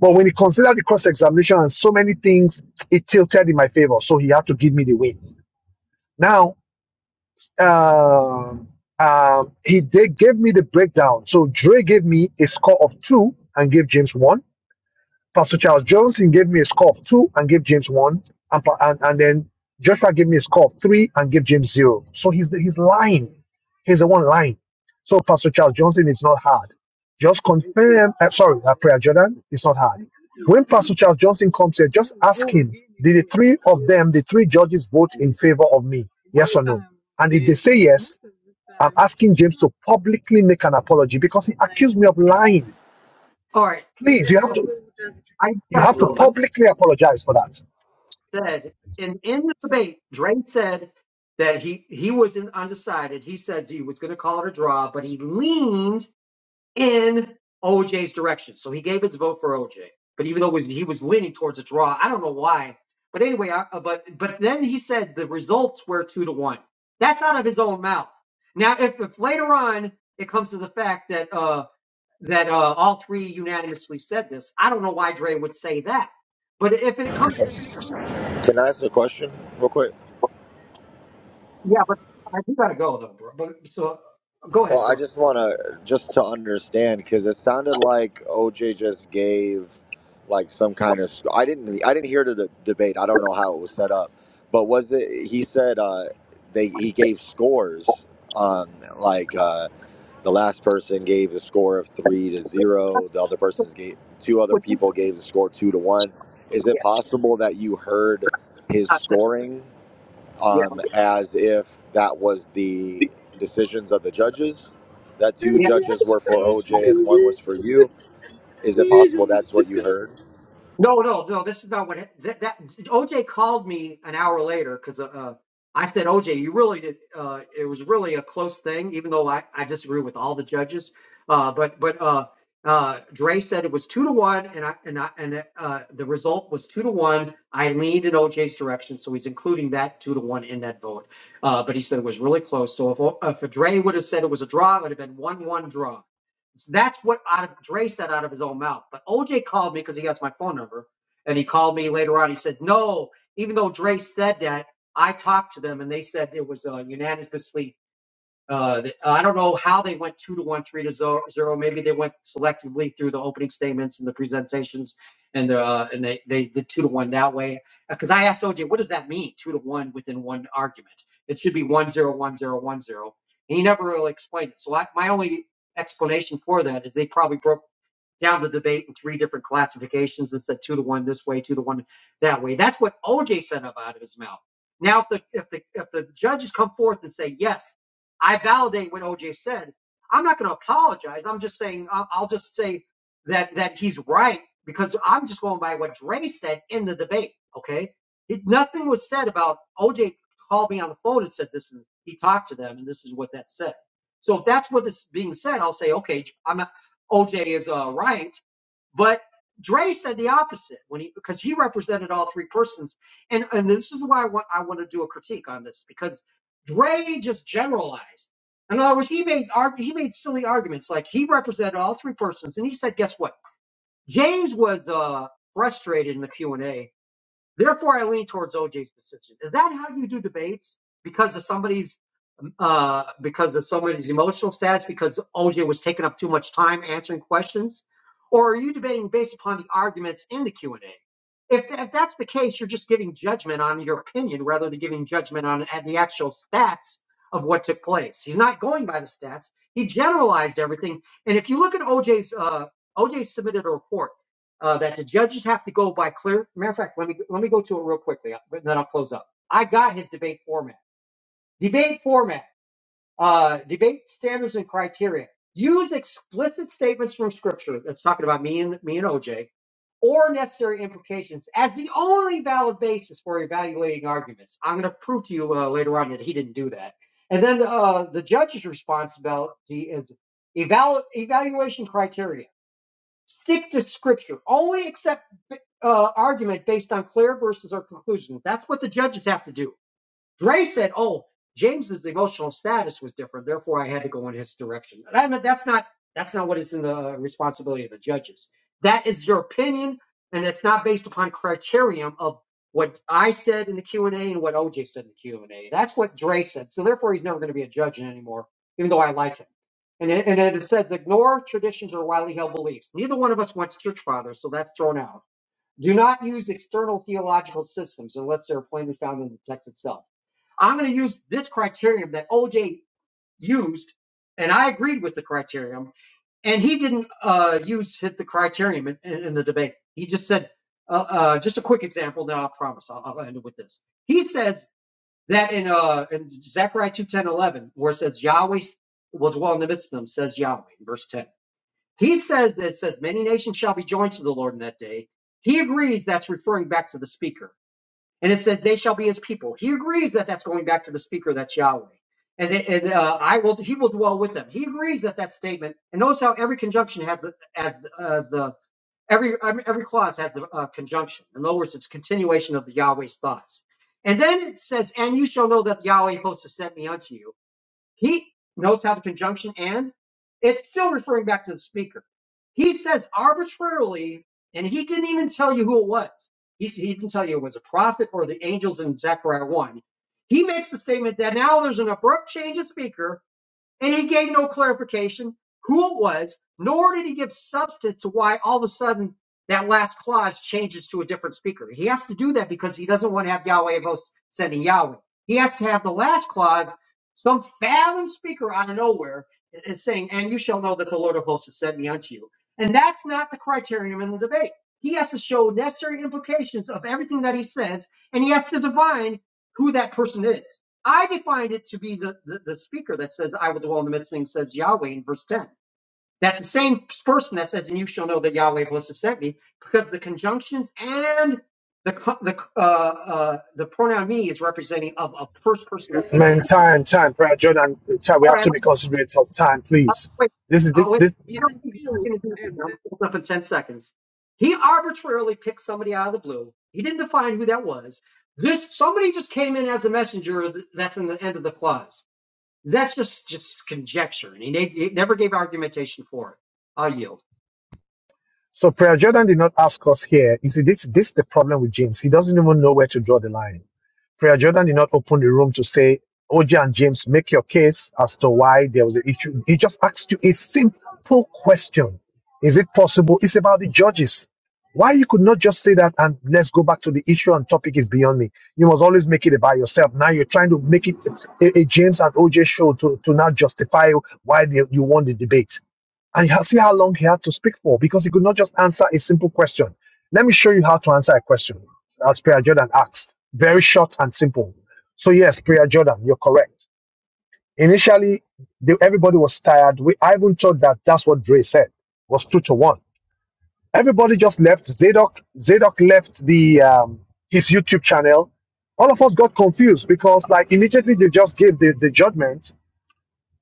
But when he considered the cross examination and so many things, it tilted in my favor. So he had to give me the win. Now, um, um, he did, gave me the breakdown. So Dre gave me a score of two and gave James one. Pastor Charles Johnson gave me a score of two and gave James one, and, pa- and, and then Joshua gave me a score of three and gave James zero. So he's the, he's lying. He's the one lying. So Pastor Charles Johnson is not hard. Just confirm. Uh, sorry, uh, Prayer Jordan It's not hard. When Pastor Charles Johnson comes here, just ask him: Did the three of them, the three judges, vote in favor of me? Yes or no? And if they say yes, I'm asking James to publicly make an apology because he accused me of lying. All right. Please, you have to. Okay, I You have to have to Mm. go. Let me publicly apologize for that. said, and in the debate, Dre said that he he was in undecided. He said he was going to call it a draw, but he leaned in OJ's direction, so he gave his vote for OJ. But even though it was, he was leaning towards a draw, I don't know why. But anyway, I, uh, but but then he said the results were two to one. That's out of his own mouth. Now, if, if later on it comes to the fact that uh, that uh, all three unanimously said this, I don't know why Dre would say that. But if it comes Can I ask a question real quick? Yeah, but I do gotta go though, bro. But so go Well, ahead, I go ahead. just want to just to understand because it sounded like OJ just gave like some kind of. I didn't. I didn't hear the de- debate. I don't know how it was set up, but was it? He said uh, they he gave scores. Um, like uh, the last person gave the score of three to zero. The other person's gave two other Would you- people gave the score two to one. Is it Yeah, possible that you heard his I scoring? yeah. um, as if that was the decisions of the judges, that two judges were for OJ and one was for you. Is it possible that's what you heard? No, no, no. This is not what it- that, that OJ called me an hour later because uh, uh, I said, OJ, you really did. Uh, it was really a close thing, even though I, I disagree with all the judges. Uh, but but uh, uh, Dre said it was two to one, and I and I and uh, the result was two to one. I leaned in OJ's direction, so he's including that two to one in that vote. Uh, but he said it was really close. So if if Dre would have said it was a draw, it would have been one one draw. So that's what out of, Dre said out of his own mouth. But OJ called me because he has my phone number, and he called me later on. He said, "No, even though Dre said that, I talked to them, and they said it was uh, unanimously uh, th- I don't know how they went two to one, three to zero. zero. Maybe they went selectively through the opening statements and the presentations, and uh, and they they did two to one that way. Because I asked OJ, what does that mean, two to one within one argument? It should be one zero one zero one zero, and he never really explained it. So I, my only explanation for that is they probably broke down the debate in three different classifications and said two to one this way, two to one that way. That's what OJ said out of his mouth. Now, if the if the if the judges come forth and say yes, I validate what OJ said. I'm not going to apologize. I'm just saying I'll I'll just say that that he's right because I'm just going by what Dre said in the debate. Okay, it, nothing was said about OJ called me on the phone and said this is he talked to them and this is what that said. So if that's what is being said, I'll say okay. I'm OJ is uh, right, but Dre said the opposite when he because he represented all three persons, and and this is why I want I want to do a critique on this because Dre just generalized. In other words, he made he made silly arguments like he represented all three persons, and he said, guess what? James was uh, frustrated in the Q and A Therefore, I lean towards OJ's decision. Is that how you do debates? Because of somebody's, uh, because of somebody's emotional stats, because OJ was taking up too much time answering questions, or are you debating based upon the arguments in the Q and A? If, th- if that's the case, you're just giving judgment on your opinion rather than giving judgment on at the actual stats of what took place. He's not going by the stats. He generalized everything. And if you look at OJ's, uh, OJ submitted a report uh, that the judges have to go by clear. Matter of fact, let me let me go to it real quickly, uh, but then I'll close up. I got his debate format. Debate format. Uh, debate standards and criteria. Use explicit statements from Scripture. That's talking about me and me and OJ, or necessary implications as the only valid basis for evaluating arguments. I'm going to prove to you uh, later on that he didn't do that. And then uh, the judge's responsibility is evalu- evaluation criteria. Stick to scripture. Only accept uh, argument based on clear verses or conclusion. That's what the judges have to do. Dre said, "Oh, James's emotional status was different, therefore I had to go in his direction." And I mean, that's not that's not what is in the responsibility of the judges. That is your opinion, and it's not based upon criterion of what I said in the Q and A and what OJ said in the Q and A. That's what Dre said. So therefore, he's never going to be a judge anymore, even though I like him. And it, and it says ignore traditions or widely held beliefs. Neither one of us went to church fathers, so that's thrown out. Do not use external theological systems unless they're plainly found in the text itself. I'm going to use this criterion that OJ used, and I agreed with the criterion, and he didn't uh, use hit the criterion in, in, the debate. He just said, uh, uh, just a quick example, then I'll promise I'll, I'll end it with this. He says that in, uh, in Zechariah 2, ten, 11, where it says Yahweh will dwell in the midst of them, says Yahweh, verse 10. He says that it says many nations shall be joined to the Lord in that day. He agrees that's referring back to the speaker. And it says they shall be his people. He agrees that that's going back to the speaker, that's Yahweh. And, it- and uh, I will, he will dwell with them. He agrees that that statement. And notice how every conjunction has the, as, as the every every clause has the uh, conjunction. In other words, it's a continuation of the Yahweh's thoughts. And then it says, "And you shall know that Yahweh hosts has sent me unto you." He knows how the conjunction and it's still referring back to the speaker. He says arbitrarily, and he didn't even tell you who it was. He, s- he didn't tell you it was a prophet or the angels in Zechariah 1. He makes the statement that now there's an abrupt change of speaker and he gave no clarification who it was, nor did he give substance to why all of a sudden that last clause changes to a different speaker. He has to do that because he doesn't want to have Yahweh of hosts sending Yahweh. He has to have the last clause, some fathom speaker out of nowhere is saying, and you shall know that the Lord of hosts has sent me unto you. And that's not the criterion in the debate. He has to show necessary implications of everything that he says, and he has to divine who that person is. I defined it to be the, the, the speaker that says, I will dwell in the midst of things, says Yahweh in verse 10. That's the same person that says, and you shall know that Yahweh was to sent me, because the conjunctions and the the uh, uh, the pronoun me is representing of a first person speaker. Man, time, time, Prayer Jordan, time. We have to be Uh, considerate of time, please. Wait, This is uh, this. wait, this I don't think he's going to do that. I'm going to close up in 10 seconds. He arbitrarily picked somebody out of the blue. He didn't define who that was. This somebody just came in as a messenger. That's in the end of the clause. That's just just conjecture, and he, ne- he never gave argumentation for it. I'll yield. So Prayer Jordan did not ask us here. You see, this this is the problem with James. He doesn't even know where to draw the line. Prayer Jordan did not open the room to say, OJ and James, make your case as to why there was an issue. He just asked you a simple question. Is it possible? It's about the judges. Why you could not just say that and let's go back to the issue and topic is beyond me. You must always make it about yourself. Now you're trying to make it a, a James and OJ show to, to now justify why they, you won the debate. And see how long he had to speak for because he could not just answer a simple question. Let me show you how to answer a question, as Priya Jordan asked. Very short and simple. So, yes, Priya Jordan, you're correct. Initially, the, everybody was tired. We, I even thought that that's what Dre said was two to one. Everybody just left. Zadok, Zadok left the um, his YouTube channel. All of us got confused because, like, immediately they just gave the, the judgment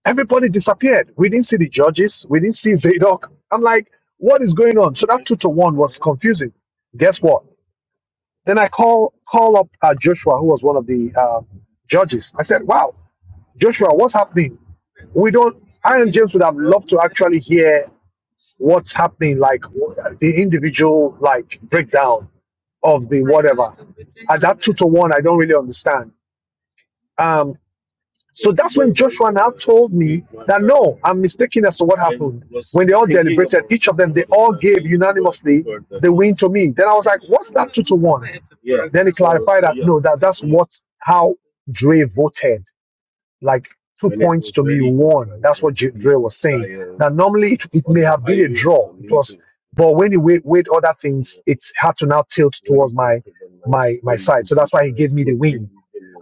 Everybody disappeared. We didn't see the judges. We didn't see Zadok. I'm like, what is going on? So that two to one was confusing. Guess what? Then I call call up uh, Joshua, who was one of the uh, judges. I said, "Wow, Joshua, what's happening? We don't. I and James would have loved to actually hear what's happening, like w- the individual like breakdown of the whatever. At that two to one, I don't really understand. Um, So that's when Joshua now told me that no, I'm mistaken as to what happened. When they all deliberated, each of them, they all gave unanimously the win to me. Then I was like, what's that two to one? Then he clarified that no, that that's what how Dre voted like two points to me one. That's what J- Dre was saying. Now, normally it, it may have I been a draw. It was, but when he weighed, weighed other things, it had to now tilt towards my my my side. So that's why he gave me the win.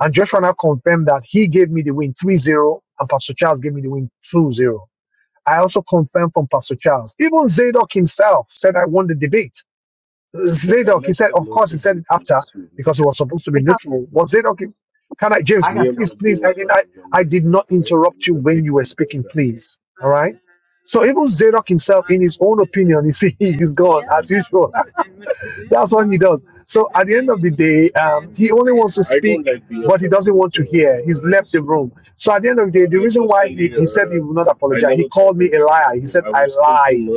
And Joshua now confirmed that he gave me the win three zero, and Pastor Charles gave me the win two zero. I also confirmed from Pastor Charles. Even Zadok himself said I won the debate. Zadok, he said, of course, he said it after because it was supposed to be It's not- neutral. Was Zadok can I, James, I got to go. please, please, I did, I, did not interrupt you when you were speaking, please. All right. So even Zadok himself, in his own opinion, you see, he's gone as usual. That's what he does. So at the end of the day, um, he only wants to speak, but he doesn't want to hear. He's left the room. So at the end of the day, the reason why he, he said he would not uh, apologize, he called me a liar. He said, lied.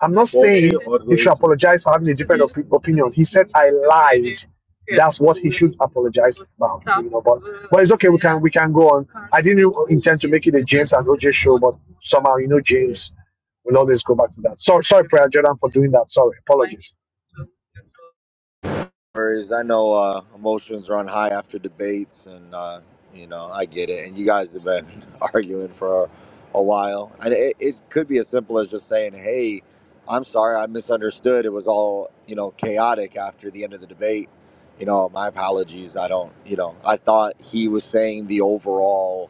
I'm not saying he should apologize for having a different op- opinion. He said, I lied. That's what he should apologize about, you know. But but it's okay. We can we can go on. I didn't intend to make it a James and OJ show, but somehow you know James will always go back to that. So sorry, Prayer Jordan, for doing that. Sorry, apologies. worries. I know uh, emotions run high after debates, and uh, you know I get it. And you guys have been arguing for a a while, and it, it could be as simple as just saying, "Hey, I'm sorry, I misunderstood. It was all you know chaotic after the end of the debate. You know, my apologies. I don't. You know, I thought he was saying the overall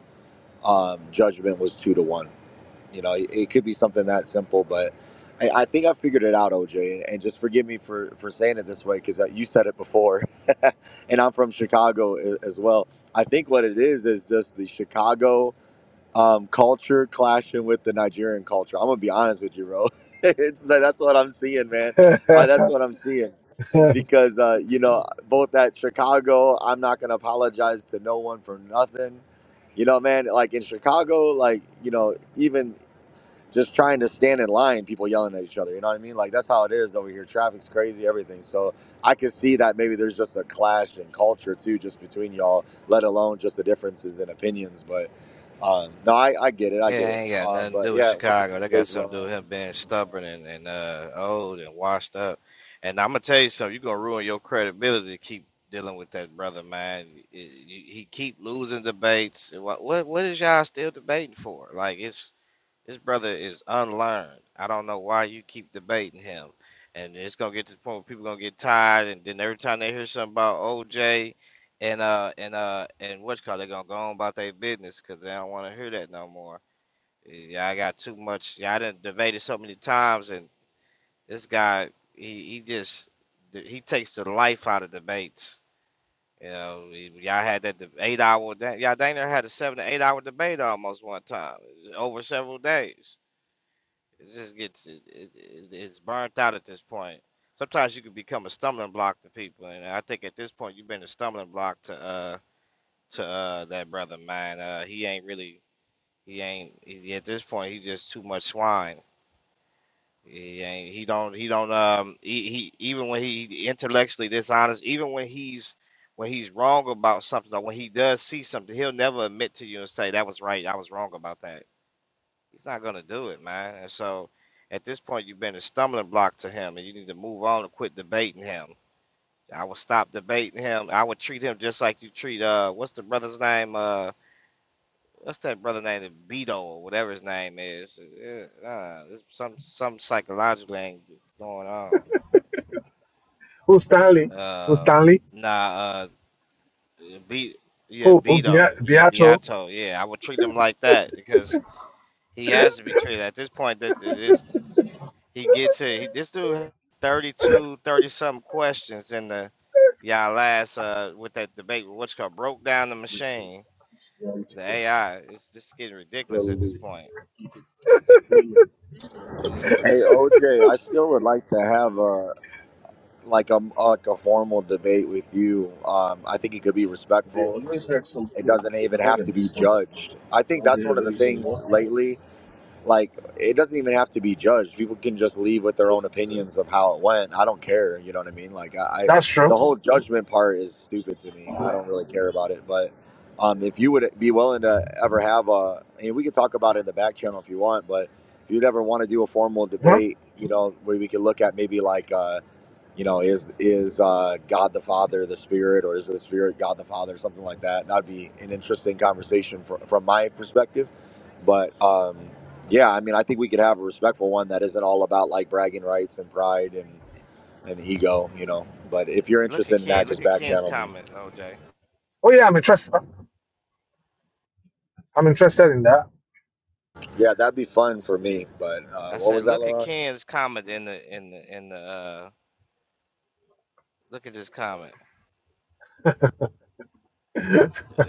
um, judgment was two to one." You know, it, it could be something that simple, but I, I think I figured it out, OJ. And, and just forgive me for, for saying it this way because you said it before, and I'm from Chicago a- as well. I think what it is is just the Chicago um, culture clashing with the Nigerian culture. I'm gonna be honest with you, bro. it's, like, that's what I'm seeing, man. Uh, that's what I'm seeing because uh, you know both at Chicago, I'm not gonna apologize to no one for nothing. You know, man, like in Chicago, like you know, even just trying to stand in line, people yelling at each other. You know what I mean? Like that's how it is over here. Traffic's crazy, everything. So I could see that maybe there's just a clash in culture too, just between y'all. Let alone just the differences in opinions. But um, no, I, I get it. I get it. Yeah, ain't got Um, nothing but to do with yeah, welcome to Chicago. the That got stage, something to do Lauren. with him being stubborn and, and uh, old and washed up. And I'm gonna tell you something. You're gonna ruin your credibility to keep dealing with that brother, man. It- you- he keep losing debates. What what what is y'all still debating for? Like it's this brother is unlearned. I don't know why you keep debating him. And it's gonna get to the point where people gonna get tired. And then every time they hear something about OJ and uh and uh and what's called, they gonna go on about their business because they don't want to hear that no more yeah, I got too much. Yeah, I didn't debate it so many times, and this guy, he he just he takes the life out of debates. You know, y- y'all had that deb- eight hour. da- Y'all dang near had a seven to eight hour debate almost one time over several days. It just gets it, it, it- it's burnt out at this point. Sometimes you can become a stumbling block to people, and I think at this point you've been a stumbling block to uh to uh that brother man. Uh, he ain't really he ain't he, at this point he just too much swine He ain't. He don't. He don't. Um. He, he even when he intellectually dishonest, even when he's when he's wrong about something, or when he does see something, he'll never admit to you and say that was right. I was wrong about that. He's not gonna do it, man. And so, at this point, you've been a stumbling block to him, and you need to move on and quit debating him. I would stop debating him. I would treat him just like you treat uh, what's the brother's name? Uh, what's that brother name? Beto or whatever his name is. Uh, uh, there's some some psychologically ain't going on. Who Stanley? Who uh Stanley? nah uh be yeah Who who Bea- Beto yeah Beato? Beato yeah I would treat him like that because he has to be treated at this point that it is he gets it he, this dude had 32 thirty something questions in the y'all last uh with that debate with what's called broke down the machine the AI it's just getting ridiculous at this point yeah, Hey yeah. OJ, I still would like to have a like a like a formal debate with you. Um, I think it could be respectful. It doesn't even have to be judged. I think that's one of the things lately like it doesn't even have to be judged people can just leave with their own opinions of how it went i don't care you know what i mean like i, I That's true. the whole judgment part is stupid to me i don't really care about it but um, if you would be willing to ever have a and we could talk about it in the back channel if you want but if you'd ever want to do a formal Huh? debate you know where we could look at maybe like uh you know, is is uh, God the Father the Spirit, or is the Spirit God the Father, something like that? That'd be an interesting conversation from from my perspective. But um, yeah, I mean, I think we could have a respectful one that isn't all about like bragging rights and pride and and ego, you know. But if you're And look at interested in Ken that, just look at back Ken's channel me. comment OJ Oh yeah, I'm interested. huh? I'm interested in that. Yeah, that'd be fun for me. But uh, I what was said that, look at Laurent? Ken's comment in the in the in the uh look at this comment Uh,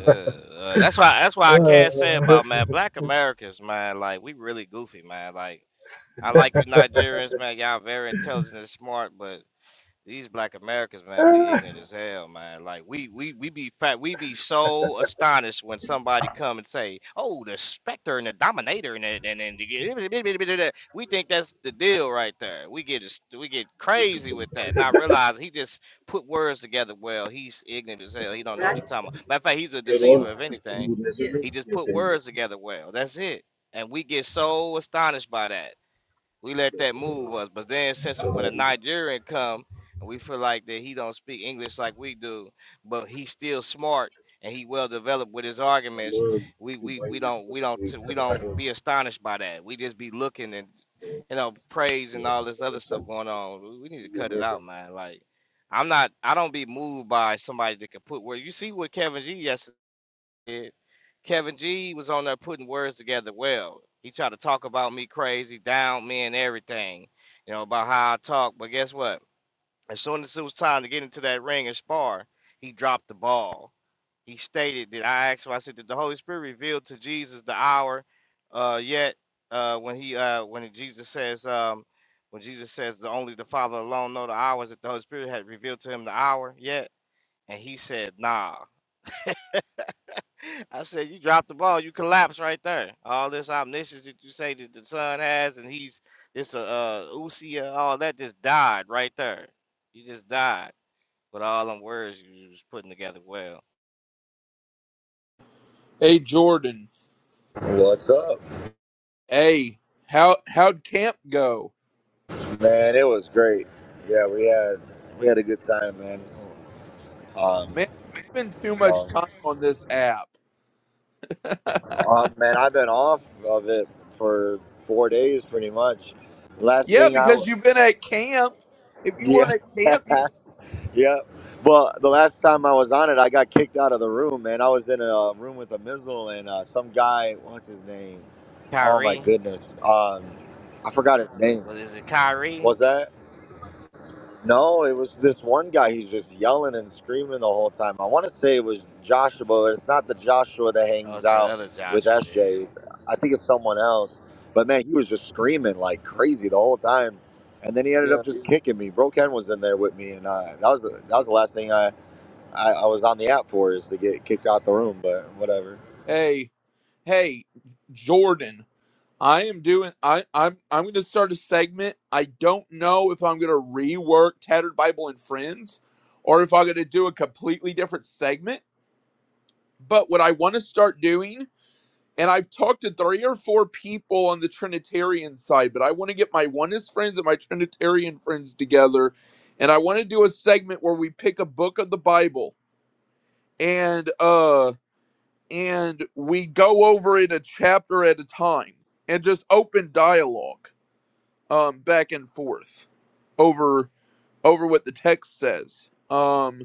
uh, that's why that's why I Uh, can't say about man black Americans man like we really goofy man like I like you Nigerians man y'all very intelligent and smart but these black Americans, man, we ignorant as hell, man. Like we we we be fat, we be so astonished when somebody come and say, "Oh, the specter and the dominator," and and and, and the-" we think that's the deal right there. We get as- we get crazy with that, not realizing he just put words together. Well, he's ignorant as hell. He don't know what he's talking about. Matter of fact, he's a deceiver. If anything, he just put words together. Well, that's it. And we get so astonished by that we let that move us. But then since when a Nigerian come and we feel like that he don't speak English like we do, but he's still smart and he well developed with his arguments, we we we don't we don't we don't be astonished by that. We just be looking and you know praise and all this other stuff going on. We we need to cut it out, man. Like. I'm not. I don't be moved by somebody that can put where you see what Kevin G. Yes did. Kevin G was on there putting words together well. He tried to talk about me crazy, down me, and everything, you know, about how I talk. But guess what? As soon as it was time to get into that ring and spar, he dropped the ball. He stated that I asked him, I said, Did the Holy Spirit reveal to Jesus the hour uh, yet? Uh, when he uh, when Jesus says um, when Jesus says the only the Father alone know the hours that the Holy Spirit had revealed to him the hour yet, and he said, Nah. I said, you drop the ball, you collapse right there. All this omniscience that you say that the son has, and he's this uh, uh Usia, all that just died right there. You just died. But all them words you was putting together well. Hey Jordan, What's up, hey, how how'd camp go? man? It was great. Yeah, we had we had a good time, man. Um, Man, we spend too so. much time on this app. Uh, man, I've been off of it for four days, pretty much. Last Yeah, thing I, because you've been at camp. If you weren't yeah, at camp, you yeah. But the last time I was on it, I got kicked out of the room, man. I was in a room with a missile and uh, some guy. What's his name? Oh my Kyrie, goodness. Um, I forgot his name. well, is it Was Kyrie? that? No, it was this one guy. He's just yelling and screaming the whole time. I want to say it was Joshua, but it's not the Joshua that Oh, hangs it's that out other with Joshua. Yeah, SJ. It's- I think it's someone else. But man, he was just screaming like crazy the whole time. And then he ended up yeah. just kicking me. Bro Ken was in there with me, and uh, that was the, yeah. that was the last thing I, I I was on the app for is to get kicked out the room. But whatever. Hey, hey, Jordan, I am doing. I I'm I'm going to start a segment. I don't know if I'm going to rework Tattered Bible and Friends, or if I'm going to do a completely different segment. But what I want to start doing And I've talked to three or four people on the Trinitarian side, but I want to get my oneness friends and my Trinitarian friends together. And I want to do a segment where we pick a book of the Bible and uh and we go over it a chapter at a time and just open dialogue um back and forth over over what the text says. Um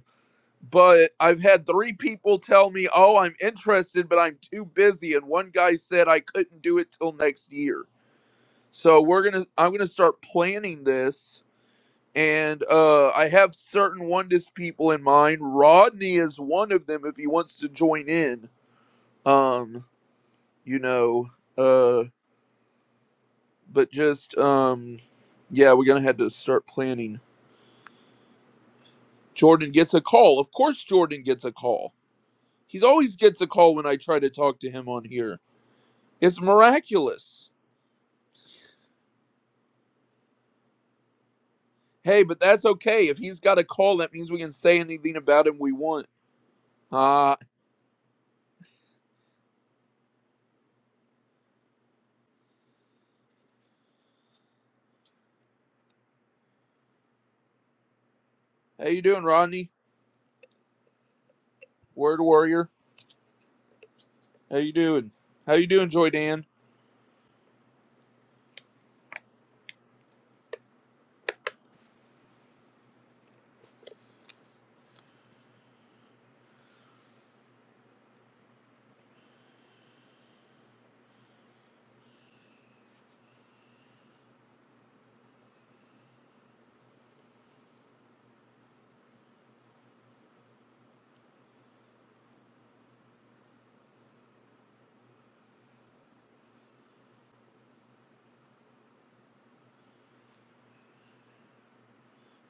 but I've had three people tell me, "Oh, I'm interested, but I'm too busy." And one guy said I couldn't do it till next year. So we're gonna, I'm gonna start planning this, and uh, I have certain Oneness people in mind. Rodney is one of them if he wants to join in. Um, you know, uh, but just um, yeah, we're gonna have to start planning. Jordan gets a call. Of course, Jordan gets a call. He's always gets a call when I try to talk to him on here. It's miraculous. Hey, but that's okay. If he's got a call, that means we can say anything about him we want. Uh how you doing, Rodney? Word warrior. How you doing? How you doing, Joy Dan?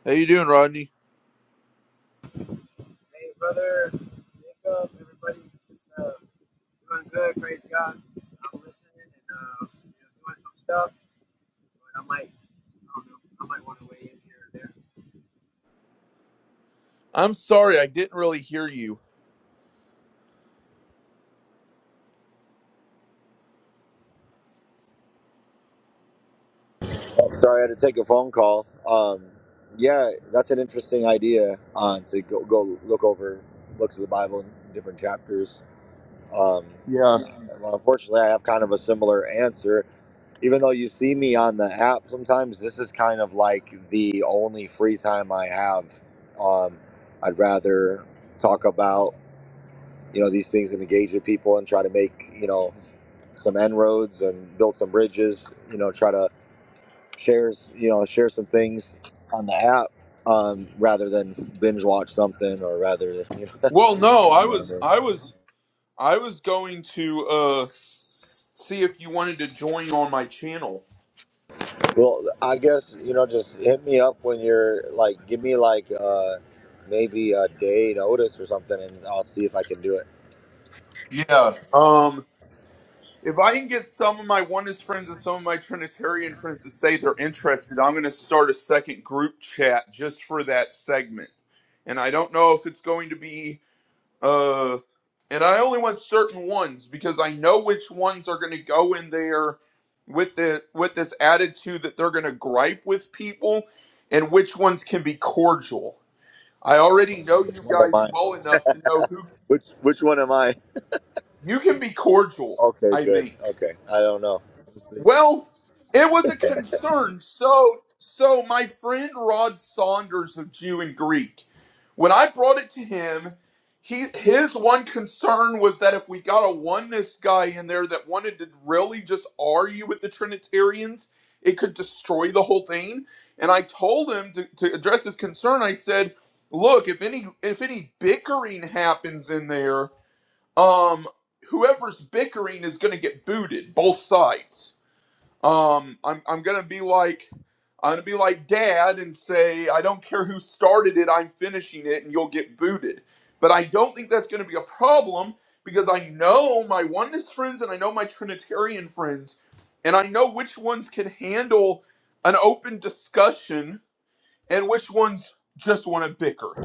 How you doing, Rodney? Hey, brother, Jacob, everybody, just uh, doing good. Praise God. I'm listening and uh, you know, doing some stuff, but I might, I don't know, I might want to weigh in here or there. I'm sorry, I didn't really hear you. Sorry, I had to take a phone call. Um, yeah, that's an interesting idea uh, to go go look over books of the Bible in different chapters Um, Yeah. well, unfortunately, I have kind of a similar answer. Even though you see me on the app sometimes, this is kind of like the only free time I have. Um, I'd rather talk about you know these things and engage with people and try to make you know some end roads and build some bridges. You know, try to share you know share some things on the app um, rather than binge watch something or rather you know, Well, no, I you know what I was mean? I was I was going to uh see if you wanted to join on my channel. Well, I guess you know, just hit me up when you're like, give me like uh maybe a day notice or something, and I'll see if I can do it. Yeah. Um If I can get some of my oneness friends and some of my Trinitarian friends to say they're interested, I'm going to start a second group chat just for that segment. And I don't know if it's going to be, uh, and I only want certain ones because I know which ones are going to go in there with the with this attitude that they're going to gripe with people, and which ones can be cordial. I already know you guys well enough to know who Which which one am I? you can be cordial. Okay, I good. think. Okay, I don't know. Well, it was a concern. So, so my friend Rod Saunders of Jew and Greek, when I brought it to him, he his one concern was that if we got a oneness guy in there that wanted to really just argue with the Trinitarians, it could destroy the whole thing. And I told him to, to address his concern. I said, "Look, if any if any bickering happens in there, um, whoever's bickering is going to get booted, both sides." Um, I'm I'm gonna be like I'm gonna be like dad and say I don't care who started it, I'm finishing it, and you'll get booted. But I don't think that's gonna be a problem because I know my oneness friends and I know my Trinitarian friends, and I know which ones can handle an open discussion and which ones just want to bicker.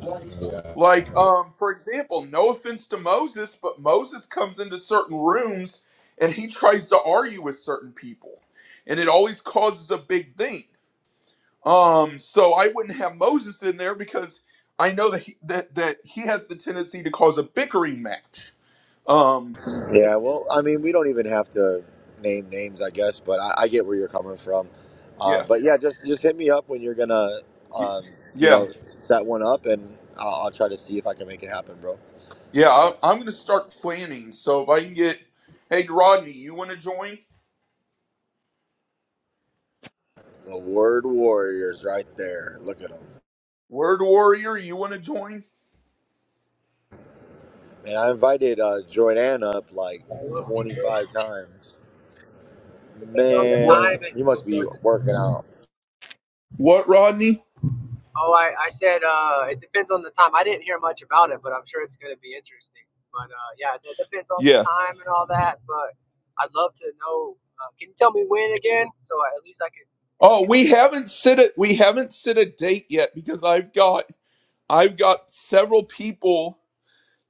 Like, um, for example, no offense to Moses, but Moses comes into certain rooms and he tries to argue with certain people, and it always causes a big thing. Um, so I wouldn't have Moses in there because I know that he, that that he has the tendency to cause a bickering match. Um, Yep. Yeah, well, I mean, we don't even have to name names, I guess, but I, I get where you're coming from. yeah, Um, but yeah, just just hit me up when you're gonna, y- um, you yeah, know, set one up, and I'll, I'll try to see if I can make it happen, bro. yeah. I, But I'm going to start planning. So if I can get, hey Rodney, you want to join? the word warriors right there. Look at them. Word Warrior, you want to join? Man, I invited uh, Jordan up like Yeah, We'll see, bro. 25 times. Depends on the What? Man, time and you must so be forth. working out. What, Rodney? Oh, I, I said uh, it depends on the time. I didn't hear much about it, but I'm sure it's going to be interesting. But uh, yeah, it depends on the Yeah. time and all that. But I'd love to know. Uh, can you tell me when again? So I, at least I could, I Oh, could we even. haven't set a we haven't set a date yet because I've got I've got several people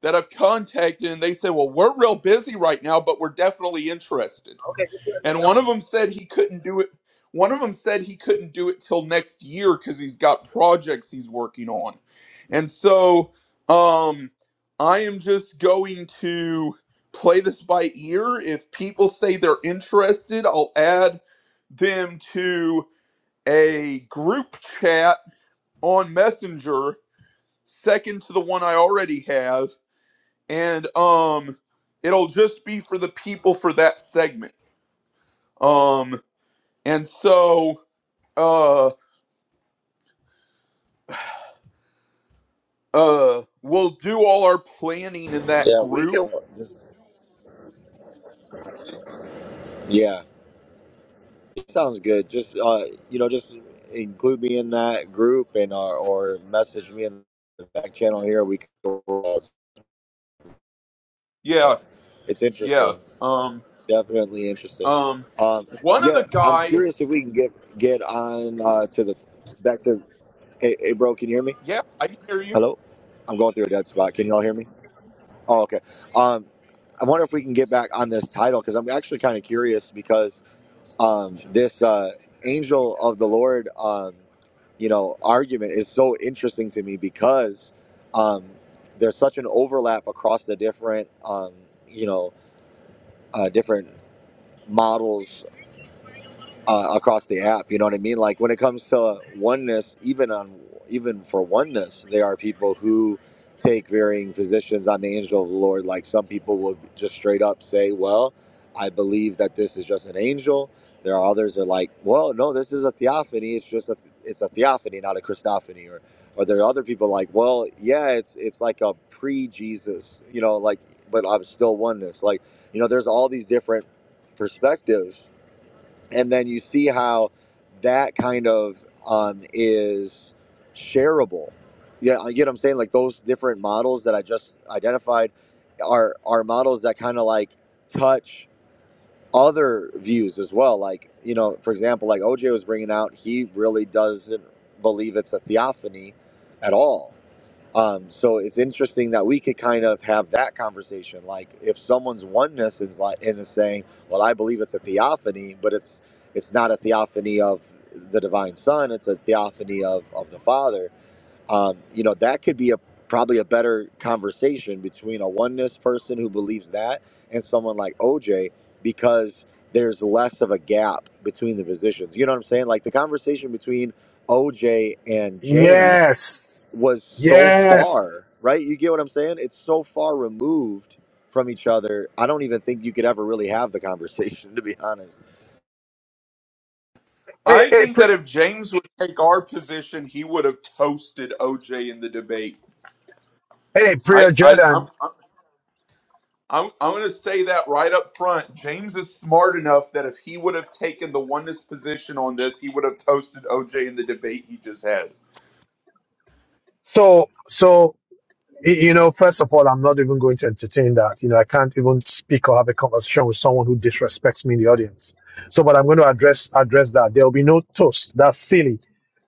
that I've contacted and they said, "Well, we're real busy right now, but we're definitely interested." Okay, just let me And know. one of them said he couldn't do it. One of them said he couldn't do it till next year cuz he's got projects he's working on. And so um I am just going to play this by ear. If people say they're interested, I'll add them to a group chat on Messenger, second to the one I already have, and um, it'll just be for the people for that segment. Um, and so uh uh, we'll do all our planning in that Yeah, we group. can. Just, yeah, it sounds good. Just uh, you know, just include me in that group and uh, or message me in the back channel here. We can go over all this, Yeah, but it's yeah. interesting. Um, Definitely interesting. um, Um, one of yeah, the I'm guys. curious if we can get get on uh, to the back to. Hey, hey, bro, can you hear me? Yeah, I can hear you. Hello, I'm going through a dead spot. Can y'all hear me? Oh, okay. Um, I wonder if we can get back on this title because I'm actually kind of curious because um, this uh, angel of the Lord, um, you know, argument is so interesting to me because um, there's such an overlap across the different, um, you know, uh, different models uh, across the app. You know what I mean? Like when it comes to oneness, even on even for oneness, there are people who take varying positions on the angel of the Lord. Like some people will just straight up say, "Well, I believe that this is just an angel." There are others that are like, "Well, no, this is a theophany. It's just a it's a theophany, not a Christophany." Or or there are other people like, "Well, yeah, it's it's like a pre-Jesus, you know, like, but I'm still oneness." Like you know, there's all these different perspectives and then you see how that kind of um, is shareable. Yeah, you get what I'm saying? Like those different models that I just identified are are models that kind of like touch other views as well. Like you know, for example, like OJ was bringing out, he really doesn't believe it's a theophany at all um, so it's interesting that we could kind of have that conversation. Like if someone's oneness is like and is saying, "Well, I believe it's a theophany, but it's it's not a theophany of the divine Son; it's a theophany of of the Father." Um, you know, that could be a probably a better conversation between a oneness person who believes that and someone like OJ because there's less of a gap between the positions. You know what I'm saying? Like the conversation between OJ and James yes. was so Yes. far, right? You get what I'm saying? It's so far removed from each other. I don't even think you could ever really have the conversation, to be honest. Hey, I hey, think pre- that if James would take our position, he would have toasted OJ in the debate. hey, Priya I, I, Jordan. I'm, I'm, I'm going to say that right up front. James is smart enough that if he would have taken the oneness position on this, he would have toasted OJ in the debate he just had. So, so You know, first of all, I'm not even going to entertain that. You know, I can't even speak or have a conversation with someone who disrespects me in the audience. So, but I'm going to address address that. There will be no toast. That's silly.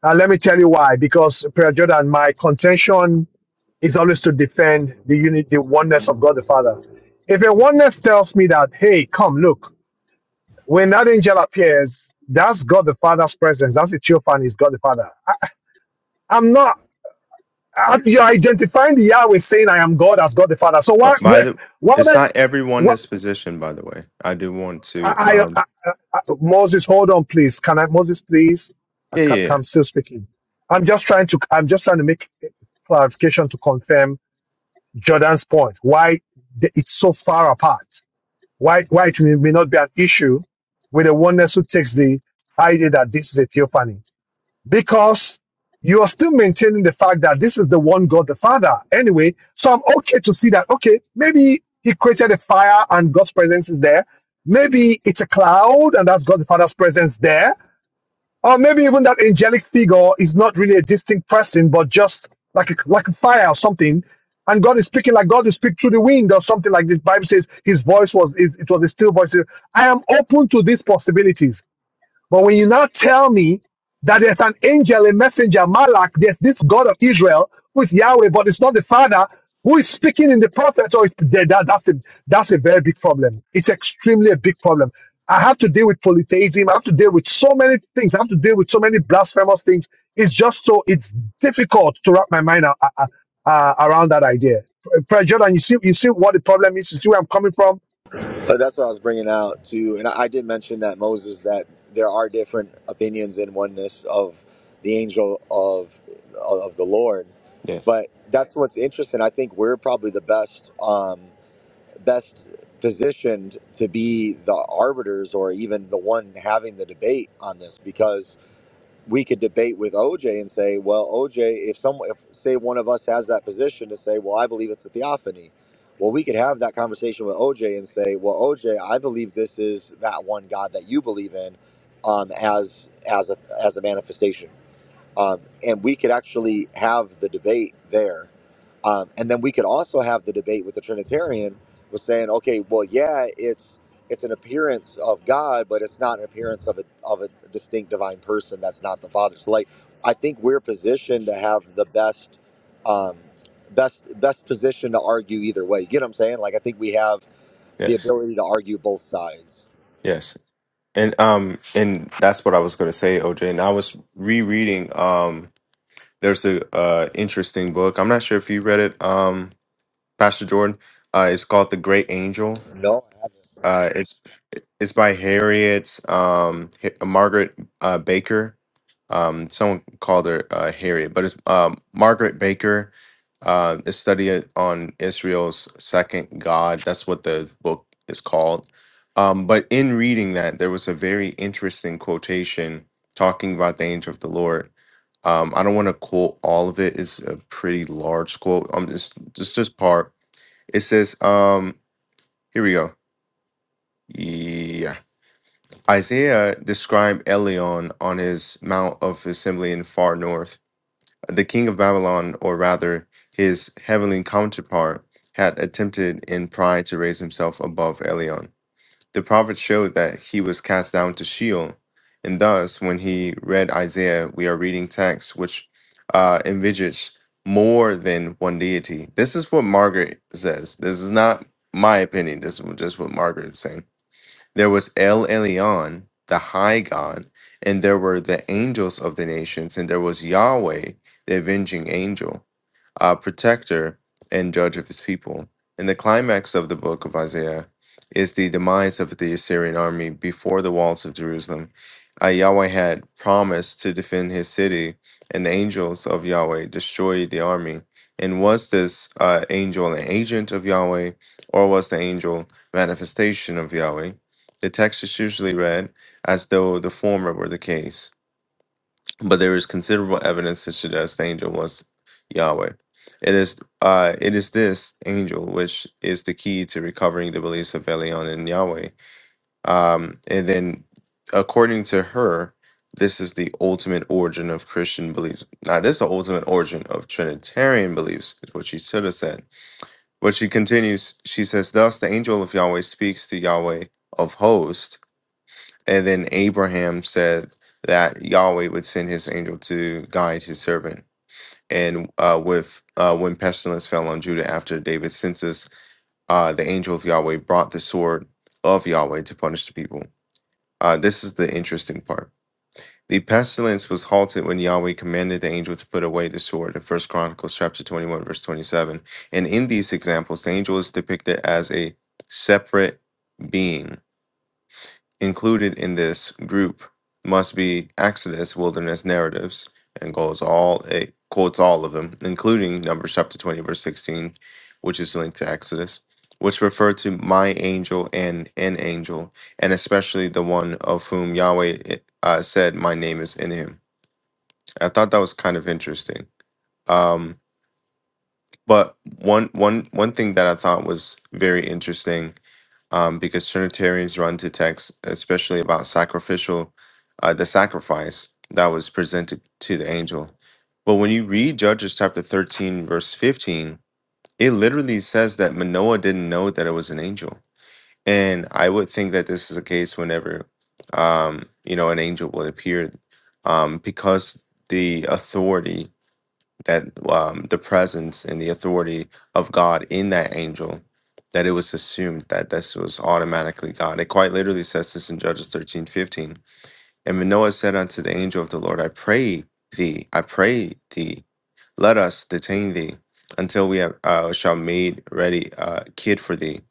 And let me tell you why. Because Prayer Jordan, my contention is always to defend the unity, the oneness of God the Father. If a oneness tells me that, hey, come look, when that angel appears, that's God the Father's presence. That's the theophany. Is God the Father? I, I'm not. Uh, You're identifying the Yahweh saying, I am God as God the Father. So why, But by why, the, why, it's why not everyone why this position, by the way. I do want to, I, um, I, I, I, Moses, hold on, please. Can I, Moses, please? I yeah, ca- yeah, yeah. I'm still speaking. I'm just trying to, I'm just trying to make clarification to confirm Jordan's point. Why the, it's so far apart. Why, why it may, may not be an issue with the oneness who takes the idea that this is a theophany. because you are still maintaining the fact that this is the one God, the Father. Anyway, so I'm okay to see that. Okay, maybe He created a fire and God's presence is there. Maybe it's a cloud and that's God the Father's presence there. Or maybe even that angelic figure is not really a distinct person, but just like a, like a fire or something. And God is speaking like God is speaking through the wind or something like the Bible says. His voice was is- it was a still voice. I am open to these possibilities. But when you now tell me that there's an angel, a messenger, Malak, there's this God of Israel who is Yahweh, but it's not the Father who is speaking in the prophets, or it's, that, that- that's a that's a very big problem. It's extremely a big problem. I have to deal with polytheism. I have to deal with so many things. I have to deal with so many blasphemous things. It's just so it's difficult to wrap my mind a- a- a- uh, around that idea. Prayer Jordan, you see, you see what the problem is. You see where I'm coming from But that's what I was bringing out too. And I, I did mention that Moses that there are different opinions in oneness of the angel of of the Lord. yes, But that's what's interesting. I think we're probably the best um, best positioned to be the arbiters or even the one having the debate on this because we could debate with OJ and say, well, OJ, if some, if say one of us has that position to say, well, I believe it's a theophany. Well, we could have that conversation with OJ and say, well, OJ, I believe this is that one God that you believe in, um, as as a as a manifestation um, and we could actually have the debate there. Um, and then we could also have the debate with the Trinitarian was saying, okay, well, yeah, it's it's an appearance of God, but it's not an appearance of a of a distinct divine person that's not the Father. So, like, I think we're positioned to have the best um, best best position to argue either way. You get what I'm saying? Like, I think we have the yes, ability to argue both sides. yes, and um, and that's what I was going to say, OJ. And I was rereading. Um, there's a uh interesting book. I'm not sure if you read it, um, Pastor Jordan. Uh, it's called The Great Angel. No, Uh, it's It's by Harriet, um, H- Margaret uh, Baker. Um, someone called her uh, Harriet, but it's um, Margaret Baker. Uh, a study it on Israel's second God. That's what the book is called. Um, but in reading that, there was a very interesting quotation talking about the angel of the Lord. Um, I don't want to quote all of it. It's a pretty large quote. Um, it's just this part. It says, um, here we go. Yeah. Isaiah described Elion on his mount of assembly in far north. The king of Babylon, or rather his heavenly counterpart, had attempted in pride to raise himself above Elion. The prophet showed that he was cast down to Sheol, and thus, when he read Isaiah, we are reading text which uh, envisages more than one deity. This is what Margaret says. This is not my opinion. This is just what Margaret is saying. There was El Elyon, the high God, and there were the angels of the nations, and there was Yahweh, the avenging angel, a protector and judge of his people. And the climax of the book of Isaiah is the demise of the Assyrian army before the walls of Jerusalem. Uh, Yahweh had promised to defend his city, and the angels of Yahweh destroyed the army. And was this uh, angel an agent of Yahweh, or was the angel manifestation of Yahweh? The text is usually read as though the former were the case, but there is considerable evidence to suggest the angel was Yahweh. It is uh, it is this angel which is the key to recovering the beliefs of Elion and Yahweh. Um, and then, according to her, this is the ultimate origin of Christian beliefs. Now, this is the ultimate origin of Trinitarian beliefs, is what she should have said. But she continues, she says, Thus the angel of Yahweh speaks to Yahweh of hosts and then Abraham said that Yahweh would send his angel to guide his servant. And uh, with uh, when pestilence fell on Judah after David's census, uh, the angel of Yahweh brought the sword of Yahweh to punish the people. Uh, this is the interesting part. The pestilence was halted when Yahweh commanded the angel to put away the sword in First Chronicles chapter 21, verse 27. And in these examples, the angel is depicted as a separate being Included in this group must be Exodus wilderness narratives and goes all it quotes all of them, including Numbers chapter 20, verse 16, which is linked to Exodus, which refer to my angel and an angel, and especially the one of whom Yahweh eh, uh, said, My name is in him. I thought that was kind of interesting. Um, but one one one thing that I thought was very interesting um, because Trinitarians run to texts, especially about sacrificial, uh, the sacrifice that was presented to the angel. But when you read Judges chapter 13, verse 15, it literally says that Manoah didn't know that it was an angel. And I would think that this is the case whenever, um, you know, an angel would appear um, because the authority that um, the presence and the authority of God in that angel, that it was assumed that this was automatically God. It quite literally says this in Judges thirteen fifteen. And Manoah said unto the angel of the Lord, I pray thee, I pray thee, let us detain thee until we have, uh, shall made ready a kid for thee.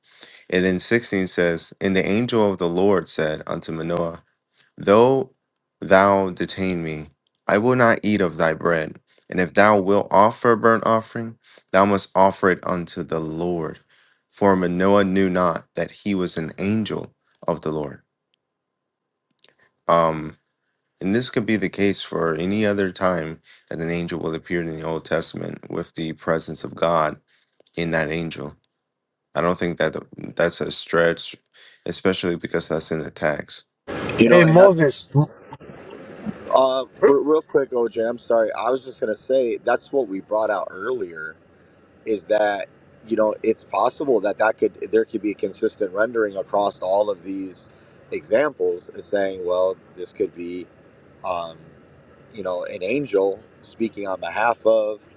And then 16 says, And the angel of the Lord said unto Manoah, Though thou detain me, I will not eat of thy bread. And if thou wilt offer a burnt offering, thou must offer it unto the Lord. For Manoah knew not that he was an angel of the Lord. Um, and this could be the case for any other time that an angel will appear in the Old Testament with the presence of God in that angel. I don't think that that's a stretch, especially because that's in the tax. you know, Hey and that's Moses, Uh, m- re- real quick, OJ, I'm sorry. I was just gonna say that's what we brought out earlier is that you know it's possible that that could there could be a consistent rendering across all of these examples, is saying, well, this could be, um, you know, an angel speaking on behalf of,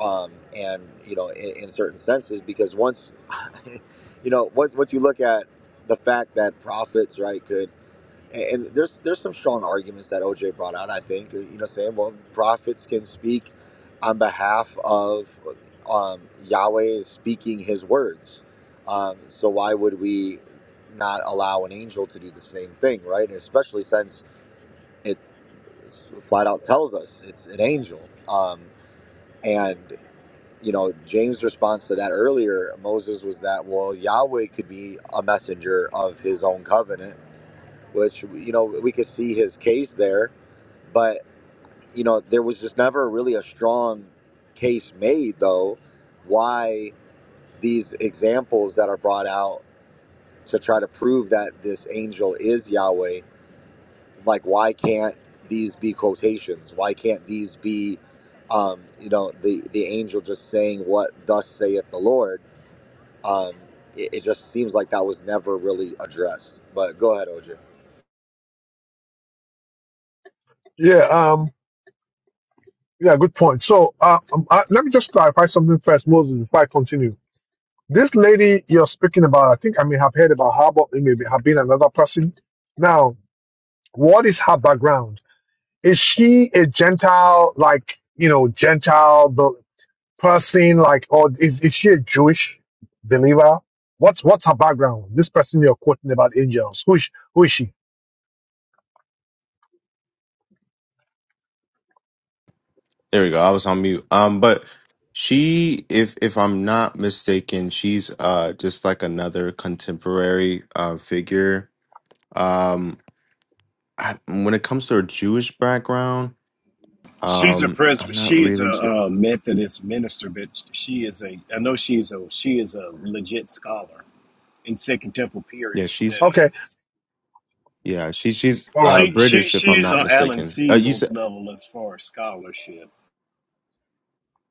um, and you know, in, in certain senses, because once, you know, once once you look at the fact that prophets, right, could and and there's there's some strong arguments that OJ brought out. I think you know, saying well, prophets can speak on behalf of um, Yahweh is speaking His words. Um, so why would we not allow an angel to do the same thing, right? Especially since it flat out tells us it's an angel. Um, and you know, James' response to that earlier, Moses was that well, Yahweh could be a messenger of His own covenant which you know we could see his case there but you know there was just never really a strong case made though why these examples that are brought out to try to prove that this angel is yahweh like why can't these be quotations why can't these be um, you know the the angel just saying what thus saith the lord um, it, it just seems like that was never really addressed but go ahead oj yeah, um, yeah, good point. So, uh, um, I, let me just clarify something first, Moses, before I continue. This lady you're speaking about, I think I may have heard about her, but it may be- have been another person. Now, what is her background? Is she a Gentile, like you know, Gentile? person like or is, is she a Jewish believer? What's what's her background? This person you're quoting about angels. Who is she, who is she? There we go. I was on mute. Um, but she, if if I'm not mistaken, she's uh just like another contemporary uh figure. Um, I, when it comes to her Jewish background, She's a um, pres. I'm not She is a really sure. uh, Methodist minister, but she is a. I know she's a. She is a legit scholar in Second Temple Yeah, period she's study. Okay, Yeah, she she's all right, uh She she British if I'm she's not on Alan mistaken. Uh, you Siegel's said level as far as scholarship.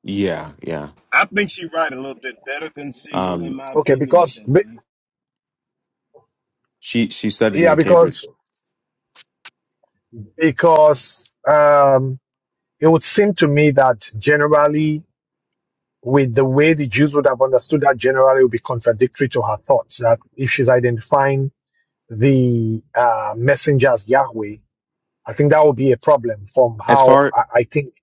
yeah, yeah. I think she write a little bit better than Siegel, in Um my okay. opinion, but Because that's be- me. she she studied yeah, in Cambridge. because because um, it would seem to me that generally, with the way the Jews would have understood that, generally would be contradictory to her thoughts. That if she's identifying the uh, messenger as Yahweh, I think that would be a problem from As how far I, I think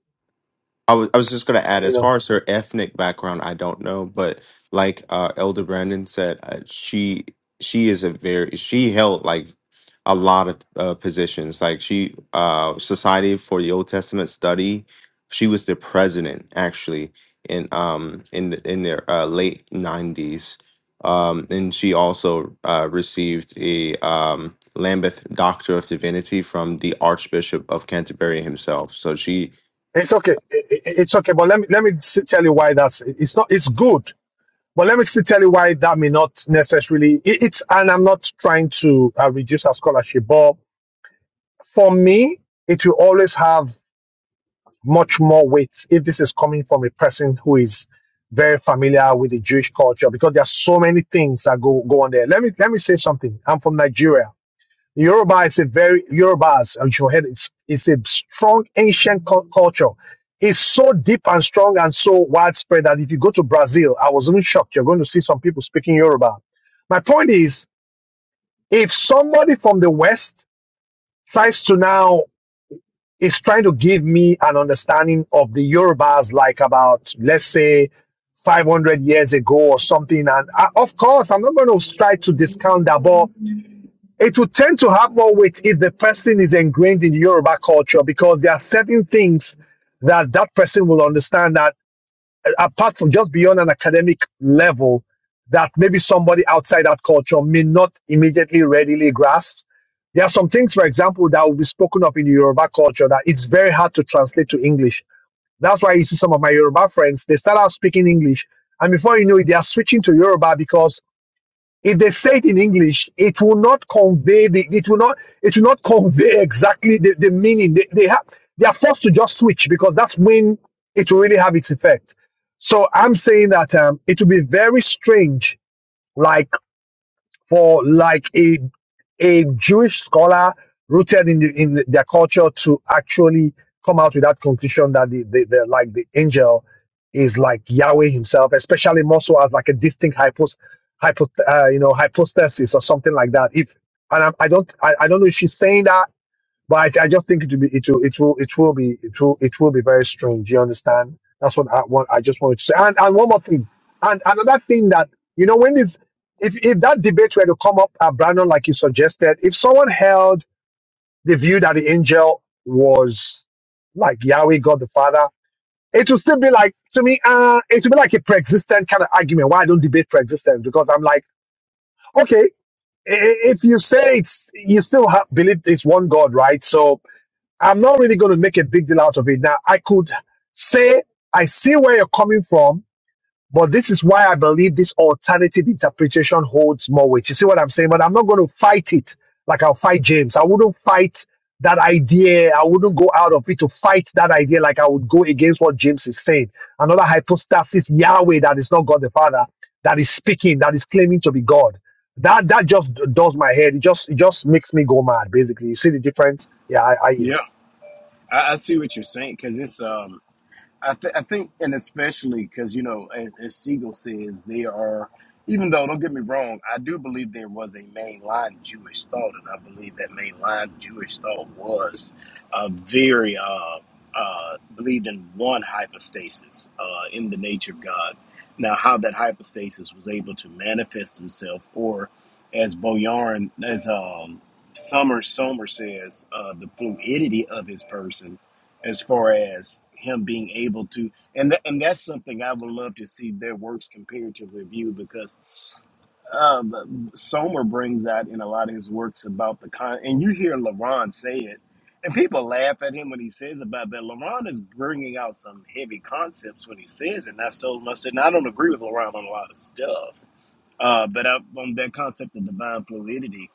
I was I was just gonna add, you as know. far as her ethnic background, I don't know, but like uh, Elder Brandon said, uh, she she is a very she held like a lot of uh, positions. Like she uh, Society for the Old Testament Study, she was the president actually in um in the, in their uh, late nineties, um, and she also uh, received a um, Lambeth Doctor of Divinity from the Archbishop of Canterbury himself. So she It's okay. I- I- It's okay. But let me let me still tell you why that's it's not it's good. But let me still tell you why that may not necessarily it, it's and I'm not trying to uh, reduce our scholarship, but for me, it will always have much more weight if this is coming from a person who is very familiar with the Jewish culture because there are so many things that go go on there. Let me let me say something. I'm from Nigeria. The Yoruba is a very Yorubas, as you heard, it's it's a strong ancient cul- culture. It's so deep and strong and so widespread that if you go to Brazil, I was even shocked. You're going to see some people speaking Yoruba. My point is, if somebody from the West tries to now is trying to give me an understanding of the Yorubas, like about let's say 500 years ago or something, and I, of course I'm not going to try to discount that, but it will tend to have more weight if the person is ingrained in Yoruba culture because there are certain things that that person will understand that uh, apart from just beyond an academic level that maybe somebody outside that culture may not immediately readily grasp. There are some things, for example, that will be spoken of in Yoruba culture that it's very hard to translate to English. That's why you see some of my Yoruba friends, they start out speaking English. And before you know it, they are switching to Yoruba because if they say it in English, it will not convey the it will not it will not convey exactly the, the meaning. They, they have they are forced to just switch because that's when it will really have its effect. So I'm saying that um, it will be very strange. like for like a a Jewish scholar rooted in the, in the, their culture to actually come out with that conclusion that the, the, the like the angel is like Yahweh himself, especially more so as like a distinct hypos, hypo, uh, you know, hypostasis or something like that. If and I, I don't, I, I don't know if she's saying that but I, I just think it will be it will it will it will be it will it will be very strange. You understand? That's what I want. I just wanted to say. And and one more thing. And another thing that you know when this if if that debate were to come up, uh, Brandon, like you suggested, if someone held the view that the angel was like Yahweh, God the Father, it would still be like to me. Uh, it would be like a pre-existent kind of argument. Why I don't debate pre-existence? Because I'm like, okay, i- i- if you say it's you still have, believe it's one God, right? So I'm not really going to make a big deal out of it. Now, I could say, I see where you're coming from, but this is why I believe this alternative interpretation holds more weight. You see what I'm saying? But I'm not going to fight it like I'll fight James. I wouldn't fight that idea. I wouldn't go out of it to fight that idea like I would go against what James is saying. Another hypostasis, Yahweh, that is not God the Father, that is speaking, that is claiming to be God. That that just does my head. It just it just makes me go mad, basically. You see the difference? Yeah, I, I yield. Yeah, I, I see what you're saying because it's um. I, th- I think, and especially because, you know, as, as Siegel says, they are, even though, don't get me wrong, I do believe there was a mainline Jewish thought, and I believe that mainline Jewish thought was uh, very, uh, uh, believed in one hypostasis uh, in the nature of God. Now, how that hypostasis was able to manifest himself, or as Boyarin, as um, Summer Somer says, uh, the fluidity of his person as far as him being able to and tha- and that's something I would love to see their works compared to review because um, Somer brings out in a lot of his works about the con and you hear LaRon say it and people laugh at him when he says about that LaRon is bringing out some heavy concepts when he says it and I so must say and I don't agree with LaRon on a lot of stuff uh, but I, on that concept of divine fluidity,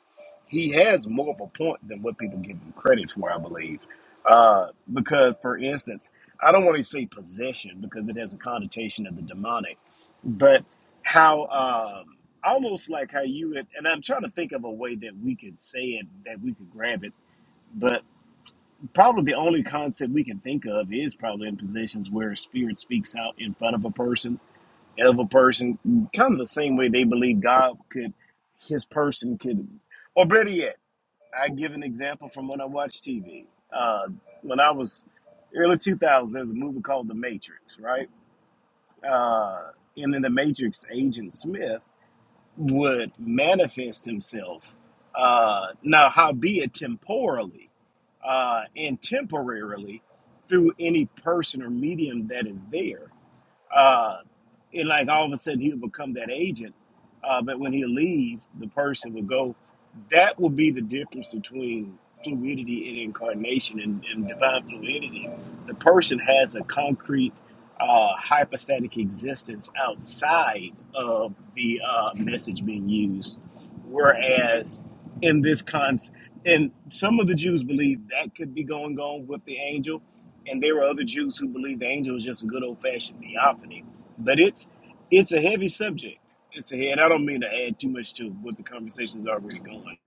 he has more of a point than what people give him credit for, I believe. Uh, because, for instance, I don't want to say possession because it has a connotation of the demonic, but how um, almost like how you would, and I'm trying to think of a way that we could say it, that we could grab it, but probably the only concept we can think of is probably in positions where a spirit speaks out in front of a person of a person, kind of the same way they believe God could, his person could, or better yet, I give an example from when I watch TV. Uh, when I was early 2000s, there was a movie called The Matrix, right? Uh, and in The Matrix, Agent Smith would manifest himself, uh, now, howbeit temporally uh, and temporarily through any person or medium that is there uh, and like all of a sudden he'll become that agent. Uh, but when he leave, the person will go. That will be the difference between fluidity and incarnation and, and divine fluidity. The person has a concrete uh, hypostatic existence outside of the uh, message being used, whereas in this cons, and some of the Jews believe that could be going on with the angel and there were other Jews who believed the angel was just a good old fashioned theophany. But it's it's a heavy subject. It's a and I don't mean to add too much to what the conversation's already going.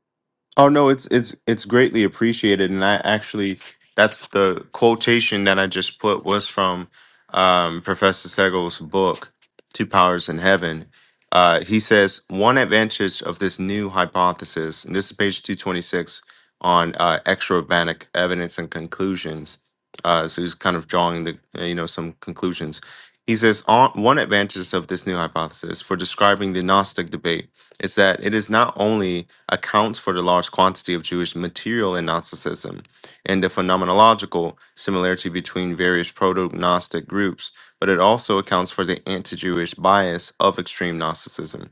Oh no, it's it's it's greatly appreciated, and I actually that's the quotation that I just put was from um, Professor Segal's book, Two Powers in Heaven. Uh, he says one advantage of this new hypothesis, and this is page two twenty six on uh, extra-urbanic evidence and conclusions. Uh, so he's kind of drawing the uh, you know some conclusions. He says on, one advantage of this new hypothesis for describing the Gnostic debate is that it is not only accounts for the large quantity of Jewish material in Gnosticism and the phenomenological similarity between various proto-Gnostic groups, but it also accounts for the anti-Jewish bias of extreme Gnosticism.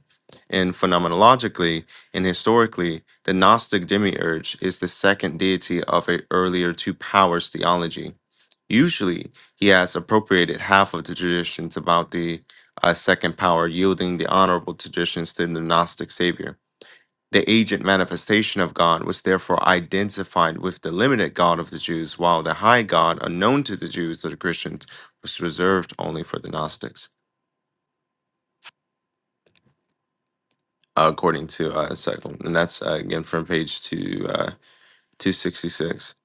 And phenomenologically and historically, the Gnostic demiurge is the second deity of an earlier two powers theology. Usually, he has appropriated half of the traditions about the a second power, yielding the honorable traditions to the Gnostic Savior. The agent manifestation of God was therefore identified with the limited God of the Jews, while the high God, unknown to the Jews or the Christians, was reserved only for the Gnostics, uh, according to uh, Second. And that's uh, again from page two, uh, 266.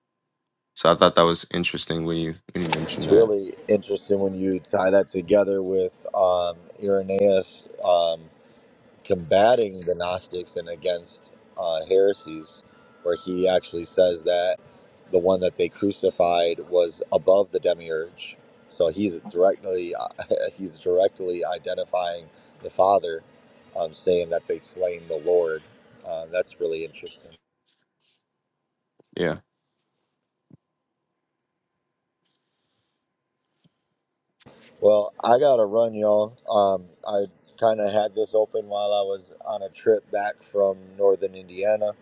So I thought that was interesting when you when you It's mentioned that. really interesting when you tie that together with um, Irenaeus um, combating the Gnostics and against uh, heresies, where he actually says that the one that they crucified was above the demiurge. So he's directly he's directly identifying the Father, um, saying that they slain the Lord. Um, that's really interesting. Yeah. Well, I gotta run, y'all. Um, I kind of had this open while I was on a trip back from northern Indiana,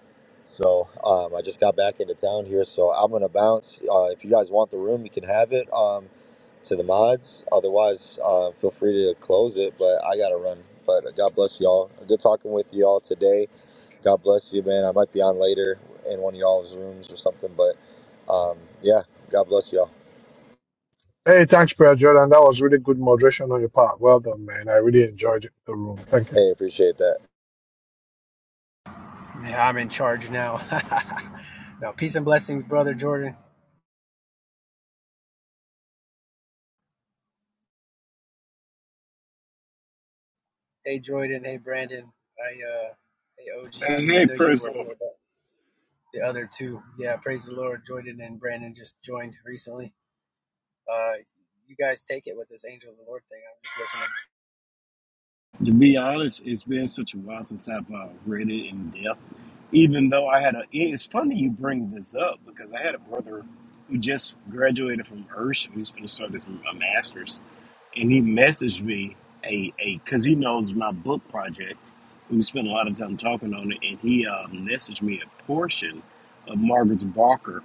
so um, I just got back into town here. So I'm gonna bounce. Uh, if you guys want the room, you can have it um, to the mods. Otherwise, uh, feel free to close it. But I gotta run. But God bless y'all. Good talking with y'all today. God bless you, man. I might be on later in one of y'all's rooms or something. But um, yeah, God bless y'all. Hey, thanks, Prayer Jordan. That was really good moderation on your part. Well done, man. I really enjoyed the room. Thank you. Hey, appreciate that. Yeah, I'm in charge now. no, peace and blessings, brother Jordan. Hey, Jordan. Hey, Brandon. I, uh, hey, OG. And I, I hey, know you were personal. here, but the other two. Yeah, praise the Lord. Jordan and Brandon just joined recently. Uh, you guys take it with this angel of the Lord thing. I'm just listening. To be honest, it's been such a while since I've uh, read it in depth. Even though I had a, it's funny you bring this up because I had a brother who just graduated from Ursh. He's going to start his a master's, and he messaged me a a because he knows my book project. We spent a lot of time talking on it, and he uh, messaged me a portion of Margaret Barker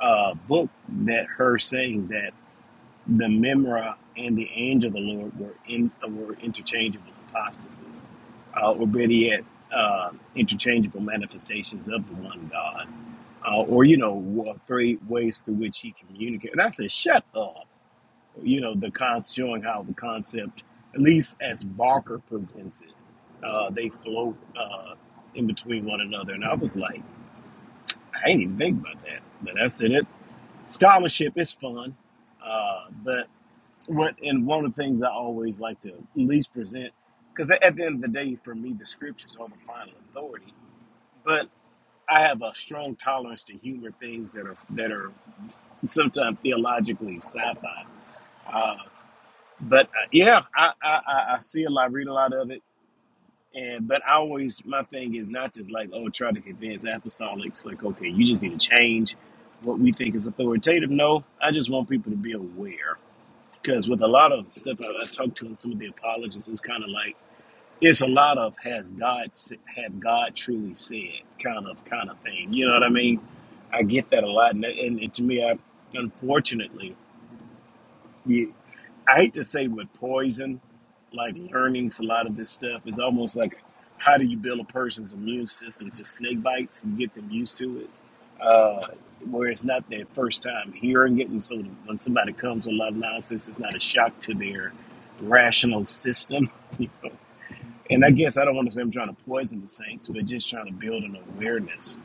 uh, book that her saying that. The Memra and the angel of the Lord were in were interchangeable hypostases, uh, or better yet, uh, interchangeable manifestations of the one God, uh, or you know, wa- three ways through which He communicated. And I said, "Shut up!" You know, the con- showing how the concept, at least as Barker presents it, uh, they float uh, in between one another. And I was like, I ain't even think about that, but that's in it. Scholarship is fun. Uh, what and one of the things I always like to at least present, because at the end of the day, for me, the scriptures are the final authority. But I have a strong tolerance to humor things that are that are sometimes theologically sci-fi. Uh, but uh, yeah, I, I I I see a lot, read a lot of it, and but I always my thing is not just like oh try to convince apostolics like okay you just need to change what we think is authoritative. No, I just want people to be aware Because with a lot of stuff I, I talked to and some of the apologists, it's kind of like it's a lot of has God s- had God truly said kind of kind of thing. You know what I mean? I get that a lot, and, and, and to me, I unfortunately. I hate to say with poison, like learning a lot of this stuff is almost like how do you build a person's immune system to snake bites and get them used to it, uh, where it's not their first time hearing it, and so when somebody comes with a lot of nonsense, it's not a shock to their rational system. and I guess I don't want to say I'm trying to poison the saints, but just trying to build an awareness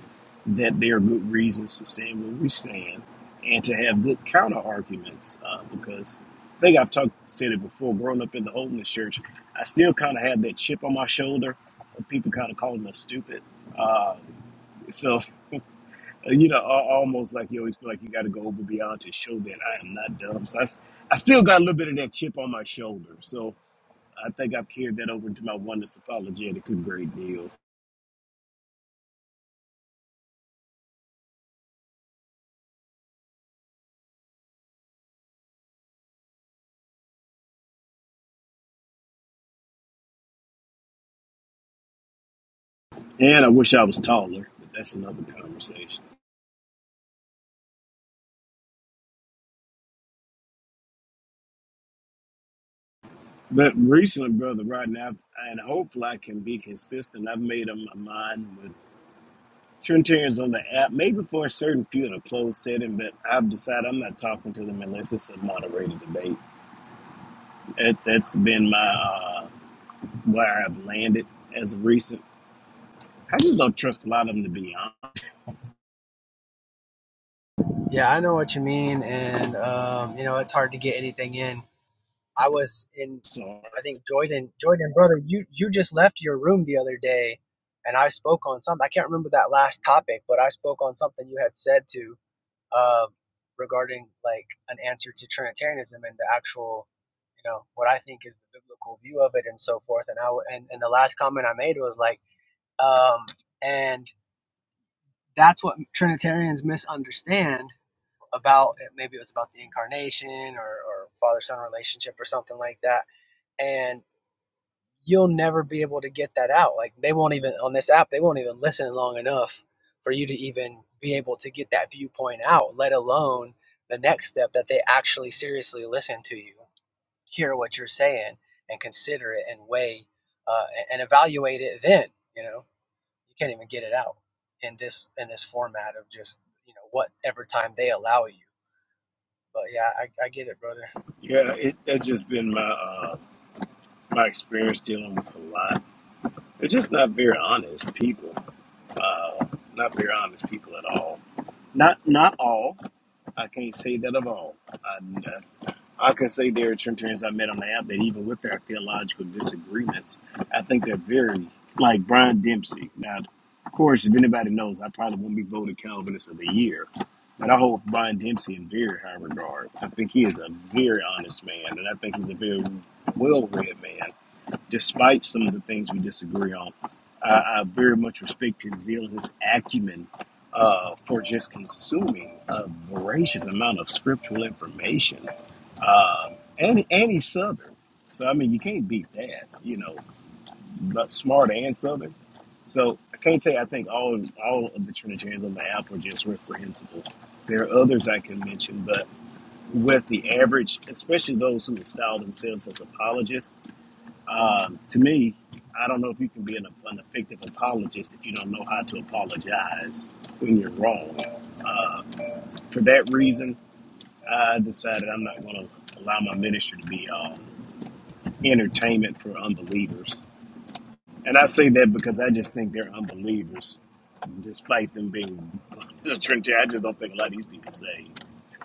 that there are good reasons to stand where we stand and to have good counter arguments. Uh, because I think I've talked said it before, growing up in the holiness church, I still kind of have that chip on my shoulder of people kind of calling us stupid. Uh, so uh, you know, al- almost like you always feel like you got to go over beyond to show that I am not dumb. So I, s- I still got a little bit of that chip on my shoulder. So I think I've carried that over into my oneness apologetic a great deal. And I wish I was taller, but that's another conversation. But recently, Brother Rodney, I've, and hopefully I can be consistent, I've made up my mind with Trinitarians on the app, maybe for a certain few in a closed setting, but I've decided I'm not talking to them unless it's a moderated debate. That, that's been my uh, where I've landed as of recent. I just don't trust a lot of them to be honest. Yeah, I know what you mean, and um, you know it's hard to get anything in I was in So, I think Jordan Jordan brother, you you just left your room the other day and I spoke on something. I can't remember that last topic, but I spoke on something you had said to uh, regarding like an answer to Trinitarianism and the actual you know what I think is the biblical view of it and so forth. And I w- and, and the last comment I made was like um, and that's what Trinitarians misunderstand about maybe it was about the incarnation or, or father son relationship or something like that and. you'll never be able to get that out. Like they won't even on this app, they won't even listen long enough for you to even be able to get that viewpoint out, let alone the next step that they actually seriously listen to you, hear what you're saying, and consider it and weigh uh, and, evaluate it. Then you know you can't even get it out in this in this format of just you know whatever time they allow you. But yeah, I, I get it, brother. yeah, it, that's just been my uh, my experience dealing with a lot. They're just not very honest people. Uh, not very honest people at all. Not not all. I can't say that of all. I, I can say there are Trinitarians I met on the app that even with their theological disagreements, I think they're very like Brian Dempsey. Now, of course, if anybody knows, I probably won't be voted Calvinist of the year. But I hold Brian Dempsey in very high regard. I think he is a very honest man, and I think he's a very well-read man despite some of the things we disagree on. I, I very much respect his zeal, his acumen uh, for just consuming a voracious amount of scriptural information. Um, and, and he's Southern. So, I mean, you can't beat that, you know, but smart and Southern. So, I can't say I think all, all of the Trinitarians on the app are just reprehensible. There are others I can mention, but with the average, especially those who style themselves as apologists, um, to me, I don't know if you can be an, an effective apologist if you don't know how to apologize when you're wrong. For that reason, I decided I'm not going to allow my ministry to be um, entertainment for unbelievers. And I say that because I just think they're unbelievers, despite them being the Trinity. I just don't think a lot of these people say.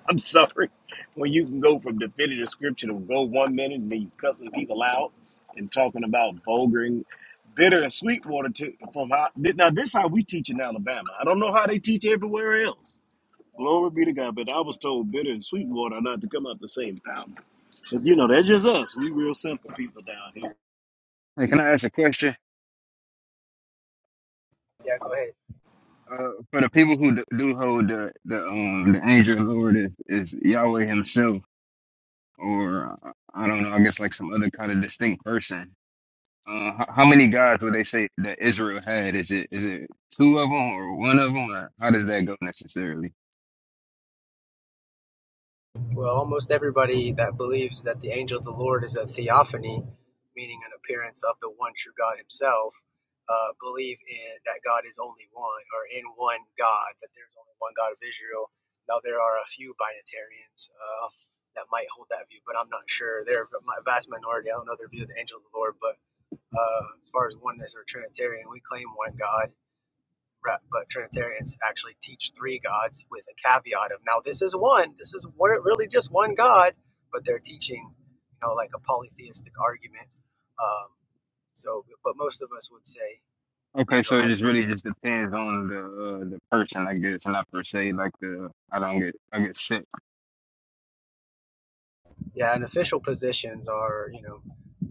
I'm sorry. When you can go from definitive scripture to go one minute and then you cussing people out and talking about vulgar and bitter and sweet water to, from how now this how we teach in Alabama. I don't know how they teach everywhere else. Glory be to God, but I was told bitter and sweet water are not to come out the same fountain. But you know, that's just us. We real simple people down here. Hey, can I ask a question? Yeah, go ahead. Uh, for the people who do, do hold the the um the angel of the Lord is, is Yahweh Himself, or uh, I don't know, I guess like some other kind of distinct person. Uh, how, how many gods would they say that Israel had? Is it is it two of them or one of them? Or how does that go necessarily? Well, almost everybody that believes that the angel of the Lord is a theophany, meaning an appearance of the one true God Himself, uh, believe in, that God is only one, or in one God, that there's only one God of Israel. Now there are a few binatarians uh, that might hold that view, but I'm not sure. They're a vast minority. I don't know their view of the angel of the Lord, but uh, as far as oneness or Trinitarian, we claim one God rep, but Trinitarians actually teach three gods with a caveat of now this is one, this is one, really just one God, but they're teaching, you know, like a polytheistic argument. Um, so, but most of us would say Okay, Israel so it has just one really just God. depends on the uh, the person, I guess, not per se like the I don't get I get sick. Yeah, and official positions are, you know,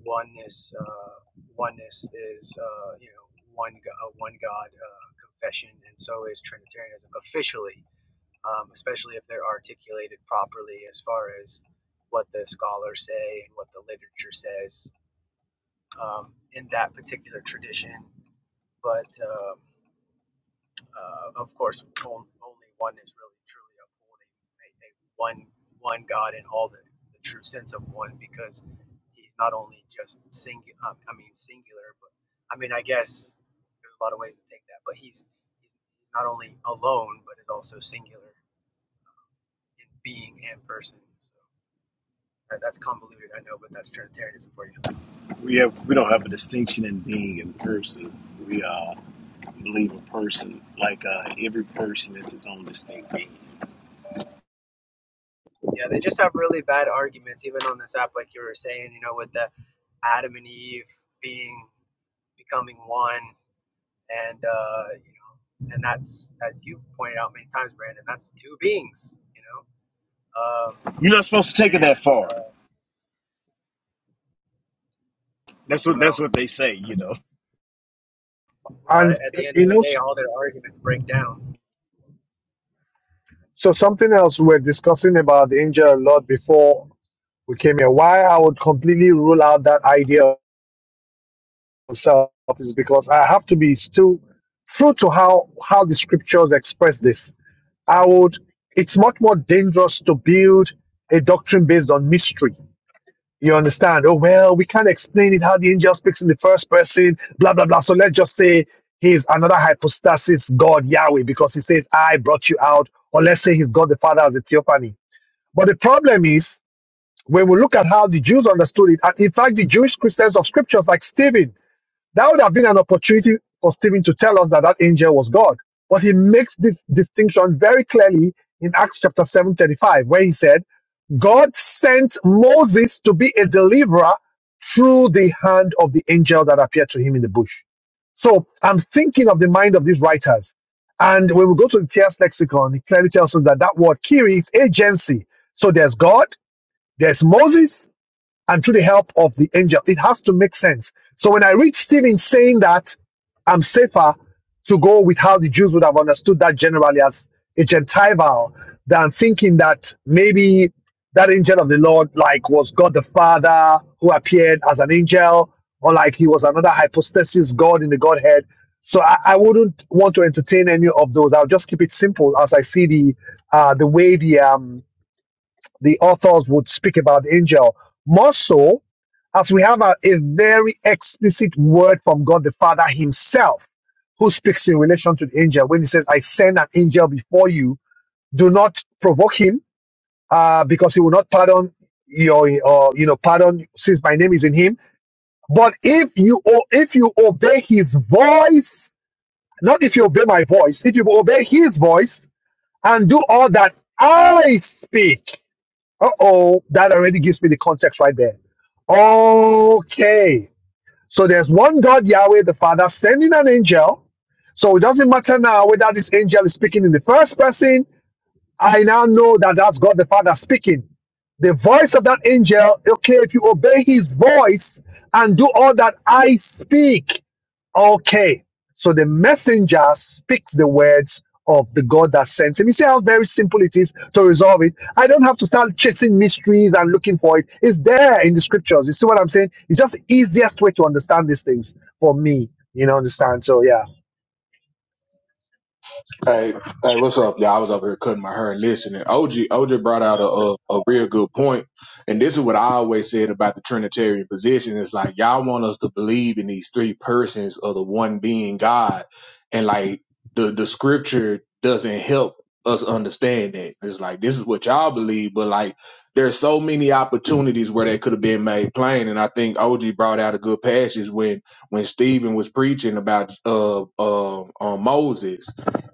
oneness. Uh, oneness is, uh, you know, one go- uh, one God uh, confession, and so is Trinitarianism officially. um, especially if they're articulated properly as far as what the scholars say and what the literature says um, in that particular tradition. But um, uh, of course, only one is really truly upholding a, a one one God in all the, the true sense of one, because He's not only just singular. Um, I mean, singular, but I mean, I guess there's a lot of ways to take that. But He's He's, he's not only alone, but is also singular in being and person. So. That- That's convoluted, I know, but that's Trinitarianism for you. We have we don't have a distinction in being in person. We uh believe a person like uh every person is his own distinct being. Yeah, they just have really bad arguments, even on this app, like you were saying, you know, with the Adam and Eve being becoming one, and uh, you know, and that's as you pointed out many times, Brandon, that's two beings, you know. Um, You're not supposed to take it that and far. uh, That's what that's well, what they say, you know. well, And a- at y- the end you of know, the day, s- all their arguments break down. so something else we were discussing about the angel a lot before we came here. Why I would completely rule out that idea of self is because I have to be still true to how how the scriptures express this. I would. It's much more dangerous to build a doctrine based on mystery You understand? Oh, well, we can't explain it how the angel speaks in the first person, blah, blah, blah. So let's just say he's another hypostasis God, Yahweh, because he says, I brought you out. Or let's say he's God the Father as the theophany. But the problem is, when we look at how the Jews understood it, and in fact, the Jewish Christians of scriptures, like Stephen, that would have been an opportunity for Stephen to tell us that that angel was God. But he makes this distinction very clearly in Acts chapter 7 35, where he said, God sent Moses to be a deliverer through the hand of the angel that appeared to him in the bush. So I'm thinking of the mind of these writers. And when we go to the Theas lexicon, it clearly tells us that that word Kiri is agency. So there's God, there's Moses, and through the help of the angel. It has to make sense. So when I read Stephen saying that I'm safer to go with how the Jews would have understood that generally as a Gentile than thinking that maybe that angel of the Lord like was God the Father who appeared as an angel or like he was another hypostasis God in the Godhead. So I, I wouldn't want to entertain any of those. I'll just keep it simple as I see the uh, the way the um, the authors would speak about the angel. More so, as we have a, a very explicit word from God the Father Himself, who speaks in relation to the angel when He says, I send an angel before you. Do not provoke him, uh, because he will not pardon your, or, you know, pardon since my name is in him. But if you, o- if you obey his voice, not if you obey my voice, if you obey his voice and do all that I speak, uh oh, that already gives me the context right there. Okay. So there's one God, Yahweh the Father, sending an angel. So it doesn't matter now whether this angel is speaking in the first person. I now know that that's God the Father speaking. The voice of that angel, okay, if you obey his voice and do all that I speak. Okay. So the messenger speaks the words of the God that sent him. You see how very simple it is to resolve it. I don't have to start chasing mysteries and looking for it. It's there in the scriptures. You see what I'm saying? It's just the easiest way to understand these things for me. You know, understand? So yeah. Hey, hey, what's up, Yeah, I was over here cutting my hair and listening. OG, OG brought out a, a a real good point, and this is what I always said about the Trinitarian position. It's like y'all want us to believe in these three persons of the one being God, and like the the Scripture doesn't help us understand that. It's like this is what y'all believe, but like there's so many opportunities where they could have been made plain, and I think OG brought out a good passage when when Stephen was preaching about uh uh, uh Moses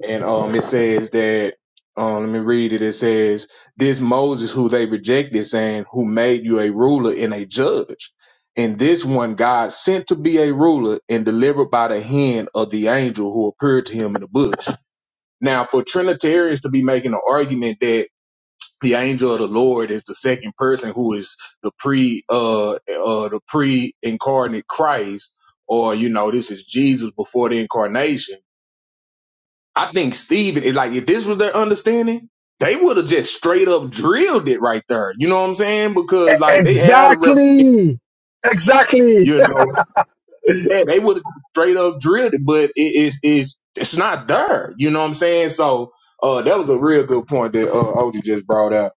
and um it says that um let me read it. It says this Moses who they rejected, saying, Who made you a ruler and a judge. And this one God sent to be a ruler and delivered by the hand of the angel who appeared to him in the bush. Now, for Trinitarians to be making an argument that the angel of the Lord is the second person who is the pre uh uh the pre incarnate Christ, or you know, this is Jesus before the incarnation I think Steven, if, like if this was their understanding, they would have just straight up drilled it right there. You know what I'm saying? E- Because like they had a rep, exactly. Exactly. you know, yeah, they would have straight up drilled it, but it is is it's not there. You know what I'm saying? So uh, that was a real good point that uh, OG just brought out.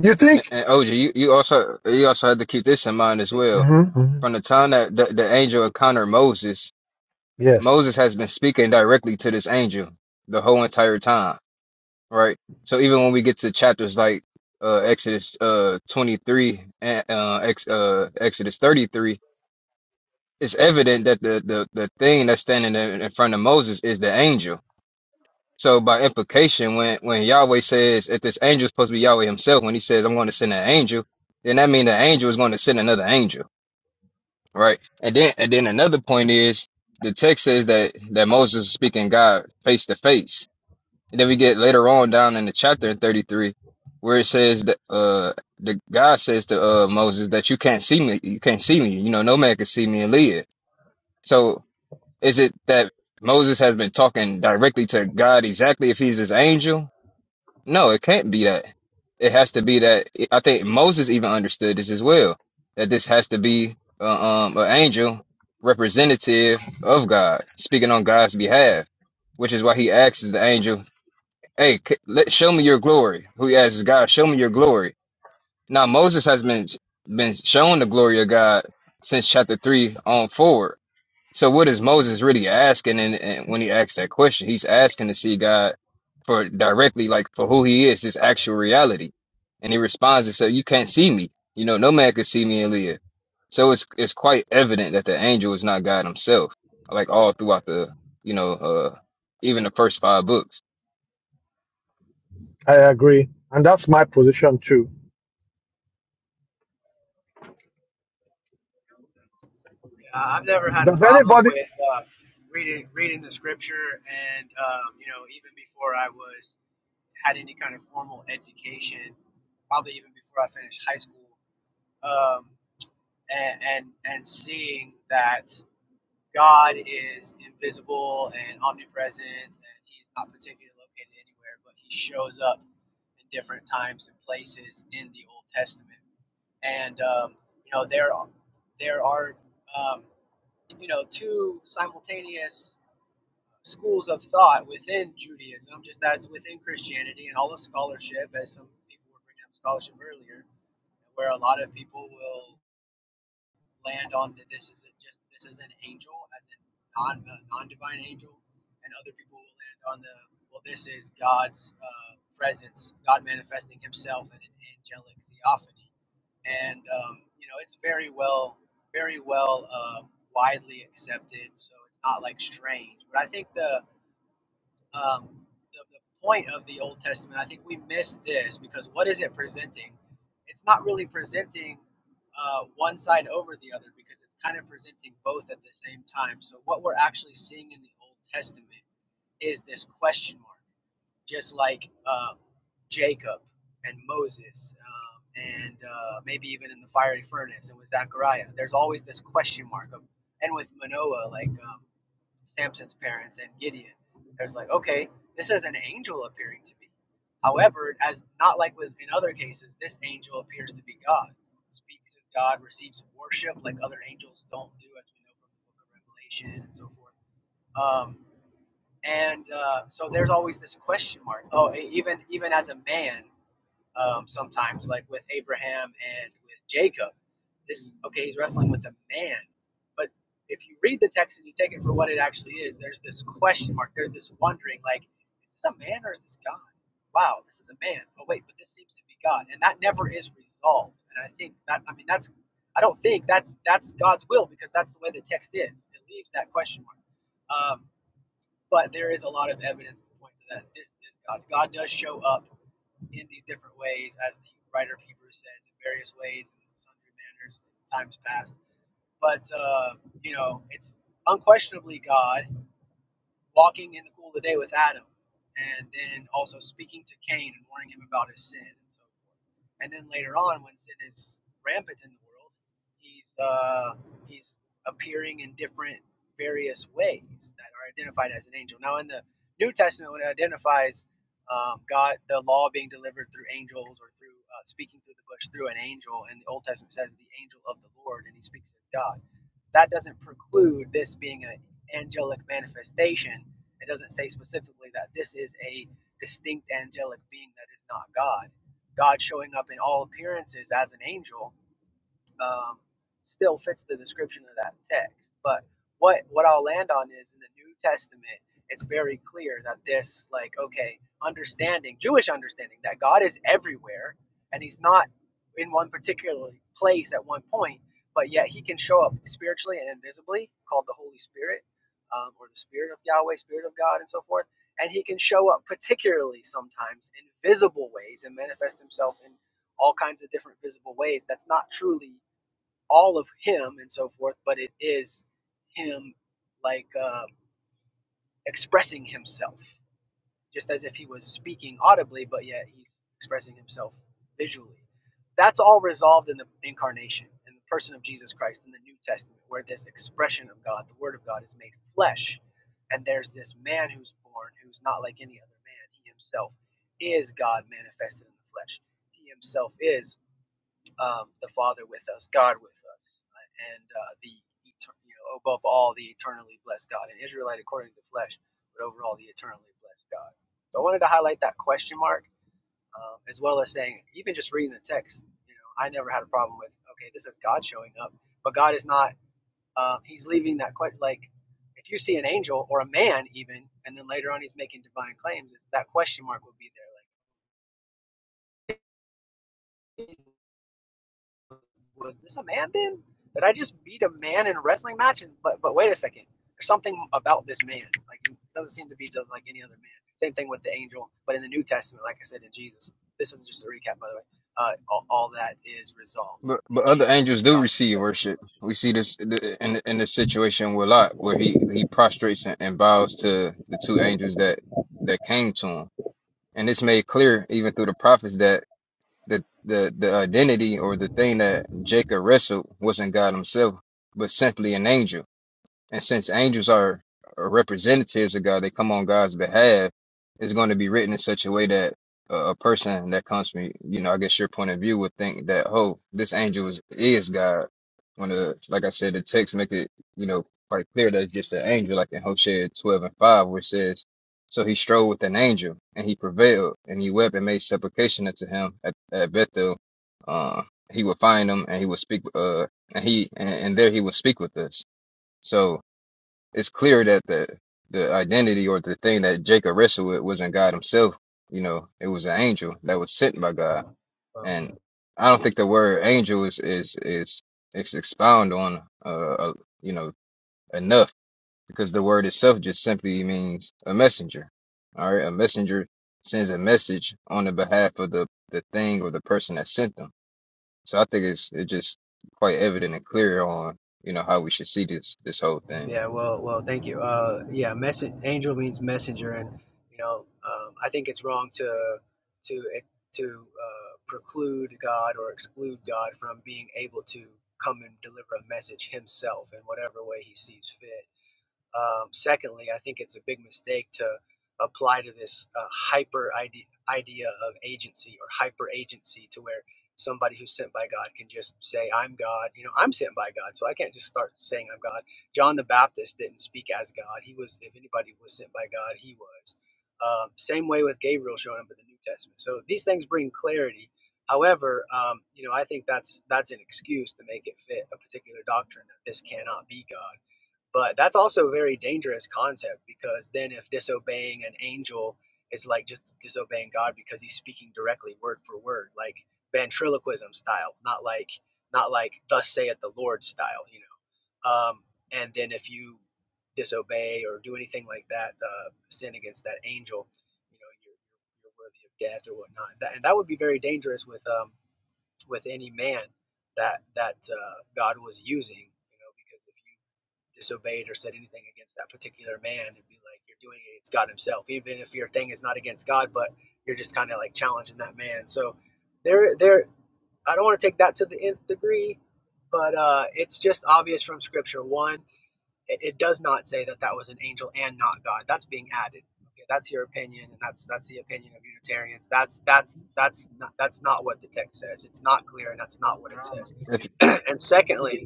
You And, think? and OG, you, you also you also have to keep this in mind as well. Mhm, mhm. From the time that the, the angel encountered Moses, Yes, Moses has been speaking directly to this angel the whole entire time, right? So even when we get to chapters like uh, Exodus uh, 23 and uh, ex, uh, Exodus 33, it's evident that the, the, the thing that's standing in in front of Moses is the angel. So by implication, when when Yahweh says if this angel is supposed to be Yahweh himself, when he says I'm going to send an angel, then that means the angel is going to send another angel, right? And then and then another point is the text says that that Moses is speaking God face to face. And then we get later on down in the chapter in 33 where it says that uh the God says to uh Moses that you can't see me, you can't see me, you know, no man can see me and live. So is it that Moses has been talking directly to God exactly if he's his angel, no, it can't be that. It has to be that. I think Moses even understood this as well, that this has to be uh, um, an angel representative of God, speaking on God's behalf, which is why he asks the angel, "Hey, c- let show me your glory." Who he asks God, "Show me your glory." Now Moses has been been shown the glory of God since chapter three on forward. So what is Moses really asking? And, and when he asks that question, he's asking to see God for directly, like for who He is, His actual reality. And he responds and says, "You can't see me. You know, no man can see me and live." So it's it's quite evident that the angel is not God Himself. Like all throughout the, you know, uh, even the first five books. I agree. And that's my position too. Uh, I've never had a Does problem anybody with uh, reading reading the scripture, and um, you know, even before I was had any kind of formal education, probably even before I finished high school, um, and, and and seeing that God is invisible and omnipresent, and He's not particularly located anywhere, but He shows up in different times and places in the Old Testament. And um, you know there are there are um, you know two simultaneous schools of thought within Judaism, just as within Christianity and all of scholarship, as some people were bringing up scholarship earlier, where a lot of people will land on that this isn't just this is an angel, as in non non divine angel, and other people will land on the well, this is God's uh, presence, God manifesting Himself in an angelic theophany, and um, you know it's very well very well uh, widely accepted, so it's not like strange. But I think the um, the, the point of the Old Testament, I think we miss this because what is it presenting? It's not really presenting uh, one side over the other because it's kind of presenting both at the same time. So what we're actually seeing in the Old Testament is this question mark, just like uh, Jacob and Moses. Um, and uh, maybe even in the fiery furnace and with Zechariah, there's always this question mark of, and with Manoah, like um, Samson's parents and Gideon. There's like, okay, this is an angel appearing to me. However, as not like with in other cases, this angel appears to be God, speaks as God, receives worship like other angels don't do, as we know from the Book of Revelation and so forth. Um, and uh, so there's always this question mark. Oh, e- even even as a man, um, sometimes, like with Abraham and with Jacob. This, okay, he's wrestling with a man. But if you read the text and you take it for what it actually is, there's this question mark, there's this wondering, like, is this a man or is this God? Wow, this is a man. Oh, wait, but this seems to be God. And that never is resolved. And I think that, I mean, that's, I don't think that's, that's God's will because that's the way the text is. It leaves that question mark. Um, but there is a lot of evidence to point to that this is God. God does show up in these different ways, as the writer of Hebrews says, in various ways and sundry manners in times past. But uh, you know, it's unquestionably God walking in the cool of the day with Adam, and then also speaking to Cain and warning him about his sin and so forth. And then later on, when sin is rampant in the world, he's uh, he's appearing in different various ways that are identified as an angel. Now, in the New Testament, when it identifies um, God, the law being delivered through angels or through uh, speaking through the bush through an angel, and the Old Testament says the angel of the Lord, and he speaks as God that doesn't preclude this being an angelic manifestation. It doesn't say specifically that this is a distinct angelic being that is not God. God showing up in all appearances as an angel um, still fits the description of that text. But what what I'll land on is in the New Testament, it's very clear that this like okay understanding Jewish understanding that God is everywhere and He's not in one particular place at one point, but yet He can show up spiritually and invisibly, called the Holy Spirit um, or the Spirit of Yahweh, Spirit of God, and so forth. And He can show up particularly sometimes in visible ways and manifest Himself in all kinds of different visible ways. That's not truly all of him and so forth, but it is him like uh, expressing himself, just as if he was speaking audibly, but yet he's expressing himself visually. That's all resolved in the incarnation, in the person of Jesus Christ in the New Testament, where this expression of God, the Word of God, is made flesh. And there's this man who's born who's not like any other man. He himself is God manifested in the flesh. He himself is um, the Father with us, God with us, uh, and uh, the you know above all the eternally blessed God, an Israelite according to the flesh, but overall the eternally blessed God. So I wanted to highlight that question mark, um, as well as saying even just reading the text, you know, I never had a problem with okay, this is God showing up, but God is not. Um, he's leaving that question like. If you see an angel or a man, even, and then later on he's making divine claims, it's, that question mark will be there. Like, was this a man then? Did I just beat a man in a wrestling match? And but but wait a second, there's something about this man. Like he doesn't seem to be just like any other man. Same thing with the angel, but in the New Testament, like I said, in Jesus. This is just a recap, by the way. Uh, all, all that is resolved But in but other Jesus. angels do God receive manifested in the worship. We flesh. see this th- in in the situation with Lot, where he he prostrates and and bows to the two angels that that came to him And it's made clear even through the prophets that the the, the identity or the thing that Jacob wrestled wasn't God himself, but simply an angel. And since angels are are representatives of God, they come on God's behalf, it's going to be written in such a way that a, a person that comes from, you know, I guess your point of view would think that, oh, this angel is, is God. When the, like I said, the text make it, you know, quite clear that it's just an angel, like in Hosea 12 and 5, where it says, So he strode with an angel, and he prevailed, and he wept and made supplication unto him at, at Bethel. Uh, he would find him, and he would speak, uh, and he, and, and there he would speak with us. So, it's clear that the the identity or the thing that Jacob wrestled with wasn't God himself. You know, it was an angel that was sent by God. Wow. And I don't think the word angel is is is it's expound on uh, uh you know enough because the word itself just simply means a messenger. All right, a messenger sends a message on the behalf of the the thing or the person that sent them. So I think it's it's just quite evident and clear on you know how we should see this this whole thing. Yeah, well, well, thank you. Uh, yeah, message angel means messenger, and you know, um, I think it's wrong to to e, to uh, preclude God or exclude God from being able to come and deliver a message Himself in whatever way He sees fit. Um, secondly, I think it's a big mistake to apply to this uh, hyper idea, idea of agency or hyper agency to where somebody who's sent by God can just say, I'm God. You know, I'm sent by God, so I can't just start saying I'm God. John the Baptist didn't speak as God. He was, if anybody was sent by God, he was. Um, same way with Gabriel showing up in the New Testament. So these things bring clarity. However, um, you know, I think that's that's an excuse to make it fit a particular doctrine that this cannot be God but that's also a very dangerous concept because then if disobeying an angel is like just disobeying God because he's speaking directly word for word, like ventriloquism style, not like not like thus saith the Lord style, you know. Um, and then if you disobey or do anything like that, uh, sin against that angel, you know, you're, you're worthy of death or whatnot. That, and that would be very dangerous with um, with any man that that uh, God was using, you know, because if disobeyed or said anything against that particular man and be like you're doing it it's god himself even if your thing is not against god but you're just kind of like challenging that man so there there i don't want to take that to the nth degree but uh it's just obvious from scripture one it, it does not say that that was an angel and not god that's being added okay that's your opinion and that's that's the opinion of unitarians that's that's that's not that's not what the text says it's not clear and that's not what it says if. and secondly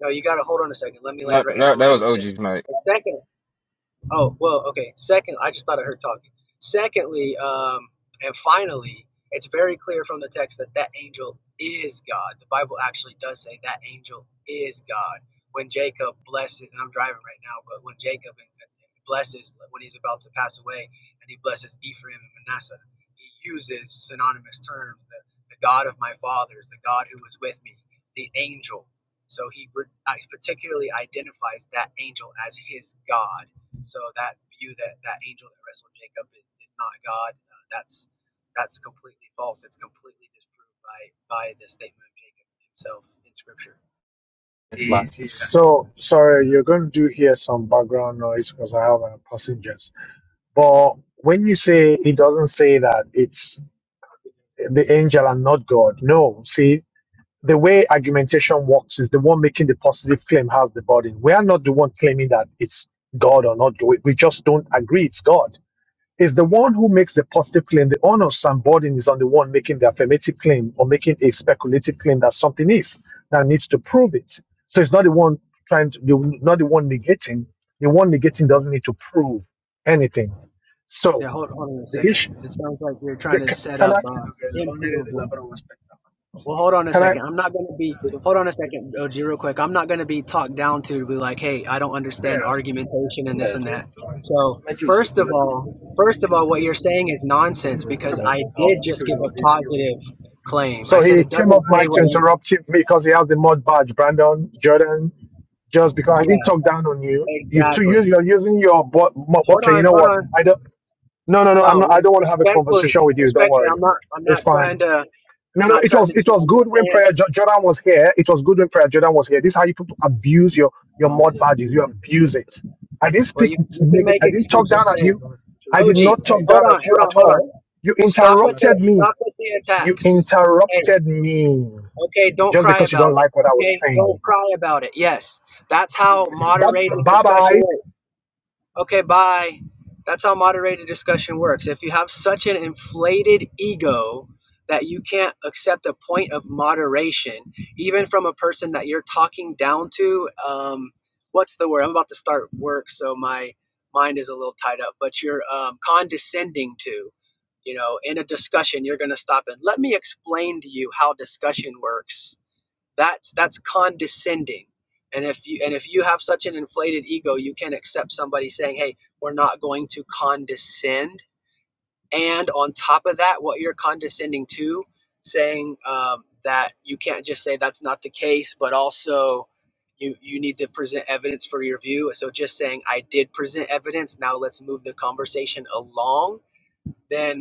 no, you got to hold on a second. Let me land That, right. here. I'm that gonna that land was with this. OG's night. And second, Oh, well, okay. Second, I just thought I heard talking. Secondly, um, and finally, it's very clear from the text that that angel is God. The Bible actually does say that angel is God. When Jacob blesses, and I'm driving right now, but when Jacob and- and blesses, when he's about to pass away, and he blesses Ephraim and Manasseh, he uses synonymous terms the, the God of my fathers, the God who was with me, the angel. So he re- I- particularly identifies that angel as his God so that view that that angel that wrestled Jacob is, is not God, uh, that's that's completely false. It's completely disproved by by the statement of Jacob himself in Scripture. So, sorry, you're going to do hear some background noise because I have uh, passengers. But when you say it doesn't say that it's the angel and not God, no. See, the way argumentation works is the one making the positive claim has the burden. We are not the one claiming that it's God or not. We we just don't agree it's God. It's the one who makes the positive claim. The honor burden is on the one making the affirmative claim or making a speculative claim that something is that needs to prove it. So it's not the one trying to, the, not the one negating. The one negating Yeah, doesn't need to prove anything. So yeah hold, hold on a the issue, second. It sounds like you're trying the, to c- set can up I, uh, improvable. Well, hold on a can I? second. I'm not going to be, hold on a second, OG, real quick. I'm not going to be talked down to to be like, hey, I don't understand argumentation and this and that. So, first of all, first of all, what you're saying is nonsense because I did just give a positive claim. So I said he it came up, doesn't say Mike, to what you, interrupt him because he has the mod badge. Brandon, Jordan, just because I didn't yeah, talk down on you. You two use exactly. you're using your bo- mo- Hold okay. You on, know what? hold on. No, no, no. I'm No, not, re- I don't want to have a respectfully, conversation with you. Don't respectfully, worry. I'm not, I'm not It's trying fine. to, I'm No, no. not It trying was to, it do- was I'm good just when saying, prayer Jo- Jordan was here. It was good when prayer Jordan was here. This is how you people abuse your your mod badges. You abuse it. I didn't well, speak you, you can negative. make I didn't talk down excuses. at Hey, you. I did OG, not talk hold down on, at you hold at on, hold on. all. You Stop with the interrupted me. stop with the You attacks. Hey, interrupted me okay, don't just cry because you don't about it. like what I was Okay, saying. don't cry about it. Yes, that's how moderated Bye discussion bye. works. Okay, bye. That's how moderated discussion works. If you have such an inflated ego that you can't accept a point of moderation, even from a person that you're talking down to, um, what's the word? I'm about to start work, so my mind is a little tied up, but you're um, condescending to, you know, in a discussion, you're going to stop and let me explain to you how discussion works that's that's condescending. And if you and if you have such an inflated ego, you can accept somebody saying, "Hey, we're not going to condescend." And on top of that, what you're condescending to, saying um, that you can't just say that's not the case, but also you you need to present evidence for your view. So just saying I did present evidence. Now let's move the conversation along. Then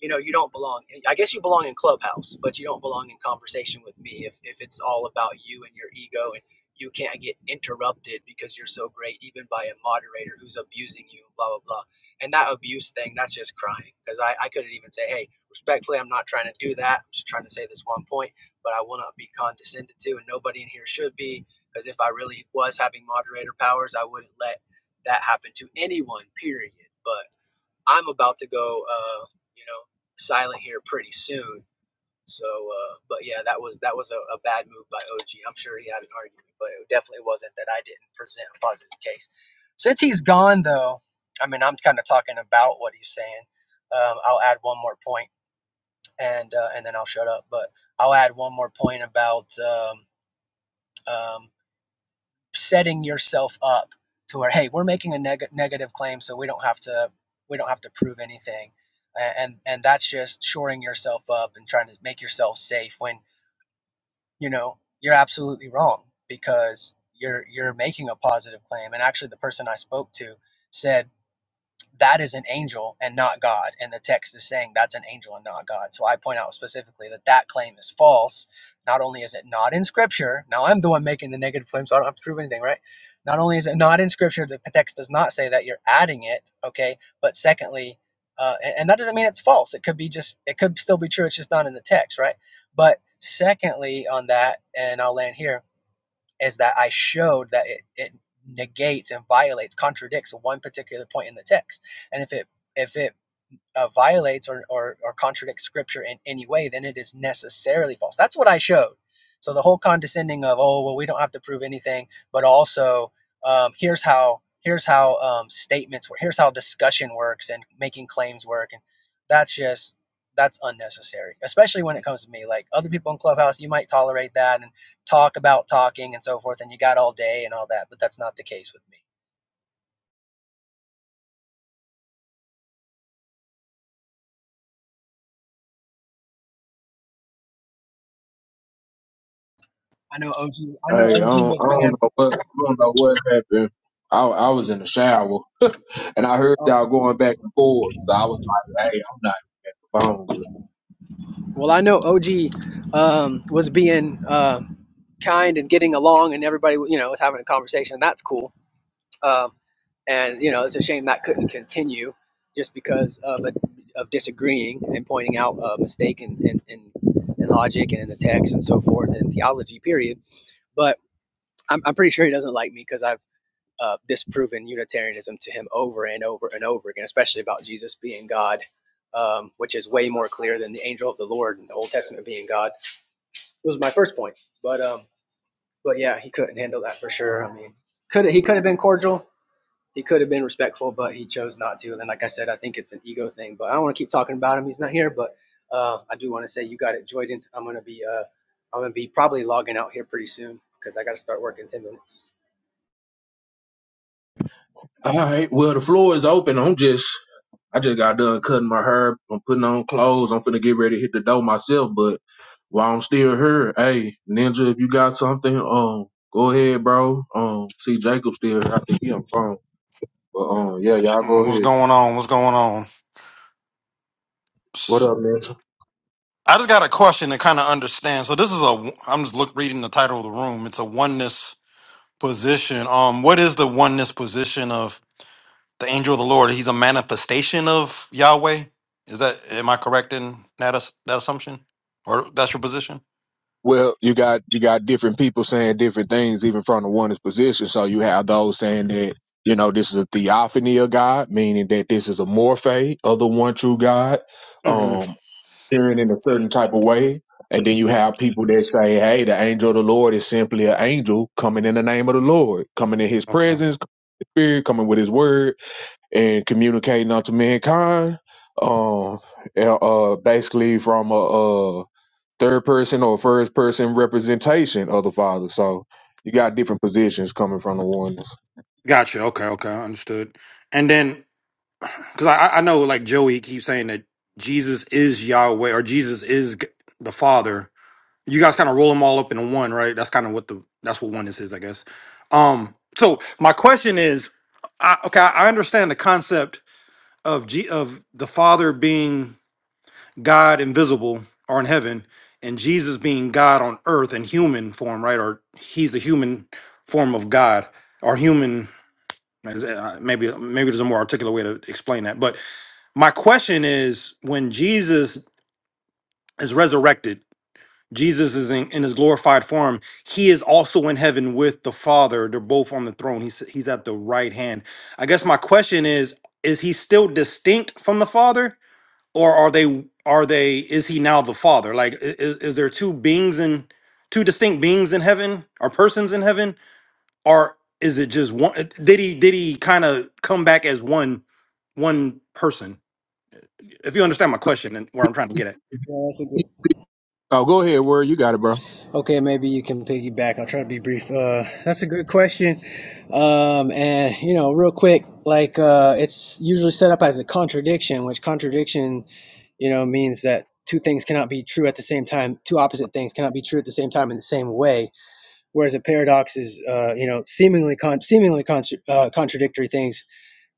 you know you don't belong i guess you belong in clubhouse but you don't belong in conversation with me if, if it's all about you and your ego and you can't get interrupted because you're so great even by a moderator who's abusing you blah blah blah and that abuse thing that's just crying because i, I couldn't even say hey respectfully i'm not trying to do that i'm just trying to say this one point but i will not be condescended to and nobody in here should be because if i really was having moderator powers i wouldn't let that happen to anyone period but I'm about to go, uh, you know, silent here pretty soon. So, uh, but yeah, that was that was a, a bad move by OG. I'm sure he had an argument, but it definitely wasn't that I didn't present a positive case. Since he's gone, though, I mean, I'm kind of talking about what he's saying. Um, I'll add one more point, and uh, and then I'll shut up. But I'll add one more point about um, um, setting yourself up to where hey we're making a neg- negative claim so we don't have to we don't have to prove anything and and that's just shoring yourself up and trying to make yourself safe when you know you're absolutely wrong because you're you're making a positive claim and actually the person i spoke to said that is an angel and not God. And the text is saying that's an angel and not God. So I point out specifically that that claim is false. Not only is it not in Scripture, now I'm the one making the negative claim, so I don't have to prove anything, right? Not only is it not in Scripture, the text does not say that you're adding it, okay? But secondly, uh, and, and that doesn't mean it's false. It could be just, it could still be true. It's just not in the text, right? But secondly, on that, and I'll land here is that I showed that it, it negates and violates, contradicts one particular point in the text. And if it if it uh, violates or, or, or contradicts scripture in any way, then it is necessarily false. That's what I showed. So the whole condescending of, oh, well, we don't have to prove anything, but also um, here's how here's how um, statements work, here's how discussion works and making claims work. And that's just that's unnecessary, especially when it comes to me. Like other people in Clubhouse, you might tolerate that and talk about talking and so forth, and you got all day and all that, but that's not the case with me. I know OG. I know Hey, I OG don't, was I don't being. know what I don't know what happened. I, I was in the shower and I heard uh, y'all going back and forth, so I was like, "Hey, I'm not at the phone." Well, I know OG um, was being uh, kind and getting along, and everybody, you know, was having a conversation. And that's cool. Um, and you know, it's a shame that couldn't continue just because of a, of disagreeing and pointing out a mistake in, in, in, in logic and in the text and so forth and in theology. Period. But I'm, I'm pretty sure he doesn't like me because I've uh, disproven Unitarianism to him over and over and over again, especially about Jesus being God. Um, which is way more clear than the angel of the Lord in the Old Testament being God was my first point. But um, but yeah, he couldn't handle that for sure. I mean, could he could have been cordial, he could have been respectful, but he chose not to. And then, like I said, I think it's an ego thing. But I don't want to keep talking about him. He's not here, but uh, I do want to say you got it, Joyden. I'm gonna be uh, I'm gonna be probably logging out here pretty soon because I got to start working in ten minutes. All right. Well, the floor is open. I'm just, I just got done cutting my hair. I'm putting on clothes. I'm finna get ready to hit the door myself. But while I'm still here, hey, Ninja, if you got something, um, go ahead, bro. Um, see, Jacob still here. I think he on the phone. But um, yeah, y'all Mm, go What's ahead. going on? What's going on? What S- up, Ninja? I just got a question to kind of understand. So this is a I'm just look reading the title of the room. It's a oneness position. Um, what is the oneness position of the angel of the Lord? He's a manifestation of Yahweh. Is that am I correct in that as- that assumption, or that's your position? Well, you got you got different people saying different things, even from the one's position. So you have those saying that you know this is a theophany of God, meaning that this is a morphe of the one true God. hmm Um. hearing in a certain type of way. And then you have people that say, hey, the angel of the Lord is simply an angel coming in the name of the Lord, coming in his presence, coming in his spirit, coming with his word, and communicating unto mankind. Um, uh, uh, basically from a, a third person or first person representation of the Father. So you got different positions coming from the oneness. Gotcha. Okay. Okay. Understood. And then because I I I know like Joey keeps saying that Jesus is Yahweh or Jesus is G- the Father. you guys kind of roll them all up into one, right? That's kind of what the that's what oneness is, I guess. Um, so my question is, I, okay, I understand the concept of G, of the Father being God invisible or in heaven, and Jesus being God on earth in human form, right? Or he's a human form of God or human. is it- uh, Maybe maybe there's a more articulate way to explain that. But my question is, when Jesus is resurrected Jesus is in, in his glorified form. He is also in heaven with the Father. They're both on the throne. He's he's at the right hand. I guess my question is: Is he still distinct from the Father, or are they are they? Is he now the Father? Like, is, is there two beings in two distinct beings in heaven, or persons in heaven, or is it just one? uh, Did he did he kind of come back as one one person? If you understand my question and where I'm trying to get at, Yeah, that's a good. Oh, go ahead, word. You got it, bro. Okay, maybe you can piggyback. I'll try to be brief. Uh, that's a good question. Um, and you know, real quick, like uh, it's usually set up as a contradiction, which contradiction, you know, means that two things cannot be true at the same time. Two opposite things cannot be true at the same time in the same way. Whereas a paradox is, uh, you know, seemingly con- seemingly contra- uh, contradictory things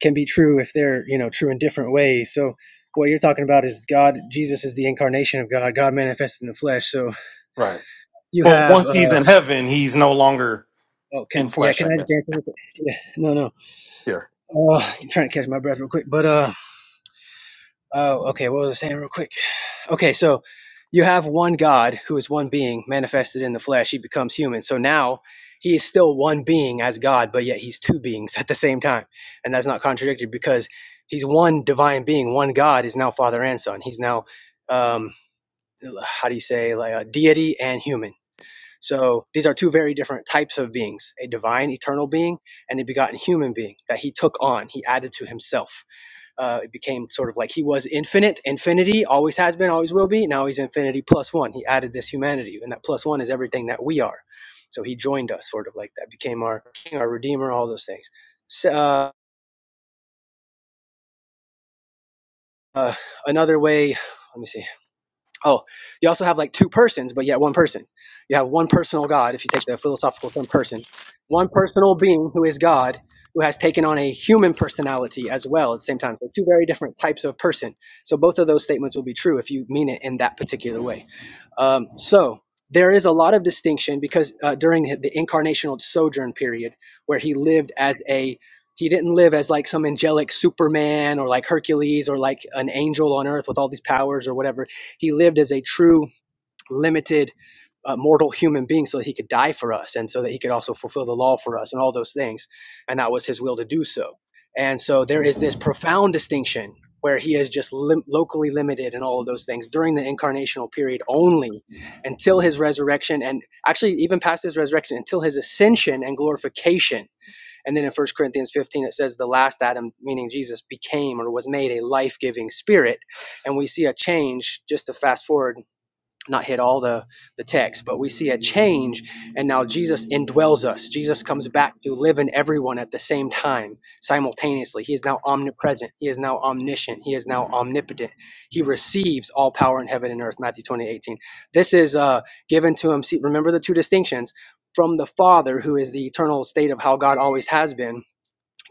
can be true if they're, you know, true in different ways. So. What you're talking about is God, Jesus is the incarnation of God, God manifested in the flesh. So Right. you but have once uh, he's in heaven, he's no longer. Oh, can in yeah? flesh, Can I I just guess. answer? Real quick? Yeah, no, no. Here. Uh, I'm trying to catch my breath real quick, but uh, oh, okay. What was I saying real quick? Okay, so you have one God who is one being manifested in the flesh. He becomes human. So now he is still one being as God, but yet he's two beings at the same time, and that's not contradicted because he's one divine being. One God is now Father and Son. He's now um, how do you say like a deity and human. So these are two very different types of beings a divine, eternal being, and a begotten human being that he took on, he added to himself. Uh, it became sort of like he was infinite, infinity, always has been, always will be. Now he's infinity plus one. He added this humanity, and that plus one is everything that we are. So he joined us, sort of like that, became our king, our redeemer, all those things. So, uh, uh, another way, let me see. Oh, you also have like two persons, but yet one person. You have one personal God, if you take the philosophical term person, one personal being who is God, who has taken on a human personality as well at the same time. So, two very different types of person. So, both of those statements will be true if you mean it in that particular way. Um, so there is a lot of distinction because uh, during the the incarnational sojourn period, where he lived as a he didn't live as like some angelic Superman or like Hercules or like an angel on earth with all these powers or whatever. He lived as a true limited uh, mortal human being so that he could die for us and so that he could also fulfill the law for us and all those things. And that was his will to do so. And so there is this profound distinction where he is just lim- locally limited and all of those things during the incarnational period only until his resurrection and actually even past his resurrection until his ascension and glorification. And then in First Corinthians 15, it says the last Adam, meaning Jesus, became or was made a life giving spirit. And we see a change, just to fast forward not hit all the, the text, but we see a change, and now Jesus indwells us. Jesus comes back to live in everyone at the same time, simultaneously. He is now omnipresent. He is now omniscient. He is now omnipotent. He receives all power in heaven and earth, Matthew 20 18. This is uh, given to him. See, remember the two distinctions from the Father, who is the eternal state of how God always has been,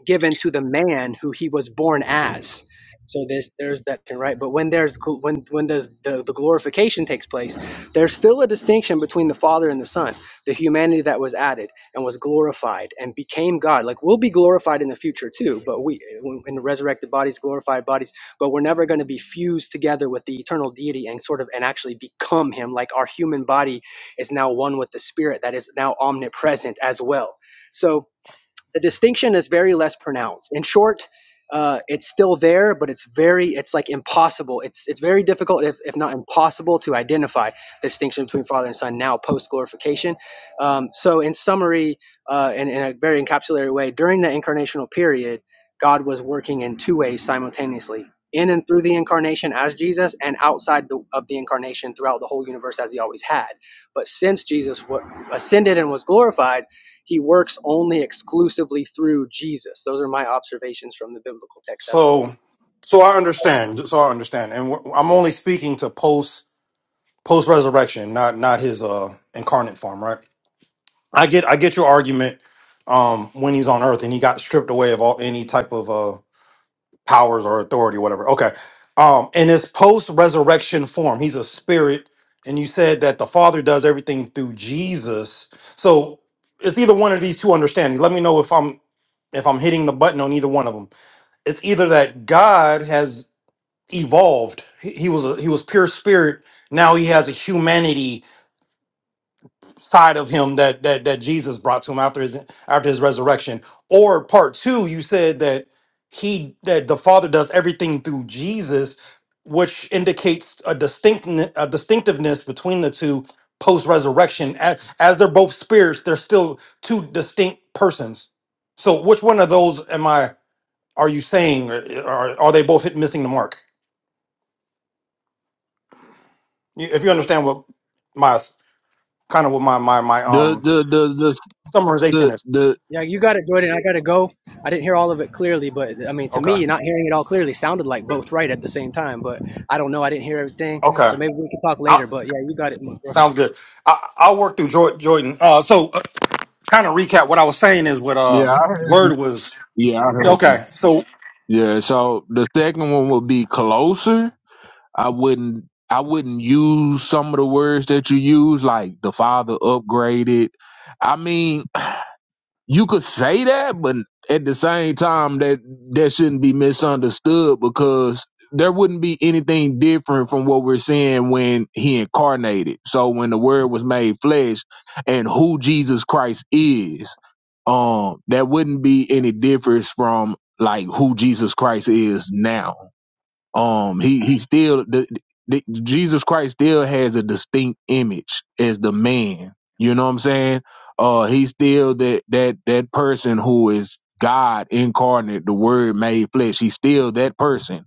given to the man who he was born as. So there's there's that right. But when there's when when there's the, the glorification takes place, there's still a distinction between the Father and the Son, the humanity that was added and was glorified and became God. Like we'll be glorified in the future too, but we in resurrected bodies, glorified bodies, but we're never going to be fused together with the eternal deity and sort of and actually become Him. Like our human body is now one with the Spirit that is now omnipresent as well. So the distinction is very less pronounced. In short, uh, it's still there, but it's very, it's like impossible. It's it's very difficult, if, if not impossible, to identify the distinction between Father and Son now post glorification. Um, so, in summary, uh, in, in a very encapsulated way, during the incarnational period, God was working in two ways simultaneously. In and through the incarnation as Jesus, and outside the, of the incarnation throughout the whole universe as he always had. But since Jesus wa- ascended and was glorified, he works only exclusively through Jesus. Those are my observations from the biblical text as a whole. So, so I Okay. understand. So I understand, and i I'm only speaking to post post resurrection, not not his uh incarnate form, right? I get I get your argument. Um, when he's on Earth and he got stripped away of all any type of uh powers or authority, whatever. Okay. Um, in his post resurrection form, he's a spirit, and you said that the Father does everything through Jesus. So it's either one of these two understandings. Let me know if I'm if I'm hitting the button on either one of them it's either that God has evolved. He, he was a, he was pure spirit. Now he has a humanity side of him that that that Jesus brought to him after his after his resurrection. Or part two, you said that he that the Father does everything through Jesus, which indicates a distinct a distinctiveness between the two post resurrection. As, as they're both spirits, they're still two distinct persons. So which one of those am I? are you saying? uh, Are are they both hit, missing the mark? You- If you understand what my s- kind of what my my my The um the the the summarization the, is. the Yeah, you got it, Jordan. I gotta go. I didn't hear all of it clearly, but I mean, to Okay. me, not hearing it all clearly sounded like both right at the same time. But I don't know. I didn't hear everything, Okay. so maybe we can talk i later. But yeah, you got it, bro. sounds good. I, I'll work through Jor- Jordan. Uh, so uh, kind of recap what I was saying is what uh Yeah, I heard you. word was. Yeah, I heard you. Okay. So Yeah, so the second one would be closer. I wouldn't I wouldn't use some of the words that you use, like the father upgraded. I mean, you could say that, but at the same time, that that shouldn't be misunderstood because there wouldn't be anything different from what we're seeing when he incarnated. So when the Word was made flesh, and who Jesus Christ is, um, that wouldn't be any difference from like who Jesus Christ is now um he he still the, the Jesus Christ still has a distinct image as the man. You know what I'm saying? Uh he's still that that that person who is God incarnate, the word made flesh. He's still that person.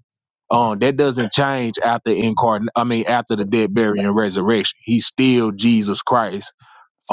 Um that doesn't change after incarnate I mean after the dead, burial, and resurrection. He's still Jesus Christ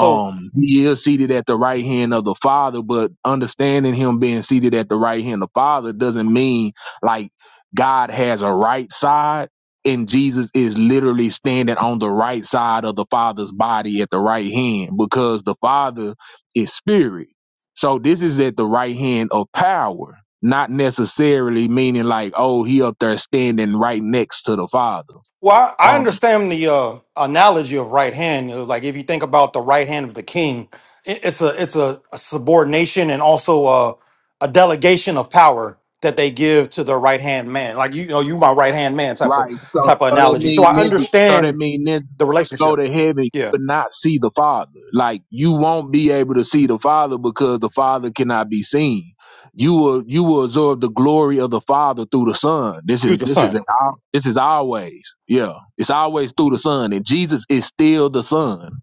so he is seated at the right hand of the father but understanding him being seated at the right hand of the father doesn't mean like god has a right side and jesus is literally standing on the right side of the father's body at the right hand because the father is spirit so this is at the right hand of power not necessarily meaning like oh he up there standing right next to the father Well, I I Um, understand the uh, analogy of right hand. It was like if you think about the right hand of the king, it, it's a it's a, a subordination and also a, a delegation of power that they give to the right hand man. Like you, you know, you my right hand man type of Right. So type of so that analogy. So mean I niggas so that understand mean niggas the go relationship. to heaven Yeah, but not see the Father. Like you won't be able to see the Father because the Father cannot be seen. You will you will absorb the glory of the Father through the Son. This through is the this is son. an, al- this is always yeah. It's always through the Son, and Jesus is still the Son.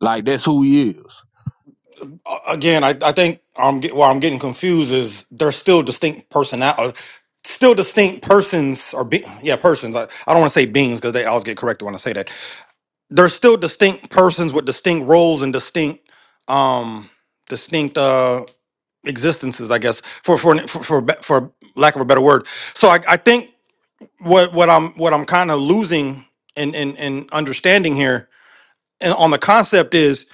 Like that's who He is. A- Again, I, I think I'm get, where I'm getting confused is they're still distinct personal, still distinct persons or be, yeah persons. I, I don't want to say beings because they always get corrected when I say that they're still distinct persons with distinct roles and distinct um distinct uh existences i guess for for for for, be- for lack of a better word so i i think what what i'm what i'm kind of losing and and and understanding here and on the concept is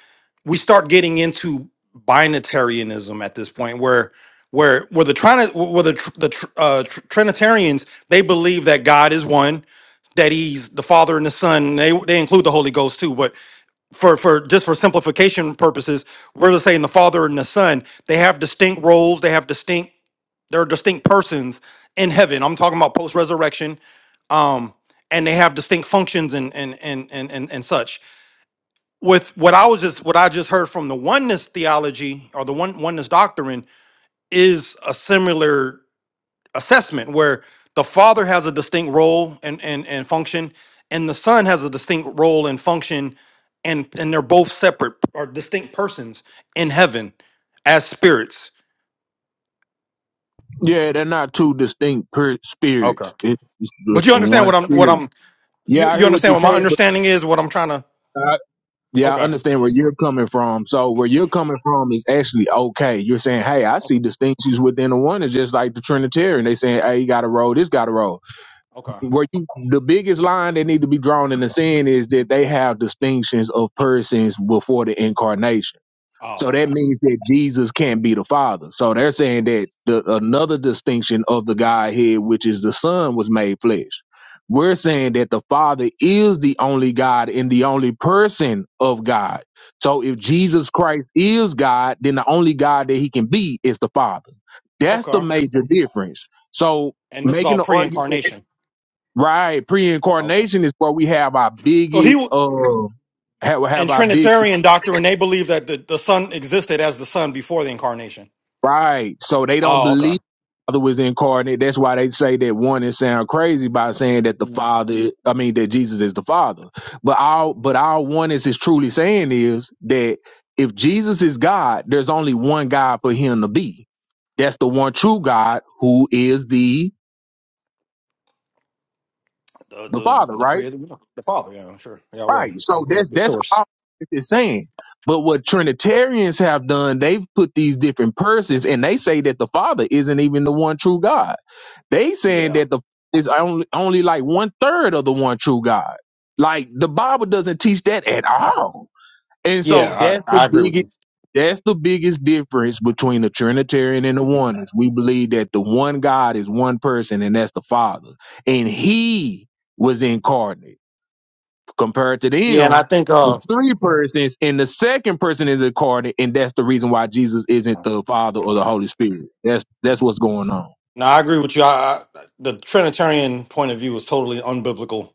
we start getting into binitarianism at this point where where where the trying where the tr- the tr- uh, tr- trinitarians they believe that god is one that he's the father and the son they they include the holy ghost too but for for just for simplification purposes, we're just saying the father and the son, they have distinct roles, they have distinct they're distinct persons in heaven. I'm talking about post resurrection. Um, and they have distinct functions and and and and and and such. With what I was just what I just heard from the oneness theology or the one oneness doctrine is a similar assessment where the father has a distinct role and, and, and function and the son has a distinct role and function and and they're both separate or distinct persons in heaven as spirits Yeah, they're not two distinct per- Okay. spirits. It- It's but just you the understand what one i'm what spirit. i'm you, Yeah, I you hear what understand you're what my saying, but understanding is what i'm trying to I, Yeah, I okay understand where you're coming from. So where you're coming from is actually okay. You're saying, hey, I okay see distinctions within the one. It's just like the Trinitarian. They saying, hey, you got to roll. This got to roll. okay Where you, the biggest line that need to be drawn in the sand is that they have distinctions of persons before the incarnation. oh So okay that means that Jesus can't be the Father. So they're saying that the, another distinction of the Godhead, which is the Son, was made flesh. We're saying that the Father is the only God and the only person of God. So if Jesus Christ is God, then the only God that he can be is the Father. That's the okay major difference. So and this is making all the argument, pre-incarnation right? Okay. Pre-incarnation is where we have our so he biggest, w- uh, have, in have our big trinitarian doctrine they believe that the, the son existed as the son before the incarnation Right. So they don't Oh, okay. believe the Father was incarnate. That's why they say that one and sound crazy by saying that the Father, I mean that Jesus is the Father. But all but all oneness is truly saying is that if Jesus is God, there's only one God for him to be. That's the one true God who is the The the the Father, right? creator, yeah, the Father, yeah, sure, Yahweh, Right. So the that's the that's source. all it's saying. But what Trinitarians have done, they've put these different persons and they say that the Father isn't even the one true God They Yeah, saying that the is only only like one third of the one true God. Like the Bible doesn't teach that at all. And so yeah, that's I, the I agree with biggest you. that's the biggest difference between the Trinitarian and the oneness. we believe that the one God is one person and that's the Father. And he was incarnate. Compared to Yeah, and I them, think uh, it's three persons, and the second person is incarnate, and that's the reason why Jesus isn't the Father or the Holy Spirit. That's that's what's going on. no, I agree with you. I, I, the Trinitarian point of view is totally unbiblical,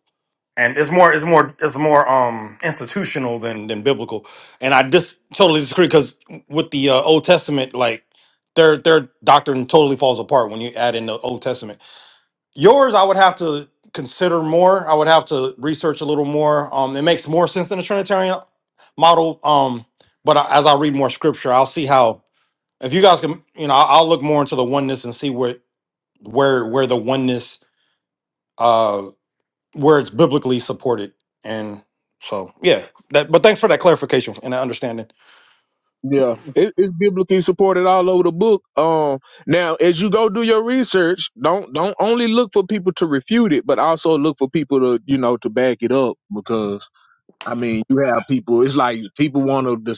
and it's more it's more it's more um institutional than than biblical. And I just totally disagree because with the uh, Old Testament, like their their doctrine totally falls apart when you add in the Old Testament. Yours, I would have to consider more. I would have to research a little more. Um, it makes more sense than the Trinitarian model. Um, but I, as I read more scripture, I'll see how. If you guys can, you know, I'll, I'll look more into the oneness and see where where where the oneness uh where it's biblically supported. And so, yeah. That. But thanks for that clarification and that understanding. Yeah, it, it's biblically supported all over the book. Um, now as you go do your research, don't don't only look for people to refute it, but also look for people to you know to back it up because I mean you have people. It's like people want to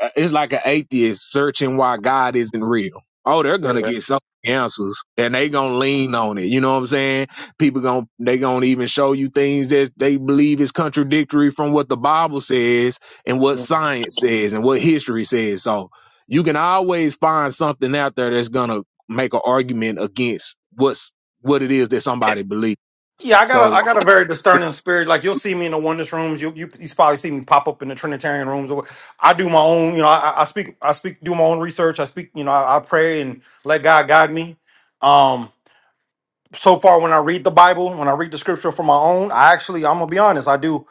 uh, it's like an atheist searching why God isn't real. Oh, they're gonna get Yeah. so many answers, and they gonna lean on it. You know what I'm saying? People gonna they gonna even show you things that they believe is contradictory from what the Bible says and what science says and what history says. So you can always find something out there that's gonna make an argument against what's what it is that somebody believes. Yeah, I got a So I got a very discerning spirit. Like you'll see me in the oneness rooms. You you you probably see me pop up in the Trinitarian rooms. Or what. I do my own. You know, I, I speak I speak do my own research. I speak. You know, I, I pray and let God guide me. Um, so far when I read the Bible, when I read the Scripture for my own, I actually I'm gonna be honest. I do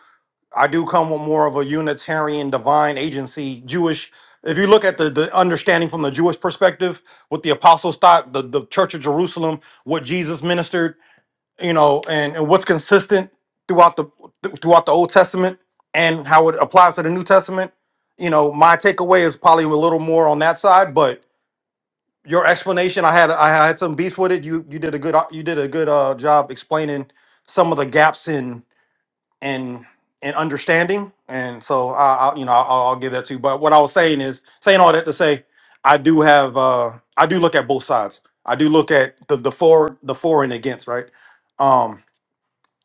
I do come with more of a Unitarian divine agency Jewish. If you look at the, the understanding from the Jewish perspective, what the apostles thought, the, the Church of Jerusalem, what Jesus ministered, you know, and, and what's consistent throughout the throughout the Old Testament and how it applies to the New Testament. You know, my takeaway is probably a little more on that side, but your explanation, I had I had some beef with it. You you did a good you did a good uh, job explaining some of the gaps in in in understanding, and so I, I you know I'll, I'll give that to you. But what I was saying is saying all that to say, I do have uh I do look at both sides. I do look at the the for the for and against, right? Um,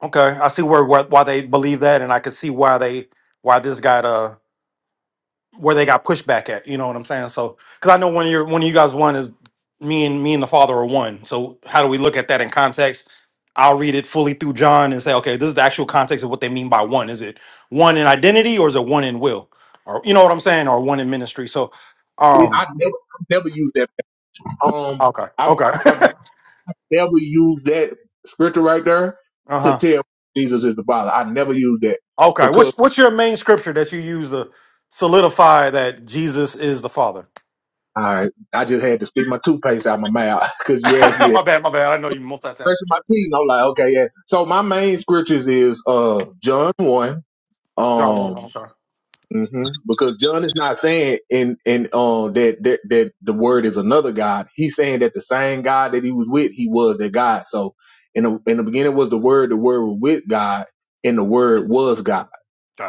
Okay, I see where, where why they believe that, and I can see why they why this got uh where they got pushback at. You know what I'm saying? So because I know when you're when you guys one is me and me and the Father are one. So how do we look at that in context? I'll read it fully through John and say, okay, this is the actual context of what they mean by one. Is it one in identity or is it one in will? Or you know what I'm saying? Or one in ministry? So, um, I never never use that. Um, okay, okay, I've never use that scripture right there uh to huh, tell Jesus is the Father. I never use that okay. because What's what's your main scripture that you use to solidify that Jesus is the Father? I I just had to spit my toothpaste out my mouth because you asked me that my bad, my bad. I know you multitask. question my teeth. And I'm like, okay, yeah. So my main scriptures is uh John one. John one, Um okay. mhm, because John is not saying in in um that, that that the word is another God. He's saying that the same God that he was with, he was that God. So in the in the beginning was the word, the word was with God, and the word was God.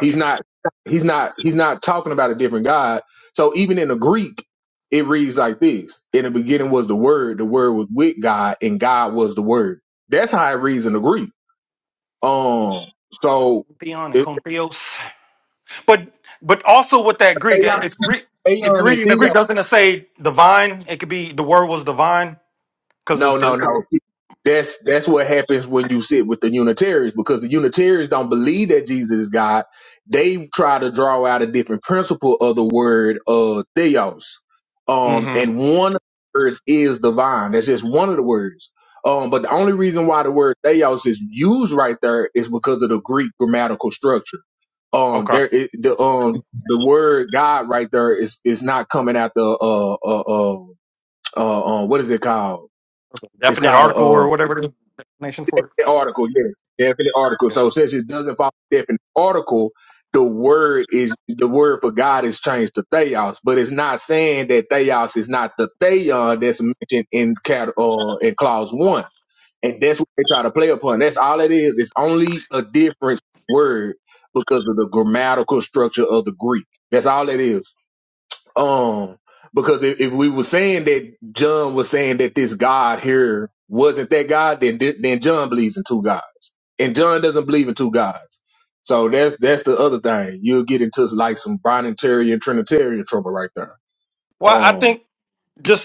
He's not he's not he's not talking about a different God. So even in the Greek, it reads like this. In the beginning was the word, the word was with God, and God was the word. That's how it reads in the Greek. Um Was it so Theon and it, Contrios? But but also with that Greek, Theon it's re- if you're and reading the theos Greek, doesn't it say divine? It could be the word was divine because No, it's no, the no. That's that's what happens when you sit with the Unitarians because the Unitarians don't believe that Jesus is God. They try to draw out a different principle of the word uh theos. Um mm-hmm. and one of the words is divine. That's just one of the words. Um but the only reason why the word theos is used right there is because of the Greek grammatical structure. Um okay there it, the um the word God right there is is not coming out the uh uh uh uh, uh what is it called? It's definite called article or a whatever the definition for it. uh, article, yes, definite article. Yeah. So since it doesn't follow definite article, the word is the word for God is changed to theos, but it's not saying that theos is not the theon that's mentioned in cat uh, in clause one, and that's what they try to play upon. That's all it is. It's only a different word because of the grammatical structure of the Greek. That's all it is. Um, because if, if we were saying that John was saying that this God here wasn't that God, then then John believes in two gods, and John doesn't believe in two gods. So that's that's the other thing. You'll get into like some Trinitarian Trinitarian trouble right there. Well, I Um, think.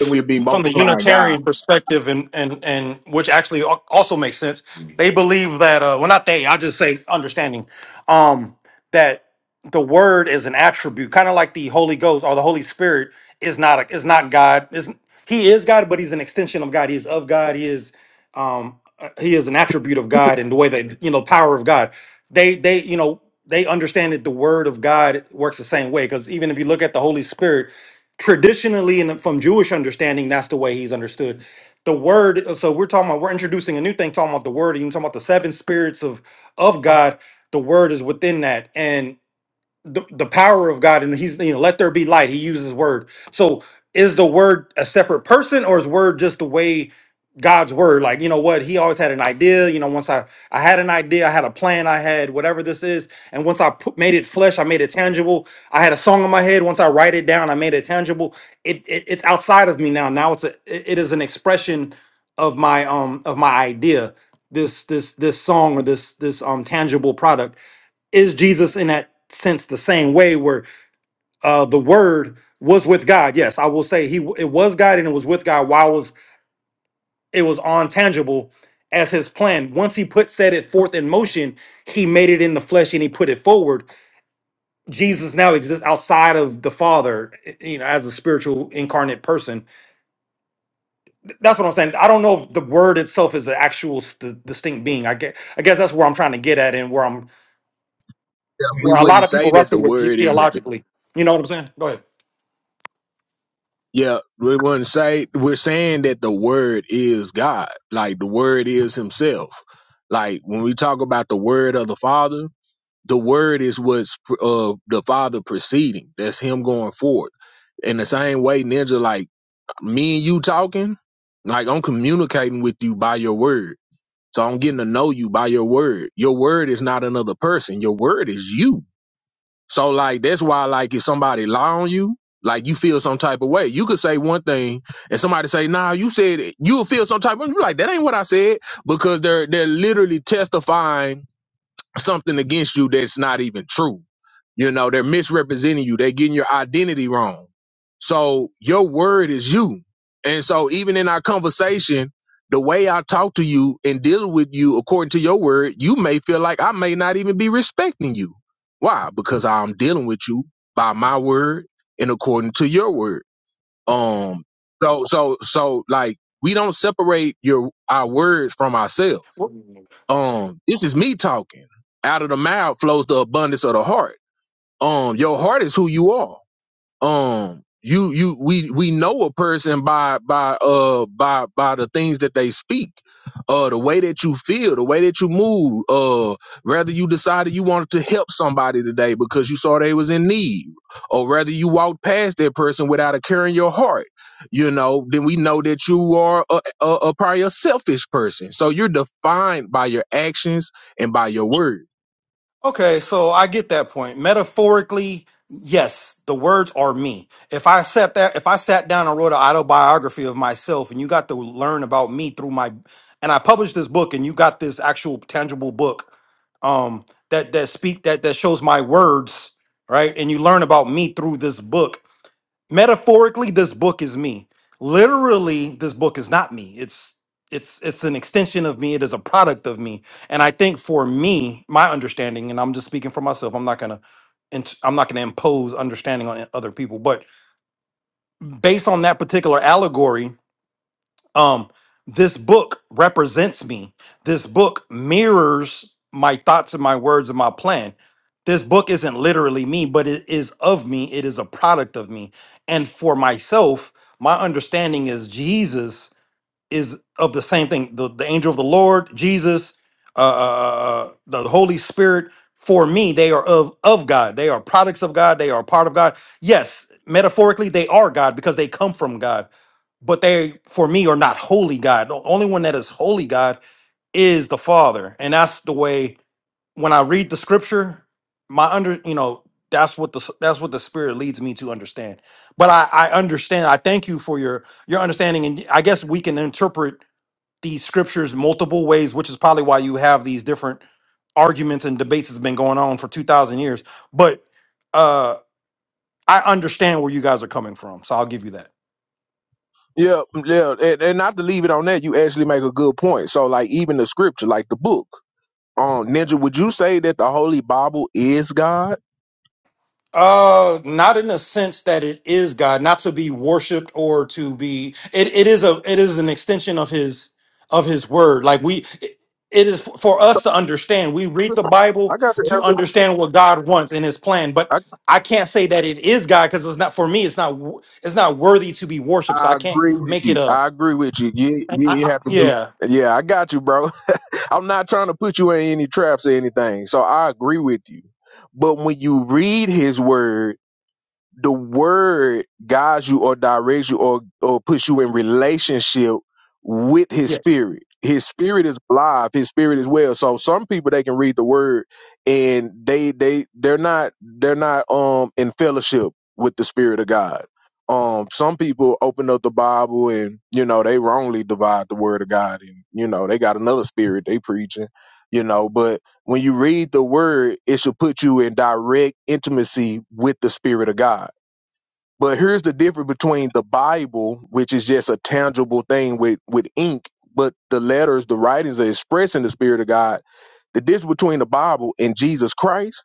and we'd be from the multiplying God. Unitarian perspective, and and and which actually al- also makes sense. They believe that uh, well, not they. I just say understanding um, that the Word is an attribute, kind of like the Holy Ghost or the Holy Spirit is not a, is not God. Is He is God, but He's an extension of God. He is of God. He is um, uh, He is an attribute of God, and the way that you know power of God. They they you know they understand that the Word of God works the same way because even if you look at the Holy Spirit traditionally and from Jewish understanding, that's the way he's understood. The word, so we're talking about, we're introducing a new thing, talking about the word, even talking about the seven spirits of of God. The word is within that the, the power of God and he's you know let there be light he uses word so is the word a separate person or is word just the way God's word like you know what he always had an idea you know once I I had an idea I had a plan I had whatever this is and once I put, made it flesh I made it tangible I had a song in my head once I write it down I made it tangible it, it it's outside of me now now it's a it it is an expression of my um of my idea this this this song or this this um tangible product is Jesus in that sense the same way where uh the word was with God? Yes, I will say he it was God and it was with God while it was it was on tangible as his plan. Once he put set it forth in motion, he made it in the flesh and he put it forward. Jesus now exists outside of the Father, eh, you know, as a spiritual incarnate person. That's what I'm saying. I don't know if the word itself is an actual st- distinct being. I guess, I guess that's where I'm trying to get at and where I'm Yeah, we where a lot wouldn't of people say that the wrestle with word is a. theologically. You know what I'm saying? Go Yeah, we wouldn't say we're saying that the word is God. Like the word is Himself. Like when we talk about the word of the Father. the word is what's uh the father proceeding. That's him going forward. In the same way, ninja, like me and you talking, like I'm communicating with you by your word. So I'm getting to know you by your word. Your word is not another person. Your word is you. So like that's why like if somebody lie on you, like you feel some type of way. You could say one thing and somebody say, nah, you said it. You'll feel some type of you're like, that ain't what I said. Because they're they're literally testifying something against you that's not even true. You know, they're misrepresenting you. They're getting your identity wrong. So your word is you. And so even in our conversation, the way I talk to you and deal with you according to your word, you may feel like I may not even be respecting you. Why? Because I'm dealing with you by my word and according to your word. Um so so so like we don't separate your our words from ourselves ahead. um, this is me talking. Out of the mouth flows the abundance of the heart. Um, your heart is who you are um you you we we know a person by by uh by by the things that they speak uh the way that you feel the way that you move uh whether you decided you wanted to help somebody today because you saw they was in need or whether you walked past that person without a care in your heart you know then we know that you are a, a, a probably a selfish person so you're defined by your actions and by your words Okay, so I get that point. Metaphorically, yes, the words are me. If I sat that, if I sat down and wrote an autobiography of myself, and you got to learn about me through my, and I published this book, and you got this actual tangible book, um, that that speak that that shows my words, right? And you learn about me through this book metaphorically this book is me literally this book is not me it's it's it's an extension of me it is a product of me and i think for me my understanding and i'm just speaking for myself i'm not gonna int- i'm not gonna impose understanding on other people but based on that particular allegory um this book represents me this book mirrors my thoughts and my words and my plan this book isn't literally me but it is of me it is a product of me and for myself my understanding is jesus is of the same thing the, the angel of the lord jesus uh, uh, uh, uh, the holy spirit for me they are of of god they are products of god they are part of god yes metaphorically they are god because they come from god but they for me are not holy god the only one that is holy god is the father and that's the way when i read the scripture my under you know that's what the that's what the spirit leads me to understand but i i understand i thank you for your your understanding and i guess we can interpret these scriptures multiple ways which is probably why you have these different arguments and debates that's been going on for 2000 years but uh i understand where you guys are coming from so i'll give you that Yeah, yeah, and, and not to leave it on that, you actually make a good point. So, like, even the scripture, like the book, um, Ninja, would you say that the Holy Bible is God? Uh, not in the sense that it is God, not to be worshipped or to be. It it is a it is an extension of His of His word. Like we, it it is f- for us to understand. We read the I Bible got the to answer. understand what God wants in His plan, but. I, I can't say that it is God because it's not for me. It's not. wo- It's not worthy to be worshipped. So I I can't agree with make it you. a. I agree with you. You, I, you. you I, have to do. yeah. Yeah, I got you, bro. I'm not trying to put you in any traps or anything. So I agree with you. But when you read His Word the word guides you or directs you or or puts you in relationship with his Yes. spirit. His spirit is alive. His spirit is well. So some people they can read the word and they they they're not they're not um in fellowship with the spirit of God. Um some people open up the Bible and you know they wrongly divide the word of God and you know they got another spirit they preaching, you know, but when you read the word, it should put you in direct intimacy with the Spirit of God. But here's the difference between the Bible, which is just a tangible thing with, with ink, but the letters, the writings are expressing the Spirit of God. The difference between the Bible and Jesus Christ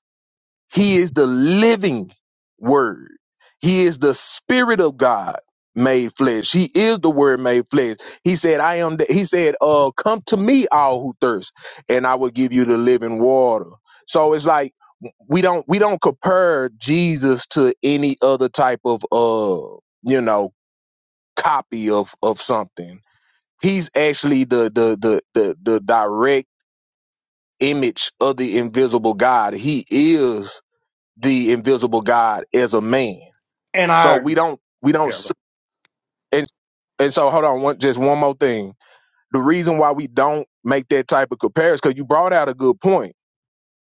he is the living word. He is the spirit of God made flesh. He is the word made flesh. He said, I am the, he said, uh, come to me all who thirst and I will give you the living water. So it's like, we don't, we don't compare Jesus to any other type of, uh, you know, copy of, of something. He's actually the, the, the, the, the direct image of the invisible God. He is the invisible God as a man. And So I. we don't we don't Yeah. s- and and so hold on one just one more thing. The reason why we don't make that type of comparison because you brought out a good point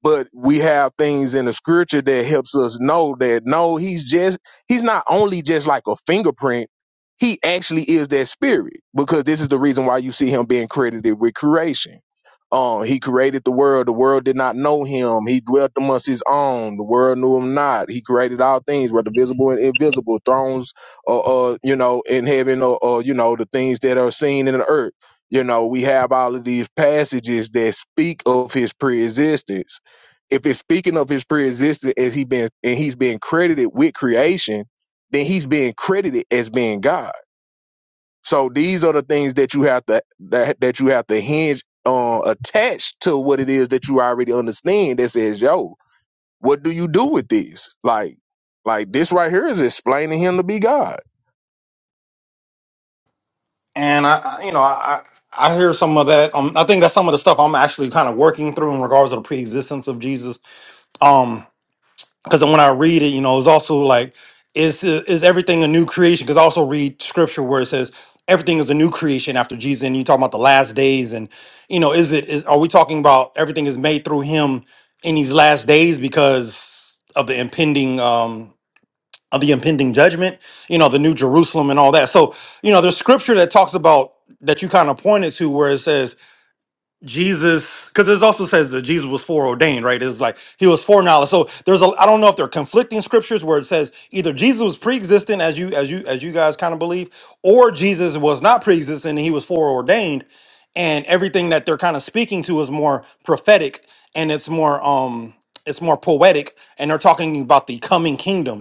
but we have things in the scripture that helps us know that no he's just he's not only just like a fingerprint he actually is that spirit because this is the reason why you see him being credited with creation um he created the world the world did not know him he dwelt amongst his own the world knew him not he created all things whether visible and invisible thrones or uh, you know in heaven or, or you know the things that are seen in the earth you know we have all of these passages that speak of his preexistence if it's speaking of his pre preexistence as he been and he's being credited with creation, then he's being credited as being God. So these are the things that you have to that that you have to hinge on attached to what it is that you already understand that says, yo, what do you do with this? Like like this right here is explaining him to be God. and I, I- you know, I I I hear some of that. Um, I think that's some of the stuff I'm actually kind of working through in regards to the preexistence of Jesus. Um, because when I read it, you know, it's also like, is is everything a new creation? Because I also read scripture where it says everything is a new creation after Jesus, and you talking about the last days, and you know, is it is are we talking about everything is made through Him in these last days because of the impending? um, of the impending judgment, you know, the new Jerusalem and all that. So, you know, there's scripture that talks about that you kind of pointed to where it says Jesus, because it also says that Jesus was foreordained, right? It's like he was foreknowledge. So there's a I don't know if they're conflicting scriptures where it says either Jesus was pre-existent as you as you as you guys kind of believe, or Jesus was not pre-existent and he was foreordained. And everything that they're kind of speaking to is more prophetic and it's more um it's more poetic and they're talking about the coming kingdom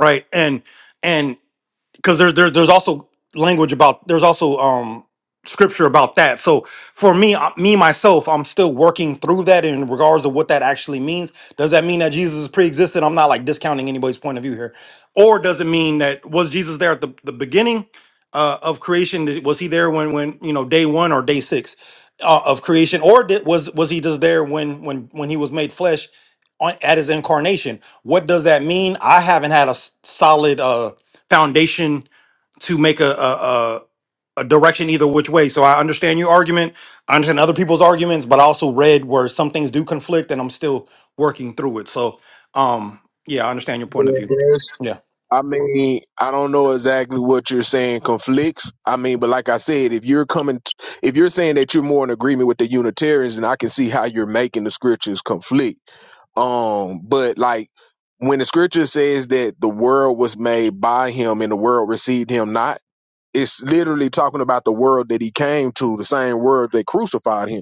right and and because there's there's there's also language about there's also um scripture about that. So for me, I- me myself, I'm still working through that in regards to what that actually means. Does that mean that Jesus is pre-existent? I'm not like discounting anybody's point of view here, or does it mean that was Jesus there at the the beginning uh, of creation? Did- Was he there when when you know day one or day six uh, of creation, or did, was was he just there when when when he was made flesh? on- At his incarnation, what does that mean? I haven't had a s- solid uh, foundation to make a a, a a direction either which way. So I understand your argument. I understand other people's arguments, but I also read where some things do conflict, and I'm still working through it. So, um, yeah, I understand your point of Yeah, view. there's Yeah. I mean, I don't know exactly what you're saying conflicts. I mean, but like I said, if you're coming, t- if you're saying that you're more in agreement with the Unitarians, then I can see how you're making the scriptures conflict. Um, but like when the scripture says that the world was made by him and the world received him not, it's literally talking about the world that he came to, the same world that crucified him.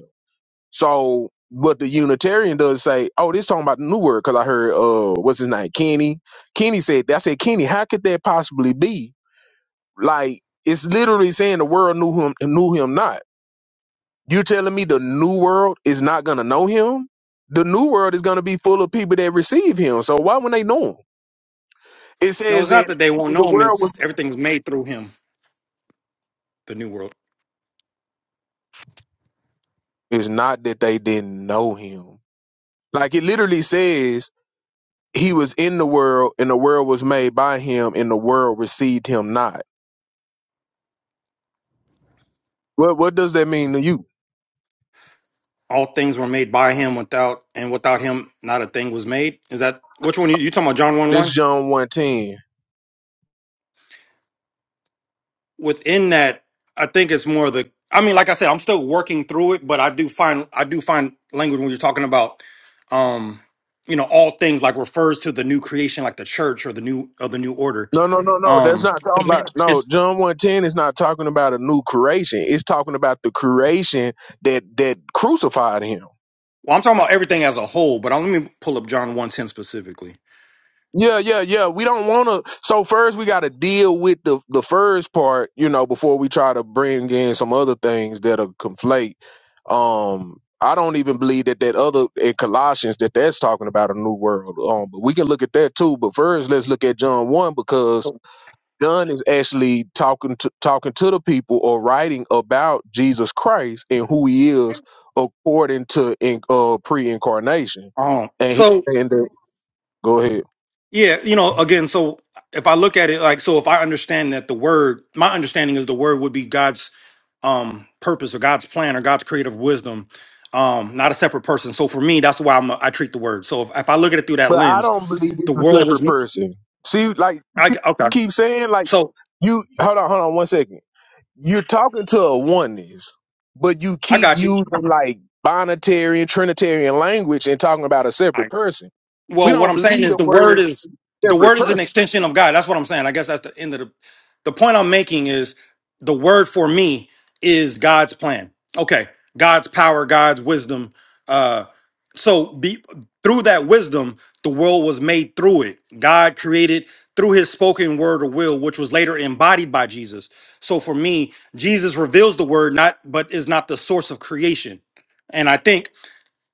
So, but the Unitarian does say, oh, this talking about the new word, because I heard, uh, what's his name? Kenny. Kenny said, that. I said, Kenny, how could that possibly be? Like, it's literally saying the world knew him, knew him not. You're telling me the new world is not going to know him? The new world is going to be full of people that receive him. So why would they know him? It No, says it's that not that they won't the know him. world It's was, everything's made through him. The new world. it's not that they didn't know him. Like, it literally says he was in the world and the world was made by him and the world received him not What what does that mean to you? All things were made by him. Without and without him, not a thing was made. Is that which one? You, you talking about John one This one? John one ten. within that, I think it's more the. I mean, like I said, I'm still working through it, but I do find I do find language when you're talking about, um, you know, all things like refers to the new creation, like the church or the new or the new order. No, no, no, no. That's Um, not talking about it's, no it's- John one ten is not talking about a new creation. It's talking about the creation that that crucified him. well, I'm talking about everything as a whole, but i let me pull up John one ten specifically. Yeah, yeah, yeah. We don't want to. So first, we got to deal with the the first part, you know, before we try to bring in some other things that'll conflate. Um, I don't even believe that that other in Colossians that that's talking about a new world. Um, but we can look at that too. But first, let's look at John one because John is actually talking to talking to the people or writing about Jesus Christ and who he is according to in, uh, pre-incarnation. Um, And he so and uh, go ahead. yeah, you know, again, so if I look at it like, so if I understand that the word, my understanding is the word would be God's um purpose or God's plan or God's creative wisdom, um, not a separate person. So for me, that's why I'm a, I treat the word. So if, if I look at it through that But I lens, don't believe he's the a world separate was person. See, like I, okay. keep saying like So you hold on, hold on one second. You're talking to a oneness, but you I keep got you. using like binitarian, trinitarian language and talking about a separate person. We Well, what don't I'm saying believe is the the word word is the separate word is an person. extension of God. That's what I'm saying. I guess that's the end of the the point I'm making is the word for me is God's plan. Okay, God's power, God's wisdom. Uh, so be, through that wisdom, the world was made through it. God created through His spoken word or will, which was later embodied by Jesus. So for me, Jesus reveals the word, not but is not the source of creation. And I think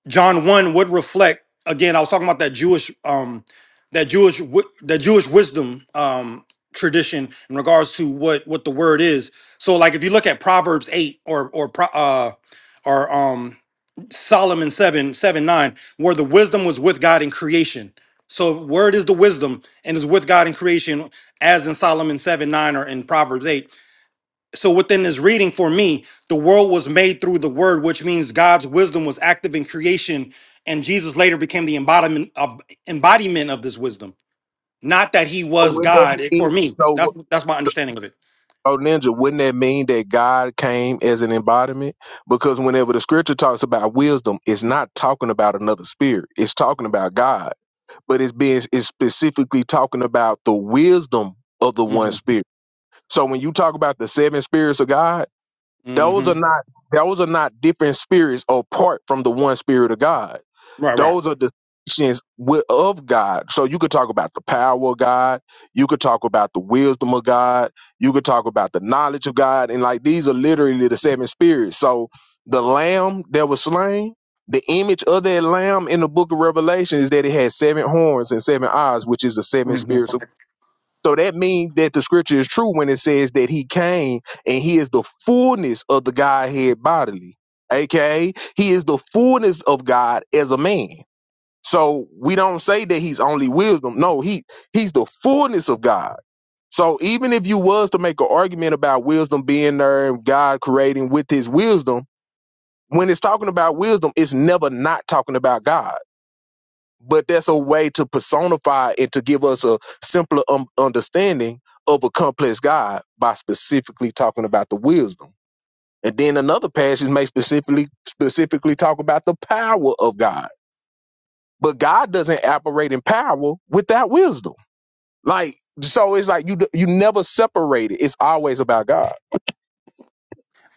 John one would reflect again. I was talking about that Jewish, um, that Jewish, wi- that Jewish wisdom um, tradition in regards to what what the word is. So, like if you look at Proverbs eight or or Pro- uh, or um, Solomon seven seven nine, where the wisdom was with God in creation. So, word is the wisdom and is with God in creation, as in Solomon seven nine or in Proverbs eight so within this reading for me the world was made through the word which means god's wisdom was active in creation and jesus later became the embodiment of embodiment of this wisdom not that he So was would that god it- be for me so? that's that's my understanding of it Oh, ninja, wouldn't that mean that God came as an embodiment? Because whenever the scripture talks about wisdom, it's not talking about another spirit. It's talking about God, but it's being it's specifically talking about the wisdom of the one hmm spirit. So when you talk about the seven spirits of God, those hmm are not those are not different spirits apart from the one spirit of God right right those are distinctions wi- of God. So you could talk about the power of God. You could talk about the wisdom of God. You could talk about the knowledge of God. And like these are literally the seven spirits. So the lamb that was slain, the image of that lamb in the book of Revelation is that it had seven horns and seven eyes, which is the seven Mhm. spirits. of- So that means that the scripture is true when it says that he came and he is the fullness of the Godhead bodily, aka he is the fullness of God as a man. So we don't say that he's only wisdom. No, he he's the fullness of God. So even if you was to make an argument about wisdom being there and God creating with his wisdom, when it's talking about wisdom, it's never not talking about God. But that's a way to personify and to give us a simpler um, understanding of a complex God by specifically talking about the wisdom. And then another passage may specifically specifically talk about the power of God but God doesn't operate in power without wisdom. Like so, it's like you you never separate it. It's always about God.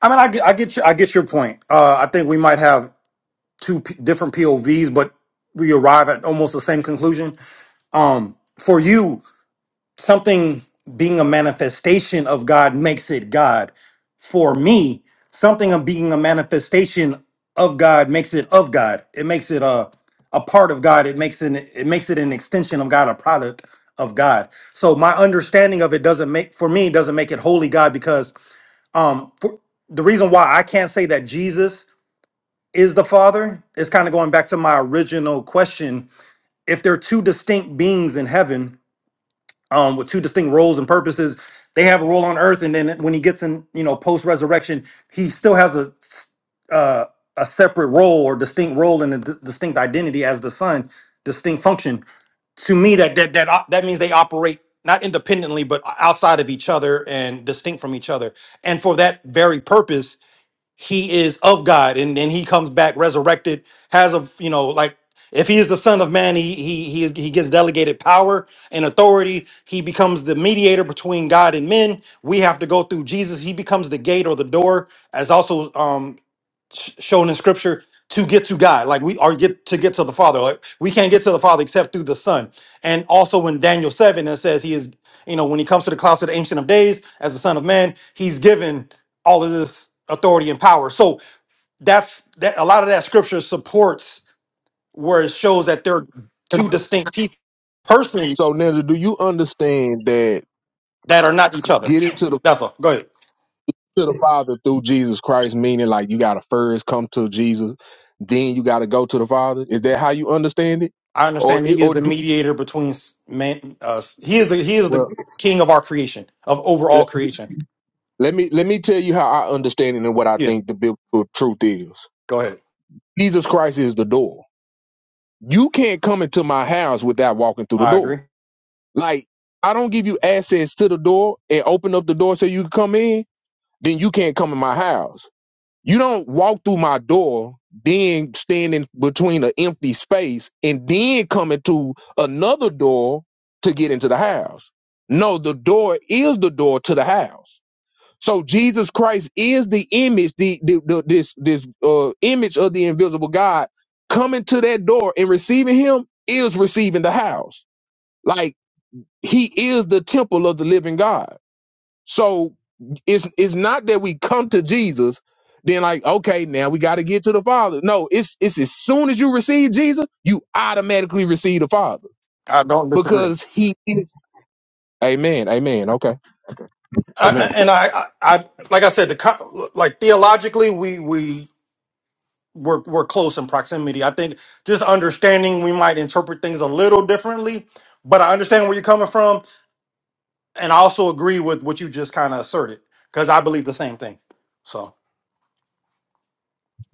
i mean i get i get your, i get your point uh i think we might have two p- different povs but we arrive at almost the same conclusion um for you something being a manifestation of God makes it God. For me, something of being a manifestation of God makes it of God. It makes it a a part of God. It makes it it makes it an extension of God, a product of God. So my understanding of it doesn't make for me doesn't make it holy God because um for, the reason why I can't say that Jesus is the Father is kind of going back to my original question. If there are two distinct beings in heaven, um, with two distinct roles and purposes. They have a role on earth, and then when he gets in, you know, post resurrection, he still has a s- uh, a separate role or distinct role and a d- distinct identity as the son, distinct function. To me, that that that op- that means they operate not independently, but outside of each other and distinct from each other. And for that very purpose, he is of God, and then he comes back resurrected, has a you know like if he is the Son of Man, he he he, is, he gets delegated power and authority. He becomes the mediator between God and men. We have to go through Jesus. He becomes the gate or the door, as also um sh- shown in scripture to get to God, like we are get to get to the Father. Like we can't get to the Father except through the Son. And also when Daniel 7 it says he is, you know, when he comes to the clouds of the ancient of days as the Son of Man, he's given all of this authority and power. So that's that a lot of that scripture supports where it shows that they're two distinct people So persons Ninja, do you understand that that are not each other. getting to the That's all. Go ahead. to the Father through Jesus Christ, meaning like you gotta first come to Jesus, then you gotta go to the Father. Is that how you understand it, I or understand it, he is or the do mediator between s- man. Uh, s- he is the he is well? the king of our creation of le- overall creation. Let me let me tell you how I understand it and what I Yeah, think the biblical truth is. go ahead. Jesus Christ is the door. You can't come into my house without walking through the I door. agree. Like I don't give you access to the door and open up the door so you can come in. Then you can't come in my house. You don't walk through my door, then stand in between an empty space, and then come into another door to get into the house. No, the door is the door to the house. So Jesus Christ is the image, the, the, the this this uh, image of the invisible God coming to that door and receiving Him is receiving the house. Like He is the temple of the living God. So it's it's not that we come to Jesus, then like, okay, now we got to get to the Father. No, it's it's as soon as you receive Jesus, you automatically receive the Father I don't disagree. because He is. Amen. Amen. Okay. I, Amen. I- and I, I, I, like I said, the co- like theologically, we we we're, we're close in proximity. I think just understanding we might interpret things a little differently, but I understand where you're coming from, and I also agree with what you just kind of asserted because I believe the same thing. So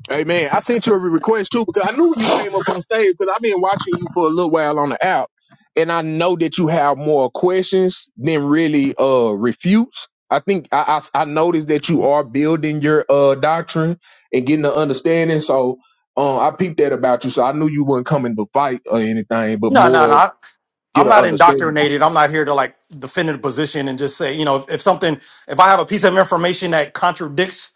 Hey man, I sent you a request too because I knew you came up on stage because I've been watching you for a little while on the app, and I know that you have more questions than really uh refutes. I think I, I I noticed that you are building your uh doctrine and getting the understanding. So um, I peeped that about you. So I knew you weren't coming to fight or anything, but no, no, more no. get I'm an not understanding. indoctrinated. I'm not here to like defend a position and just say, you know, if, if something, if I have a piece of information that contradicts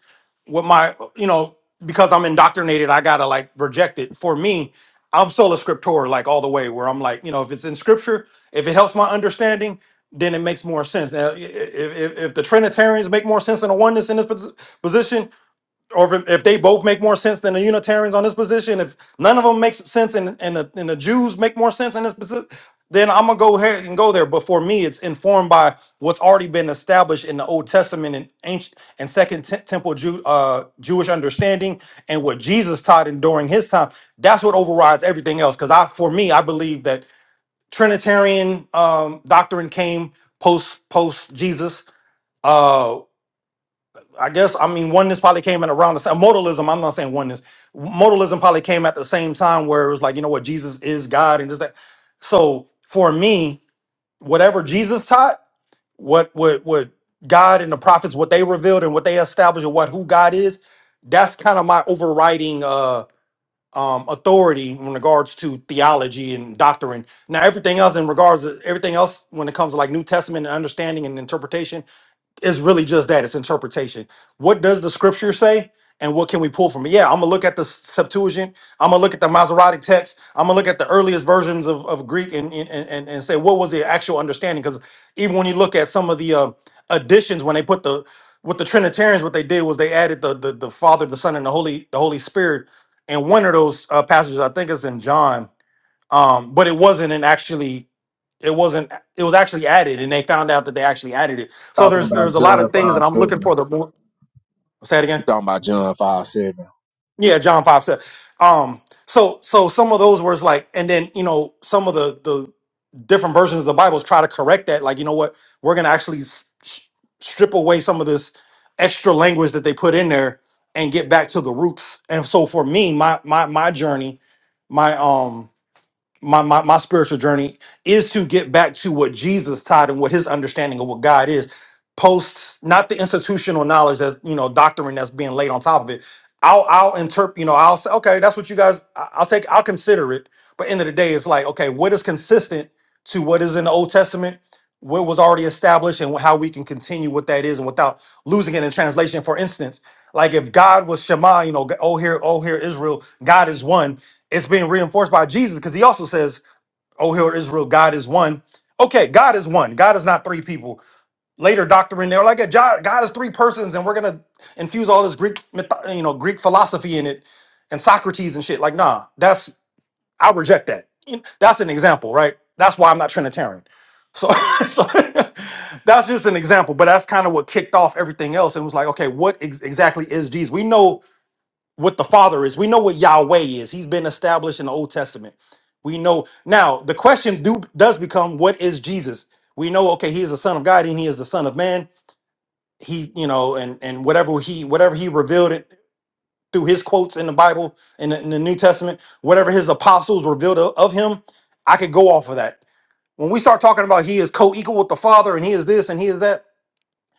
what my, you know, because I'm indoctrinated, I gotta like reject it. For me, I'm sola scriptura, like all the way, where I'm like, you know, if it's in scripture, if it helps my understanding, then it makes more sense. Now, i- i- if, if, the Trinitarians make more sense than the oneness in this posi- position, or if, if they both make more sense than the Unitarians on this position, if none of them makes sense and and the, and the Jews make more sense in this position, then I'm gonna go ahead and go there. But for me, it's informed by what's already been established in the Old Testament and ancient and Second Te- Temple Jew, uh, Jewish understanding and what Jesus taught and during his time. That's what overrides everything else. Because I, for me, I believe that Trinitarian um, doctrine came post post Jesus uh, I guess I mean oneness probably came in around the same modalism. I'm not saying oneness. Modalism probably came at the same time where it was like, you know what, Jesus is God and just that. So for me, whatever Jesus taught, what what what God and the prophets, what they revealed and what they established, or what who God is, that's kind of my overriding uh um authority in regards to theology and doctrine. Now everything else in regards to everything else when it comes to like New Testament and understanding and interpretation it's really just that it's interpretation what does the scripture say and what can we pull from it yeah i'm gonna look at the septuagint i'm gonna look at the masoretic text i'm gonna look at the earliest versions of, of greek and, and and and say what was the actual understanding because even when you look at some of the uh, additions when they put the with the trinitarians what they did was they added the, the the father the son and the holy the holy spirit and one of those uh, passages i think is in john um but it wasn't an actually it wasn't it was actually added and they found out that they actually added it so there's there's a lot of things that i'm looking for You the mo- say it again talking about John five seven. yeah john 5 said um so so some of those words like and then you know some of the the different versions of the bibles try to correct that like you know what we're gonna actually s- sh- strip away some of this extra language that they put in there and get back to the roots and so for me my my my journey my um my, my my spiritual journey is to get back to what Jesus taught and what his understanding of what God is post not the institutional knowledge that's you know doctrine that's being laid on top of it I'll I'll interpret you know I'll say okay that's what you guys I- I'll take I'll consider it but end of the day it's like okay what is consistent to what is in the Old Testament what was already established and how we can continue what that is and without losing it in translation for instance like if God was Shema you know oh here oh here Israel God is one it's being reinforced by Jesus because he also says, Oh, hear Israel, God is one. Okay, God is one. God is not three people. Later doctrine, they're like, "God God is three persons, and we're gonna infuse all this Greek, myth- you know, Greek philosophy in it, and Socrates and shit." Like, nah, that's I reject that. You- That's an example, right? That's why I'm not Trinitarian. So, so that's just an example, but that's kind of what kicked off everything else. And was like, okay, what ex- exactly is Jesus? We know what the Father is. We know what Yahweh is. He's been established in the Old Testament. We know now the question do, does become what is Jesus? We know okay, he is the Son of God and he is the Son of Man. He, you know, and and whatever he whatever he revealed it through his quotes in the Bible in the, in the New Testament, whatever his apostles revealed of of him, I could go off of that. When we start talking about he is co-equal with the Father and he is this and he is that,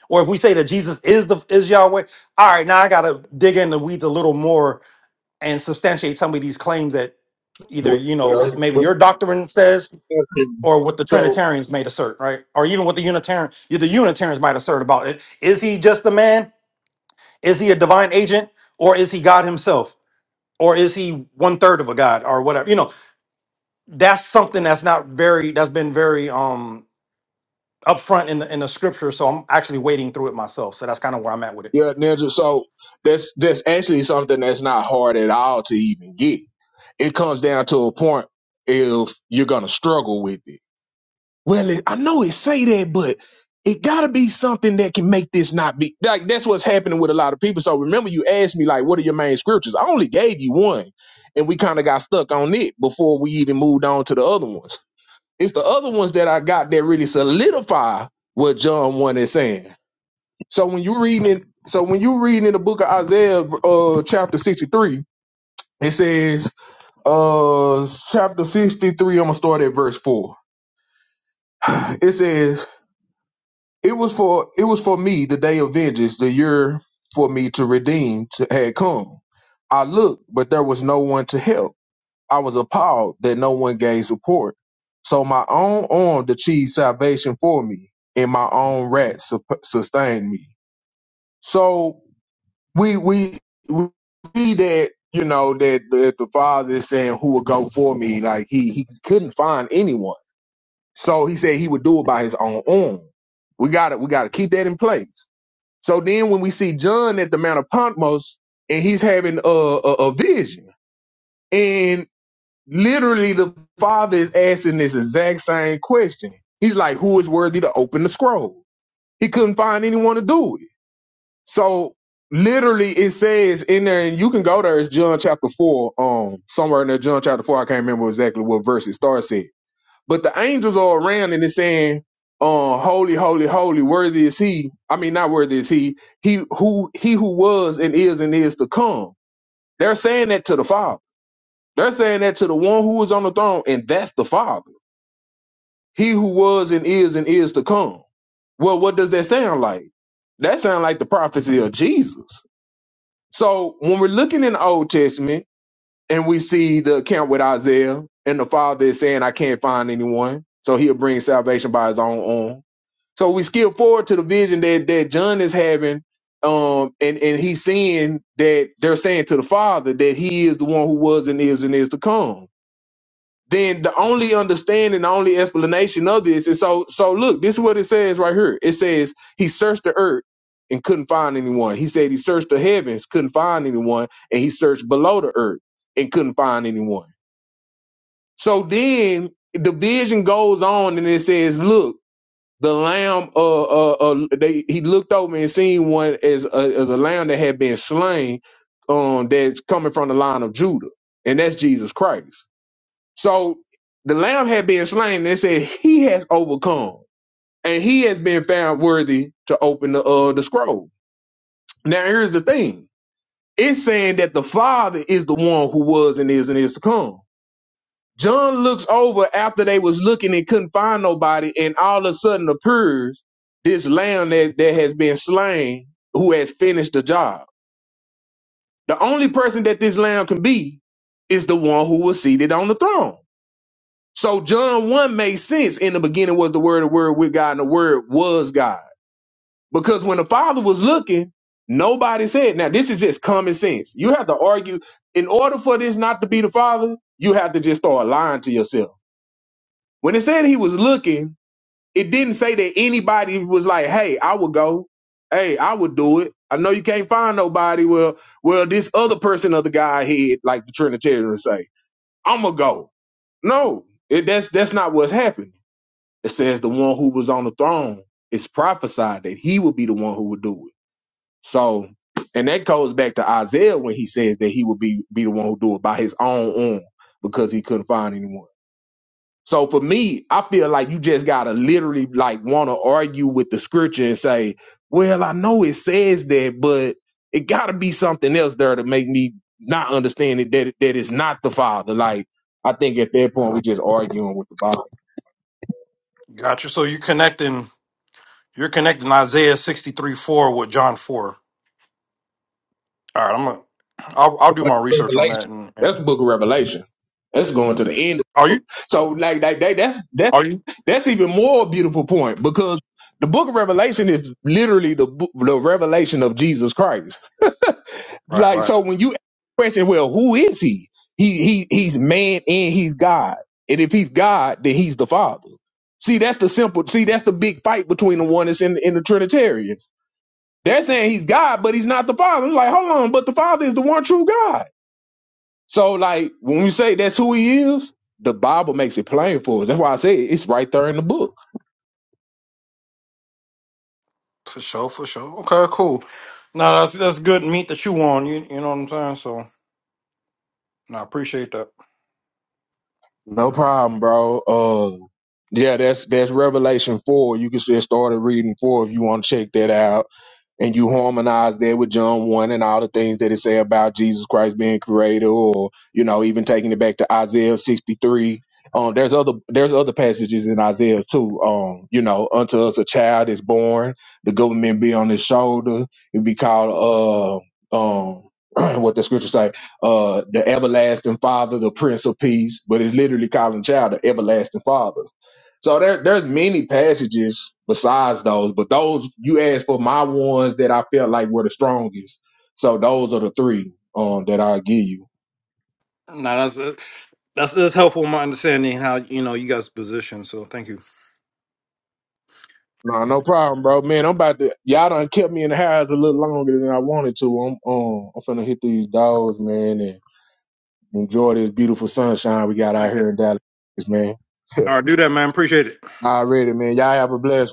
or if we say that Jesus is the is Yahweh, all right, now I gotta dig in the weeds a little more and substantiate some of these claims that either Well, you know s- well, maybe your doctrine says or what the so. trinitarians might assert right or even what the unitarian yeah, the unitarians might assert about it is he just a man is he a divine agent or is he god himself or is he one third of a god or whatever you know that's something that's not very that's been very um upfront in the in the scripture so i'm actually wading through it myself so that's kind of where i'm at with it Yeah, ninja. So that's that's actually something that's not hard at all to even get. It comes down to a point if you're gonna struggle with it. Well, it, I know it say that, but it gotta be something that can make this not be like that's what's happening with a lot of people. So remember, you asked me like, what are your main scriptures? I only gave you one, and we kind of got stuck on it before we even moved on to the other ones. It's the other ones that I got that really solidify what John one is saying. So when you reading it, so when you reading in the book of Isaiah, uh, chapter sixty three, it says, uh, chapter sixty three. I'm gonna start at verse four. It says, "It was for it was for me the day of vengeance, the year for me to redeem to, had come. I looked, but there was no one to help. I was appalled that no one gave support. So my own arm achieved salvation for me, and my own rat sup- sustained me. So." we we we see that you know that, that the father is saying who will go for me like he he couldn't find anyone so he said he would do it by his own arm we got to we got to keep that in place so then when we see john at the mount of patmos and he's having a, a, a vision and literally the father is asking this exact same question he's like who is worthy to open the scroll he couldn't find anyone to do it so literally it says in there, and you can go there, it's John chapter four, um, somewhere in there, John chapter four. I can't remember exactly what verse it starts at. But the angels are around and it's saying, uh, holy, holy, holy, worthy is he. I mean, not worthy is he, he who he who was and is and is to come. They're saying that to the Father. They're saying that to the one who is on the throne, and that's the Father. He who was and is and is to come. Well, what does that sound like? That sounds like the prophecy of Jesus so when we're looking in the Old Testament and we see the account with Isaiah and the father is saying, I can't find anyone. So he'll bring salvation by his own arm. So we skip forward to the vision that, that John is having. Um, and, and he's seeing that they're saying to the father that he is the one who was and is and is to come then the only understanding, the only explanation of this is so so look, this is what it says right here. It says he searched the earth and couldn't find anyone. He said he searched the heavens, couldn't find anyone, and he searched below the earth and couldn't find anyone. So then the vision goes on and it says, look, the lamb uh uh, uh they he looked over and seen one as a, as a lamb that had been slain um that's coming from the line of Judah. And that's Jesus Christ. So the lamb had been slain. They said he has overcome, and he has been found worthy to open the uh the scroll. Now here's the thing: it's saying that the Father is the one who was and is and is to come. John looks over after they was looking and couldn't find nobody, and all of a sudden appears this lamb that, that has been slain, who has finished the job. The only person that this lamb can be is the one who was seated on the throne. So John 1 makes sense. In the beginning was the word, the word with God, and the word was God. Because when the Father was looking, nobody said, now this is just common sense. You have to argue. In order for this not to be the Father, you have to just start lying to yourself. When it said he was looking, it didn't say that anybody was like, hey, I would go. Hey, I would do it. I know you can't find nobody. Well, well, this other person of the Godhead, like the Trinitarians say, I'ma go. No, it, that's that's not what's happening. It says the one who was on the throne is prophesied that he will be the one who will do it. So, and that goes back to Isaiah when he says that he will be be the one who do it by his own arm because he couldn't find anyone. So for me, I feel like you just gotta literally like want to argue with the scripture and say, "Well, I know it says that, but it gotta be something else there to make me not understand it, that that it's not the Father." Like I think at that point we're just arguing with the Bible. Gotcha. So you're connecting you're connecting Isaiah sixty three four with John four. All right, I'm gonna I'll, I'll do Book my of research on that. Revelation. And, and That's the book of Revelation. That's going to the end. are you So like like that, that's that's are you that's even more a beautiful point because the book of Revelation is literally the bo- the revelation of Jesus Christ. right Like right so when you ask the question, well, who is he? He he he's man and he's God. And if he's God, then he's the Father. See, that's the simple see, that's the big fight between the oneness and, and the Trinitarians. They're saying he's God, but he's not the Father. It's like, hold on, but the Father is the one true God. So, like, when we say that's who he is, the Bible makes it plain for us. That's why I say it's right there in the book. for sure for sure. Okay, cool. Now that's that's good meat that you on. You you know what I'm saying. So no, I appreciate that. No problem, bro. Uh, yeah, that's that's Revelation four. You can just start at reading four if you want to check that out. and you harmonize there with John 1 and all the things that it say about Jesus Christ being creator or you know even taking it back to Isaiah 63 um there's other there's other passages in Isaiah too um you know unto us a child is born the government be on his shoulder it be called uh um what the scripture say uh the everlasting father the prince of peace but it's literally calling child the everlasting father so there, there's many passages besides those, but those you asked for my ones that I felt like were the strongest. So those are the three um that I give you. No, that's uh, that's that's helpful in my understanding how you know you guys position. So thank you. No, no problem, bro. Man, I'm about to y'all done kept me in the house a little longer than I wanted to. I'm um I'm finna hit these dogs, man, and enjoy this beautiful sunshine we got out Thank you. here in Dallas, man. All right, do that, man. Appreciate it. Already, man. Y'all have a blessed one.